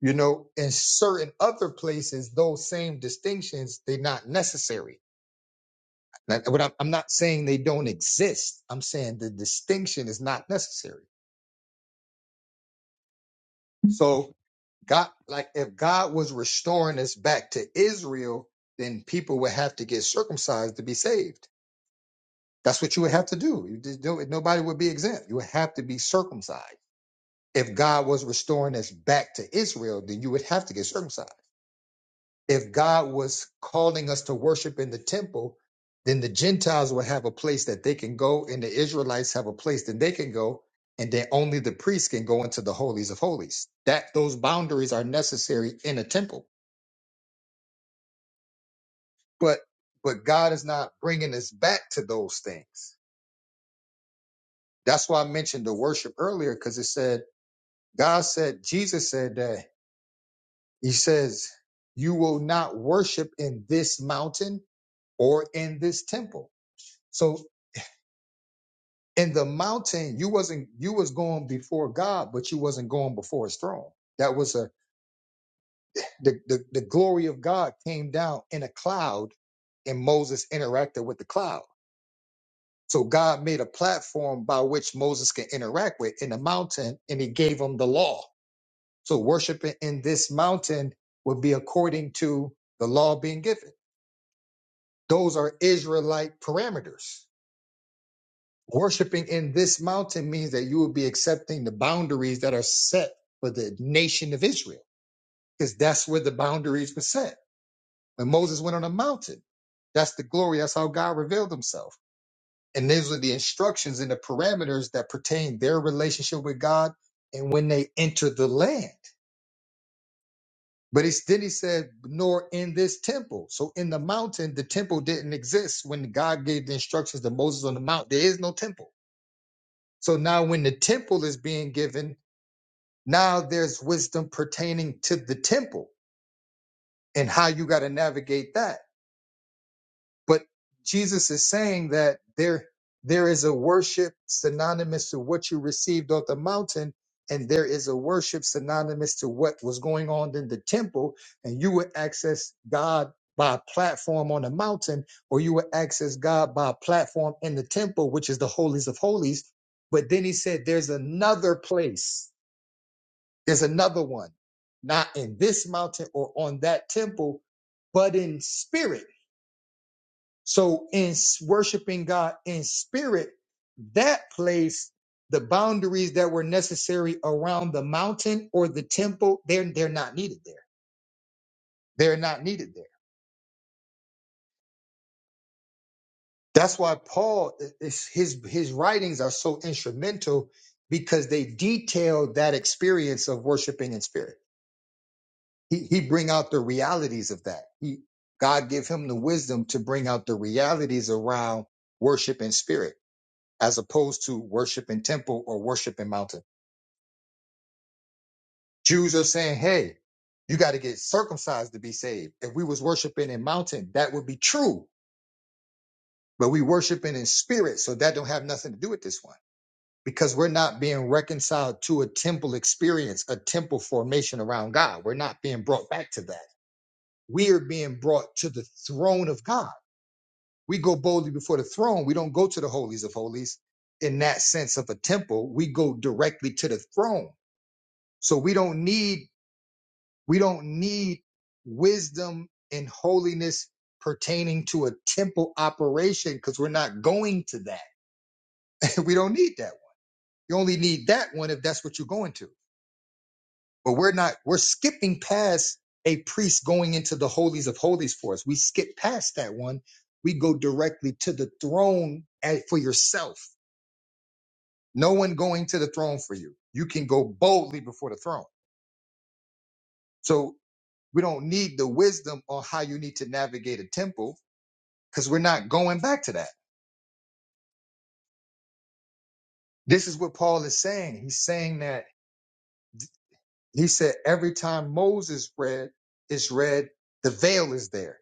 Speaker 2: you know, in certain other places, those same distinctions, they're not necessary Like, what I'm, I'm not saying they don't exist. I'm saying the distinction is not necessary. So God, like if God was restoring us back to Israel, then people would have to get circumcised to be saved. That's what you would have to do. You just do it. Nobody would be exempt. You would have to be circumcised. If God was restoring us back to Israel, then you would have to get circumcised. if God was calling us to worship in the temple, then the Gentiles would have a place that they can go, and the Israelites have a place that they can go, and then only the priests can go into the holies of holies. That those boundaries are necessary in a temple, but but God is not bringing us back to those things. That's why I mentioned the worship earlier, because it said God said Jesus said that He says you will not worship in this mountain or in this temple. So in the mountain you wasn't you was going before god but you wasn't going before his throne that was a the, the the glory of god came down in a cloud and moses interacted with the cloud so god made a platform by which moses can interact with in the mountain and he gave him the law so worshiping in this mountain would be according to the law being given those are israelite parameters Worshipping in this mountain means that you will be accepting the boundaries that are set for the nation of Israel, because that's where the boundaries were set. When Moses went on a mountain, that's the glory. That's how God revealed himself. And these are the instructions and the parameters that pertain their relationship with God and when they enter the land. But he, then he said, nor in this temple. So in the mountain, the temple didn't exist when God gave the instructions to Moses on the mount. There is no temple. So now when the temple is being given, Now there's wisdom pertaining to the temple and how you got to navigate that. But Jesus is saying that there there is a worship synonymous to what you received on the mountain, and there is a worship synonymous to what was going on in the temple, and you would access God by a platform on the mountain, or you would access God by a platform in the temple, which is the holies of holies. But then he said there's another place There's another one, not in this mountain or on that temple, but in spirit. So in s- worshiping God in spirit, that place, the boundaries that were necessary around the mountain or the temple, they're they're not needed there. They're not needed there. That's why Paul i- is his his writings are so instrumental because they detail that experience of worshiping in spirit he, he bring out the realities of that. He, God give him the wisdom to bring out the realities around worship in spirit, as opposed to worship in temple or worship in mountain. Jews are saying, hey, you got to get circumcised to be saved. If we was worshiping in mountain, that would be true, but we worshiping in spirit. So that don't have nothing to do with this one because we're not being reconciled to a temple experience, a temple formation around God. We're not being brought back to that. We are being brought to the throne of God we go boldly before the throne. We don't go to the holies of holies in that sense of a temple. We go directly to the throne. So we don't need we don't need wisdom and holiness pertaining to a temple operation because we're not going to that. <laughs> we don't need that one. You only need that one if that's what you're going to. But we're not we're skipping past a priest going into the holies of holies for us. We skip past that one. We go directly to the throne at, for yourself No one going to the throne for you. You can go boldly before the throne. So we don't need the wisdom on how you need to navigate a temple because we're not going back to that. This is what Paul is saying. He's saying that he said every time Moses read is read, the veil is there.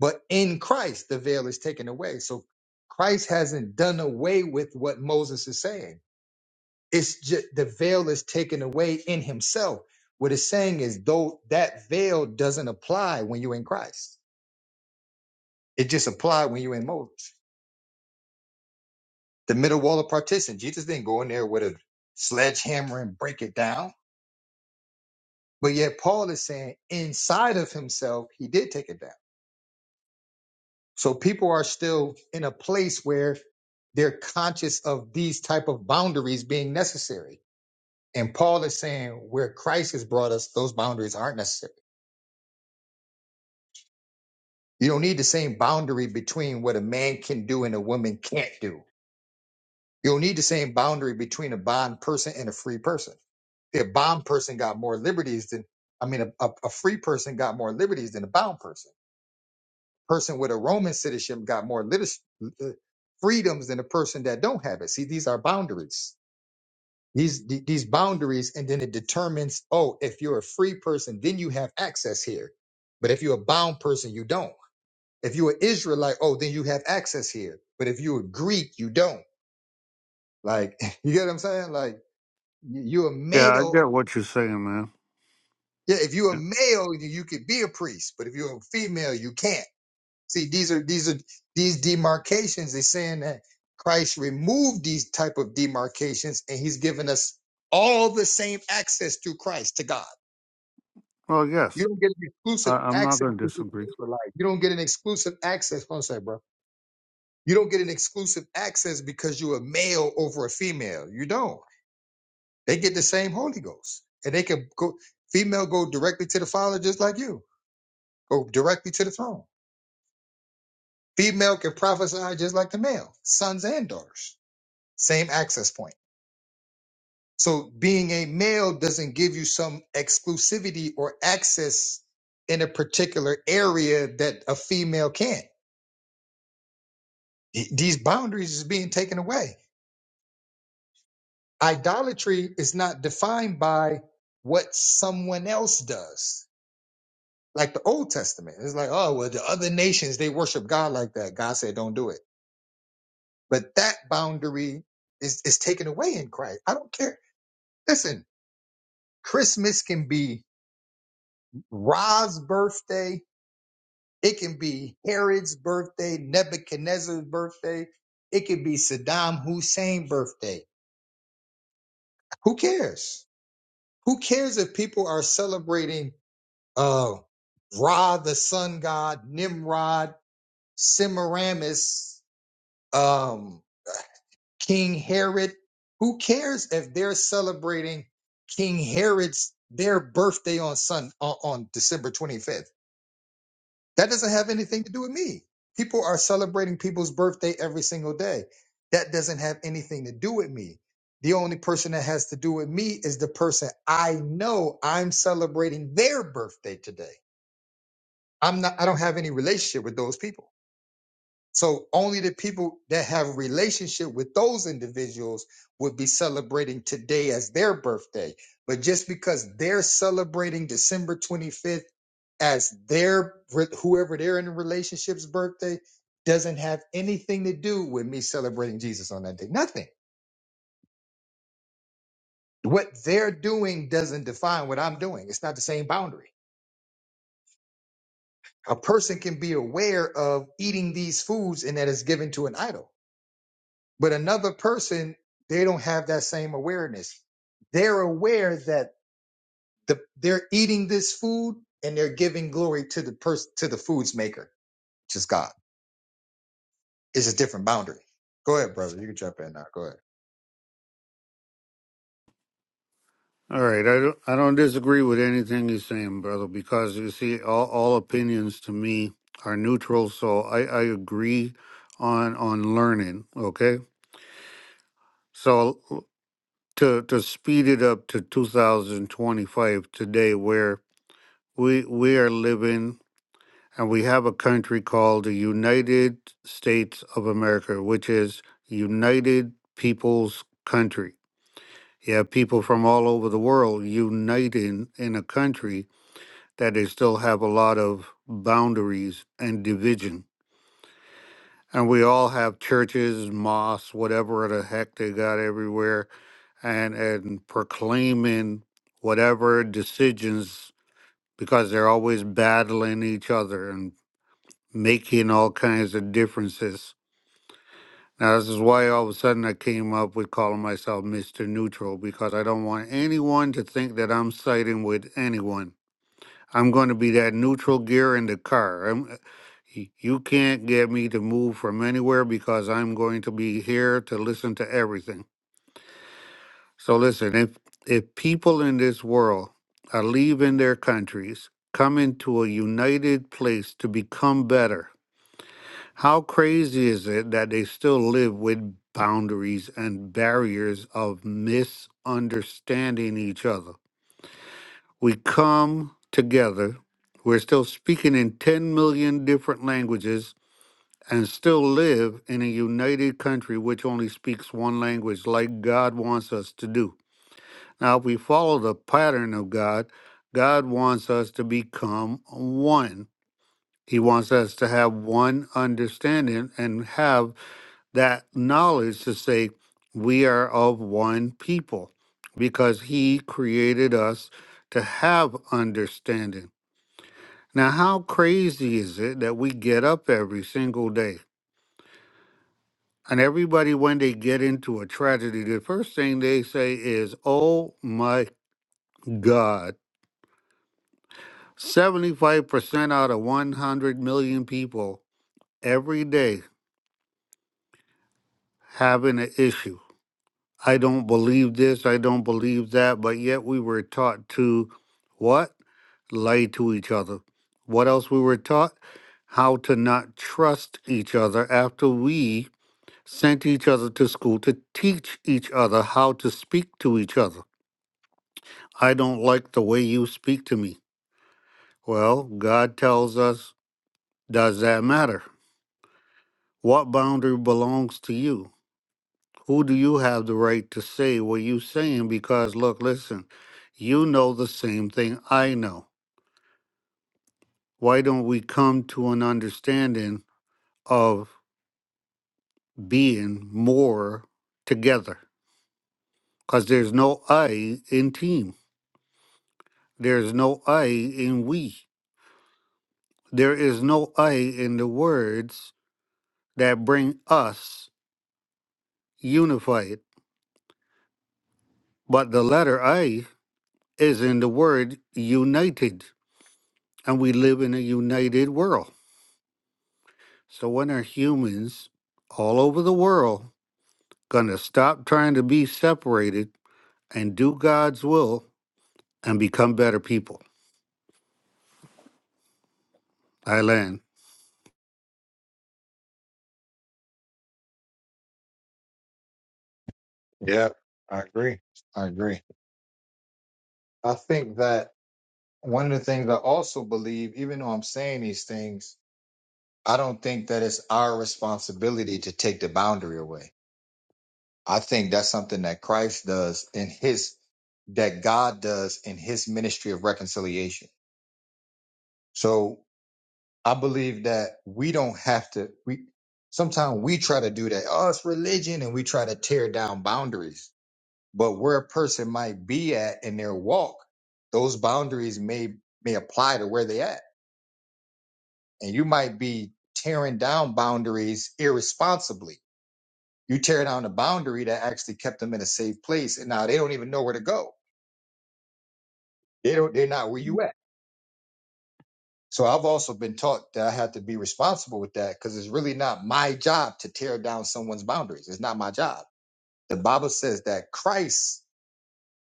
Speaker 2: But in Christ, the veil is taken away. So Christ hasn't done away with what Moses is saying. It's just the veil is taken away in himself. What it's saying is though that veil doesn't apply when you're in Christ. It just applied when you're in Moses. The middle wall of partition. Jesus didn't go in there with a sledgehammer and break it down. But yet Paul is saying inside of himself, he did take it down. So people are still in a place where they're conscious of these type of boundaries being necessary. And Paul is saying where Christ has brought us, those boundaries aren't necessary You don't need the same boundary between what a man can do and a woman can't do. You don't need the same boundary between a bond person and a free person. A bond person got more liberties than, I mean, a, a, a free person got more liberties than a bound person. Person with a Roman citizenship got more litis- uh, freedoms than a person that don't have it. See, these are boundaries. These th- these boundaries, and then it determines. Oh, if you're a free person, then you have access here. But if you're a bound person, you don't. If you're Israelite, oh, then you have access here. But if you're Greek, you don't. Like, <laughs> you get what I'm saying? Like, you- you're a
Speaker 6: Yeah, I get
Speaker 2: male.
Speaker 6: what you're saying, man.
Speaker 2: Yeah, if you're a
Speaker 6: Yeah.
Speaker 2: male, you you could be a priest. But if you're a female, you can't. See, these are these are these demarcations. They're saying that Christ removed these type of demarcations, and He's given us all the same access to Christ, to God.
Speaker 6: Well,
Speaker 2: You
Speaker 6: yes,
Speaker 2: don't get an
Speaker 6: I,
Speaker 2: exclusive
Speaker 6: I'm not
Speaker 2: access
Speaker 6: going to
Speaker 2: to the
Speaker 6: disagree.
Speaker 2: Israelite. You don't get an exclusive access. Hold on a sec, bro. You don't get an exclusive access because you're a male over a female. You don't. They get the same Holy Ghost, and they can go. Female go directly to the Father, just like you go directly to the throne. Female can prophesy just like the male, sons and daughters. Same access point. So being a male doesn't give you some exclusivity or access in a particular area that a female can't. These boundaries is being taken away Idolatry is not defined by what someone else does. Like the Old Testament, it's like, oh, well, the other nations, they worship God like that. God said, don't do it. But that boundary is, is taken away in Christ. I don't care. Listen, Christmas can be Ra's birthday. It can be Herod's birthday, Nebuchadnezzar's birthday. It could be Saddam Hussein's birthday. Who cares? Who cares if people are celebrating? uh, Ra, the sun god, Nimrod, Semiramis, um, King Herod. Who cares if they're celebrating King Herod's their birthday on sun on, on December 25th? That doesn't have anything to do with me. People are celebrating people's birthday every single day. That doesn't have anything to do with me. The only person that has to do with me is the person I know I'm celebrating their birthday today. I'm not I don't have any relationship with those people. So only the people that have a relationship with those individuals would be celebrating today as their birthday. But just because they're celebrating December 25th as their whoever they're in a relationship's birthday doesn't have anything to do with me celebrating Jesus on that day. Nothing. What they're doing doesn't define what I'm doing. It's not the same boundary. A person can be aware of eating these foods and that is given to an idol But another person, they don't have that same awareness. They're aware that the, they're eating this food and they're giving glory to the person to the food's maker, which is God. It's a different boundary. Go ahead, brother. You can jump in now. Go ahead.
Speaker 6: All right, I don't, I don't disagree with anything you're saying, brother, because you see, all, all opinions to me are neutral. So I, I agree on on learning. Okay, so to to speed it up to 2025 today, where we we are living and we have a country called the United States of America, which is United People's Country. You have people from all over the world uniting in a country that they still have a lot of boundaries and division. And we all have churches, mosques, whatever the heck they got everywhere, and, and proclaiming whatever decisions because they're always battling each other and making all kinds of differences. Now, this is why all of a sudden I came up with calling myself Mr. Neutral because I don't want anyone to think that I'm siding with anyone. I'm going to be that neutral gear in the car. I'm, uh, y- you can't get me to move from anywhere because I'm going to be here to listen to everything. So listen, if if people in this world are leaving their countries, come into a united place to become better, how crazy is it that they still live with boundaries and barriers of misunderstanding each other? we come together. We're still speaking in 10 million different languages and still live in a united country which only speaks one language, like God wants us to do. Now, if we follow the pattern of God, God wants us to become one. He wants us to have one understanding and have that knowledge to say, we are of one people because He created us to have understanding. Now, how crazy is it that we get up every single day and everybody, when they get into a tragedy, the first thing they say is, Oh my God, 75% out of 100 million people every day having an issue. I don't believe this, I don't believe that, but yet we were taught to what? Lie to each other. What else we were taught? How to not trust each other after we sent each other to school to teach each other how to speak to each other. I don't like the way you speak to me. Well, God tells us, does that matter? What boundary belongs to you? Who do you have the right to say what you're saying? Because, look, listen, you know the same thing I know. Why don't we come to an understanding of being more together? Because there's no I in team, there's no I in we. There is no I in the words that bring us unified, but the letter I is in the word united, and we live in a united world. So when are humans all over the world going to stop trying to be separated and do God's will and become better people? I land.
Speaker 2: Yeah, I agree. I agree. I think that one of the things I also believe, even though I'm saying these things, I don't think that it's our responsibility to take the boundary away. I think that's something that Christ does in his, that God does in his ministry of reconciliation. So I believe that we don't have to, we, sometimes we try to do that. Oh, it's religion and we try to tear down boundaries, but where a person might be at in their walk, those boundaries may, may apply to where they at. And you might be tearing down boundaries irresponsibly. You tear down a boundary that actually kept them in a safe place and now they don't even know where to go They don't, they're not where you at. So I've also been taught that I have to be responsible with that because it's really not my job to tear down someone's boundaries. It's not my job. The Bible says that Christ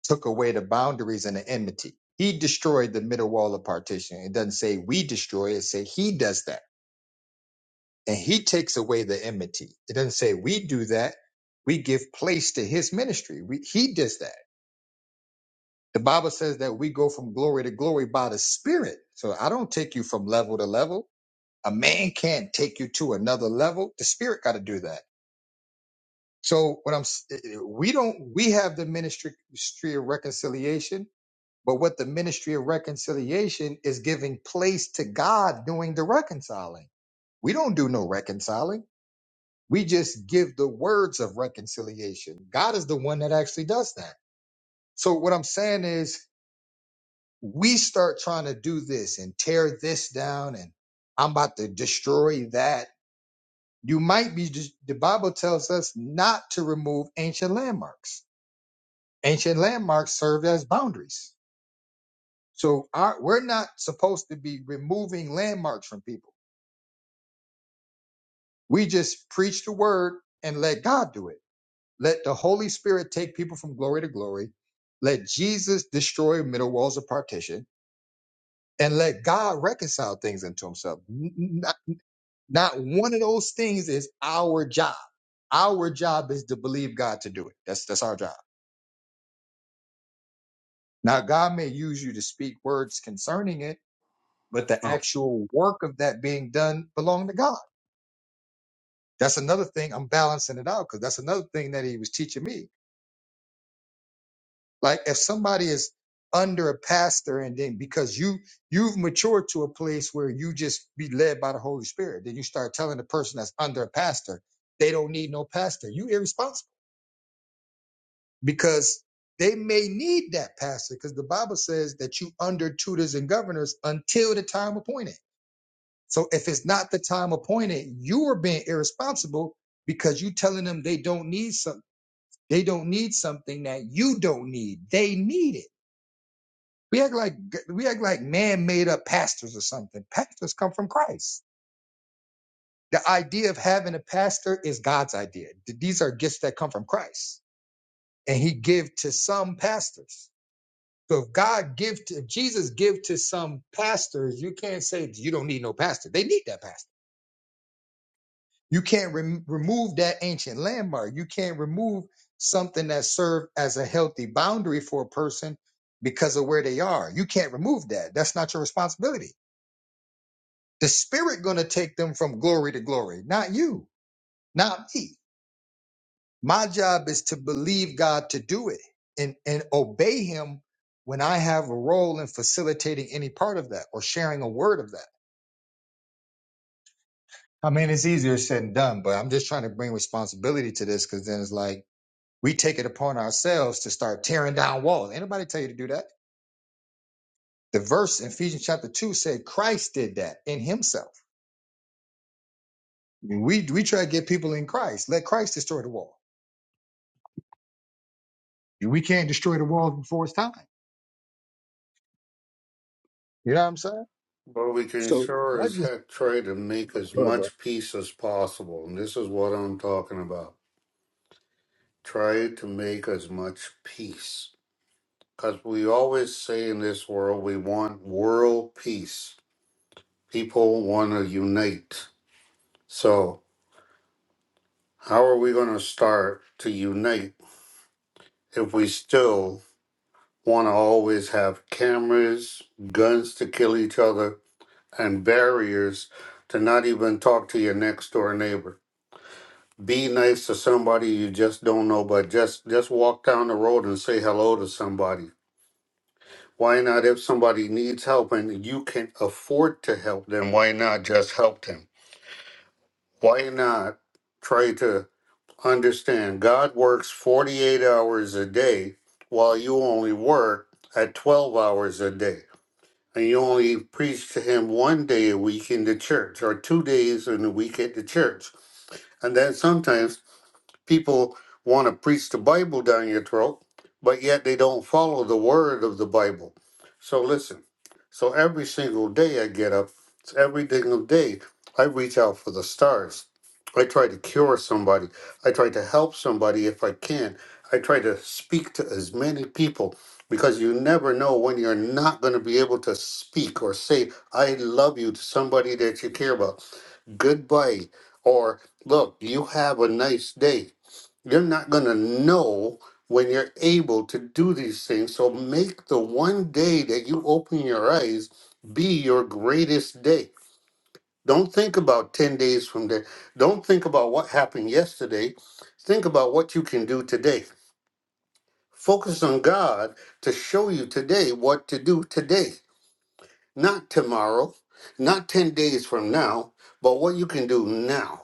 Speaker 2: took away the boundaries and the enmity. He destroyed the middle wall of partition. It doesn't say we destroy it, it say he does that. And he takes away the enmity. It doesn't say we do that. We give place to his ministry. We, he does that. The Bible says that we go from glory to glory by the Spirit. So I don't take you from level to level. A man can't take you to another level. The spirit got to do that. So what I'm, s- eh, eh, we don't, we have the ministry ministry of reconciliation, but what the ministry of reconciliation is giving place to God doing the reconciling. We don't do no reconciling. We just give the words of reconciliation. God is the one that actually does that. So what I'm saying is we start trying to do this and tear this down and I'm about to destroy that You might be, the Bible tells us not to remove ancient landmarks. Ancient landmarks serve as boundaries. So our, we're not supposed to be removing landmarks from people. We just preach the word and let God do it. Let the Holy Spirit take people from glory to glory. Let Jesus destroy middle walls of partition and let God reconcile things unto himself. N- n- Not, not one of those things is our job. Our job is to believe God to do it. That's, that's our job. Now, God may use you to speak words concerning it, but the
Speaker 6: Oh.
Speaker 2: actual work of that being done belong to God. That's another thing I'm balancing it out because that's another thing that he was teaching me. Like if somebody is under a pastor and then because you you've matured to a place where you just be led by the Holy Spirit, then you start telling the person that's under a pastor they don't need no pastor. You irresponsible because they may need that pastor because the Bible says that you under tutors and governors until the time appointed. So if it's not the time appointed, you are being irresponsible because you telling them they don't need some they don't need something that you don't need. They need it. We act like we act like man made up pastors or something. Pastors come from Christ. The idea of having a pastor is God's idea. Th- These are gifts that come from Christ, and He give to some pastors. So if God give to if Jesus give to some pastors, you can't say you don't need no pastor. They need that pastor You can't rem remove that ancient landmark. You can't remove something that served as a healthy boundary for a person because of where they are. You can't remove that. That's not your responsibility. The spirit going to take them from glory to glory, not you, not me. My job is to believe God to do it and, and obey him when I have a role in facilitating any part of that or sharing a word of that. I mean, it's easier said than done, but I'm just trying to bring responsibility to this because then it's like, we take it upon ourselves to start tearing down walls. Anybody tell you to do that? The verse in Ephesians chapter two said Christ did that in Himself. We we try to get people in Christ. Let Christ destroy the wall. We can't destroy the walls before it's time. You know what I'm saying?
Speaker 6: Well, we can
Speaker 2: So
Speaker 6: sure
Speaker 2: that
Speaker 6: as
Speaker 2: just
Speaker 6: heck try to make as
Speaker 2: bro, bro.
Speaker 6: much peace as possible, and this is what I'm talking about. try to make as much peace. Because we always say in this world, we want world peace. People want to unite. So, how are we going to start to unite if we still want to always have cameras, guns to kill each other, and barriers to not even talk to your next door neighbor? Be nice to somebody you just don't know, but just just walk down the road and say hello to somebody Why not, if somebody needs help and you can afford to help them, why not just help them? Why not try to understand God works 48 hours a day while you only work at 12 hours a day? And you only preach to hHim one day a week in the church or two days in a week at the church. And then sometimes people want to preach the Bible down your throat, but yet they don't follow the word of the Bible. So listen. So every single day I get up, it's every single day I reach out for the stars. I try to cure somebody. I try to help somebody if I can. I try to speak to as many people because you never know when you're not going to be able to speak or say, I love you to somebody that you care about. Goodbye. Or, look, you have a nice day you're not going to know when you're able to do these things. So make the one day that you open your eyes be your greatest day. Don't think about 10 days from there. Don't think about what happened yesterday. Think about what you can do today. Focus on God to show you today what to do today, not tomorrow, not 10 days from now, but what you can do now.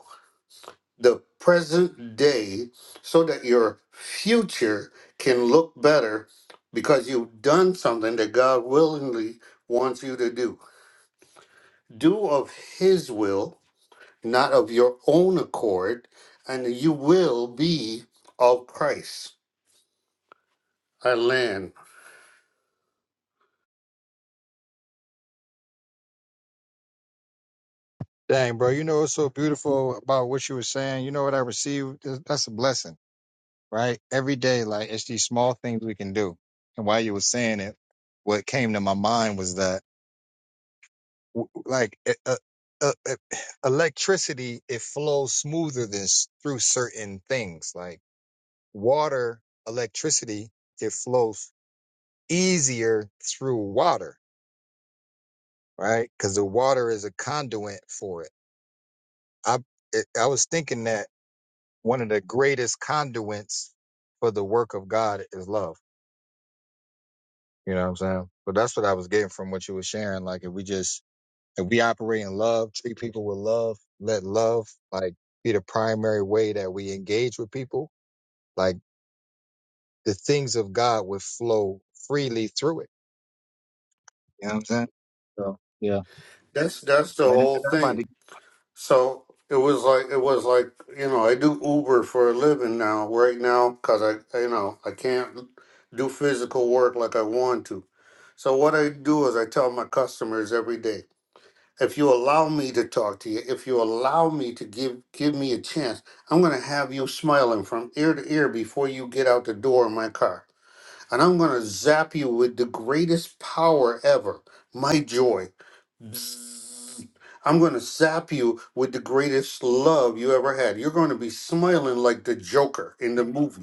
Speaker 6: the present day so that your future can look better because you've done something that God willingly wants you to do. Do of His will, not of your own accord, and you will be of Christ. I land.
Speaker 2: dang, bro. You know what's so beautiful about what you were saying? You know what I received? that's a blessing, right? Every day, like it's these small things we can do. And while you were saying it, what came to my mind was that w- like e- uh, uh, uh, <sighs> electricity it flows smoother than s- through certain things like water electricity it flows easier through water right because the water is a conduit for it i it, i was thinking that one of the greatest conduits for the work of god is love you know what i'm saying but that's what i was getting from what you were sharing like if we just If we operate in love, treat people with love, let love like be the primary way that we engage with people, like the things of God would flow freely through it. You know what I'm saying? So yeah.
Speaker 6: That's that's the
Speaker 2: But anyway, I'm
Speaker 6: whole
Speaker 2: about
Speaker 6: thing.
Speaker 2: to-
Speaker 6: So it was like it was like you know I do Uber for a living now right now because I you know I can't do physical work like I want to So what I do is I tell my customers every day, if you allow me to talk to you, if you allow me to give give me a chance, I'm gonna have you smiling from ear to ear before you get out the door of my car. And I'm gonna zap you with the greatest power ever, my joy. Bzzz. I'm gonna zap you with the greatest love you ever had. You're gonna be smiling like the Joker in the movie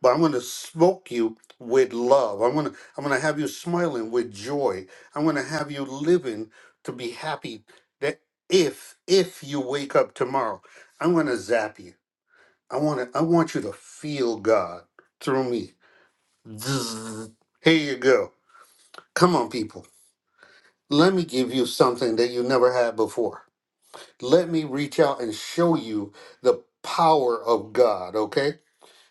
Speaker 6: but I'm going to smoke you with love. I'm going to I'm going to have you smiling with joy. I'm going to have you living to be happy that if if you wake up tomorrow, I'm going to zap you. I want to I want you to feel God through me. Zzz. Here you go. Come on people. Let me give you something that you never had before. Let me reach out and show you the power of God, okay?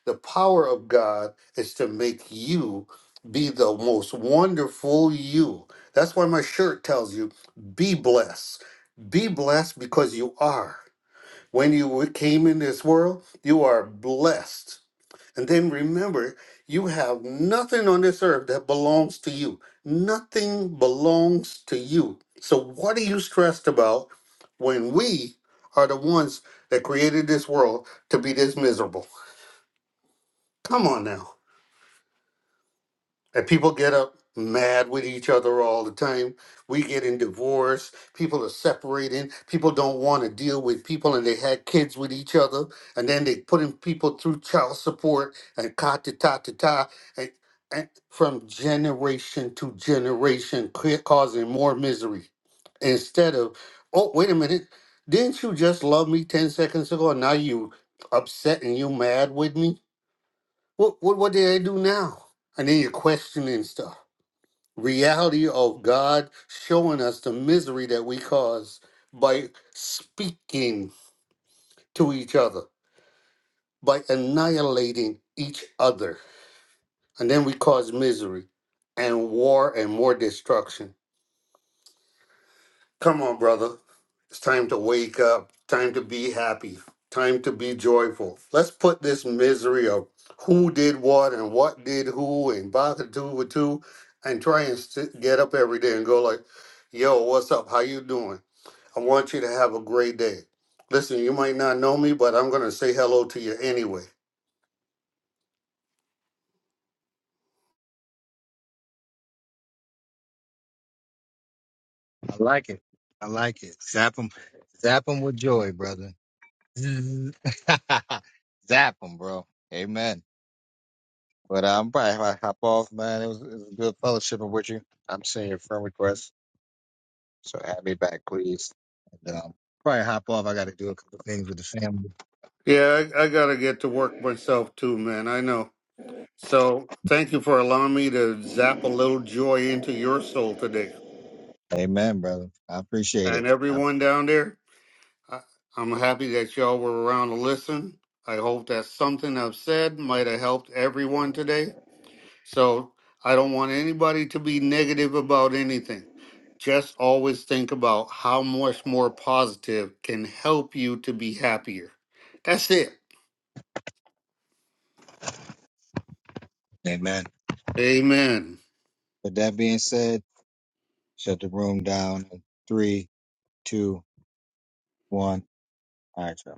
Speaker 6: The power of God is to make you be the most wonderful you. That's why my shirt tells you be blessed. Be blessed because you are. When you came in this world, you are blessed. And then remember, you have nothing on this earth that belongs to you. Nothing belongs to you. So, what are you stressed about when we are the ones that created this world to be this miserable? Come on now. And people get up mad with each other all the time. We get in divorce. People are separating. People don't want to deal with people, and they had kids with each other, and then they putting people through child support and ka ta ta ta ta, and, and from generation to generation, ca- causing more misery. Instead of, oh wait a minute, didn't you just love me ten seconds ago, and now you upset and you mad with me? What what what did I do now? And then you're questioning stuff. Reality of God showing us the misery that we cause by speaking to each other, by annihilating each other. And then we cause misery and war and more destruction. Come on, brother. It's time to wake up. Time to be happy. Time to be joyful. Let's put this misery of who did what and what did who and bother two with two and try and sit, get up every day and go like, yo, what's up? How you doing? I want you to have a great day. Listen, you might not know me, but I'm going to say hello to you anyway.
Speaker 2: I like it. I like it. Zap them. Zap them with joy, brother. <laughs> Zap them, bro. Amen. But uh, I'm probably gonna hop off, man. It was, it was a good fellowshipping with you. I'm seeing your friend requests. So add me back, please. And um, probably hop off. I got to do a couple things with the family.
Speaker 6: Yeah, I, I got to get to work myself too, man. I know. So thank you for allowing me to zap a little joy into your soul today.
Speaker 2: Amen, brother. I appreciate
Speaker 6: and
Speaker 2: it. I-
Speaker 6: everyone down there. I, I'm happy that y'all were around to listen. I hope that something I've said might have helped everyone today. So I don't want anybody to be negative about anything. Just always think about how much more positive can help you to be happier. That's it.
Speaker 2: Amen.
Speaker 6: Amen.
Speaker 2: With that being said, shut the room down. in Three, two, one. All right, y'all.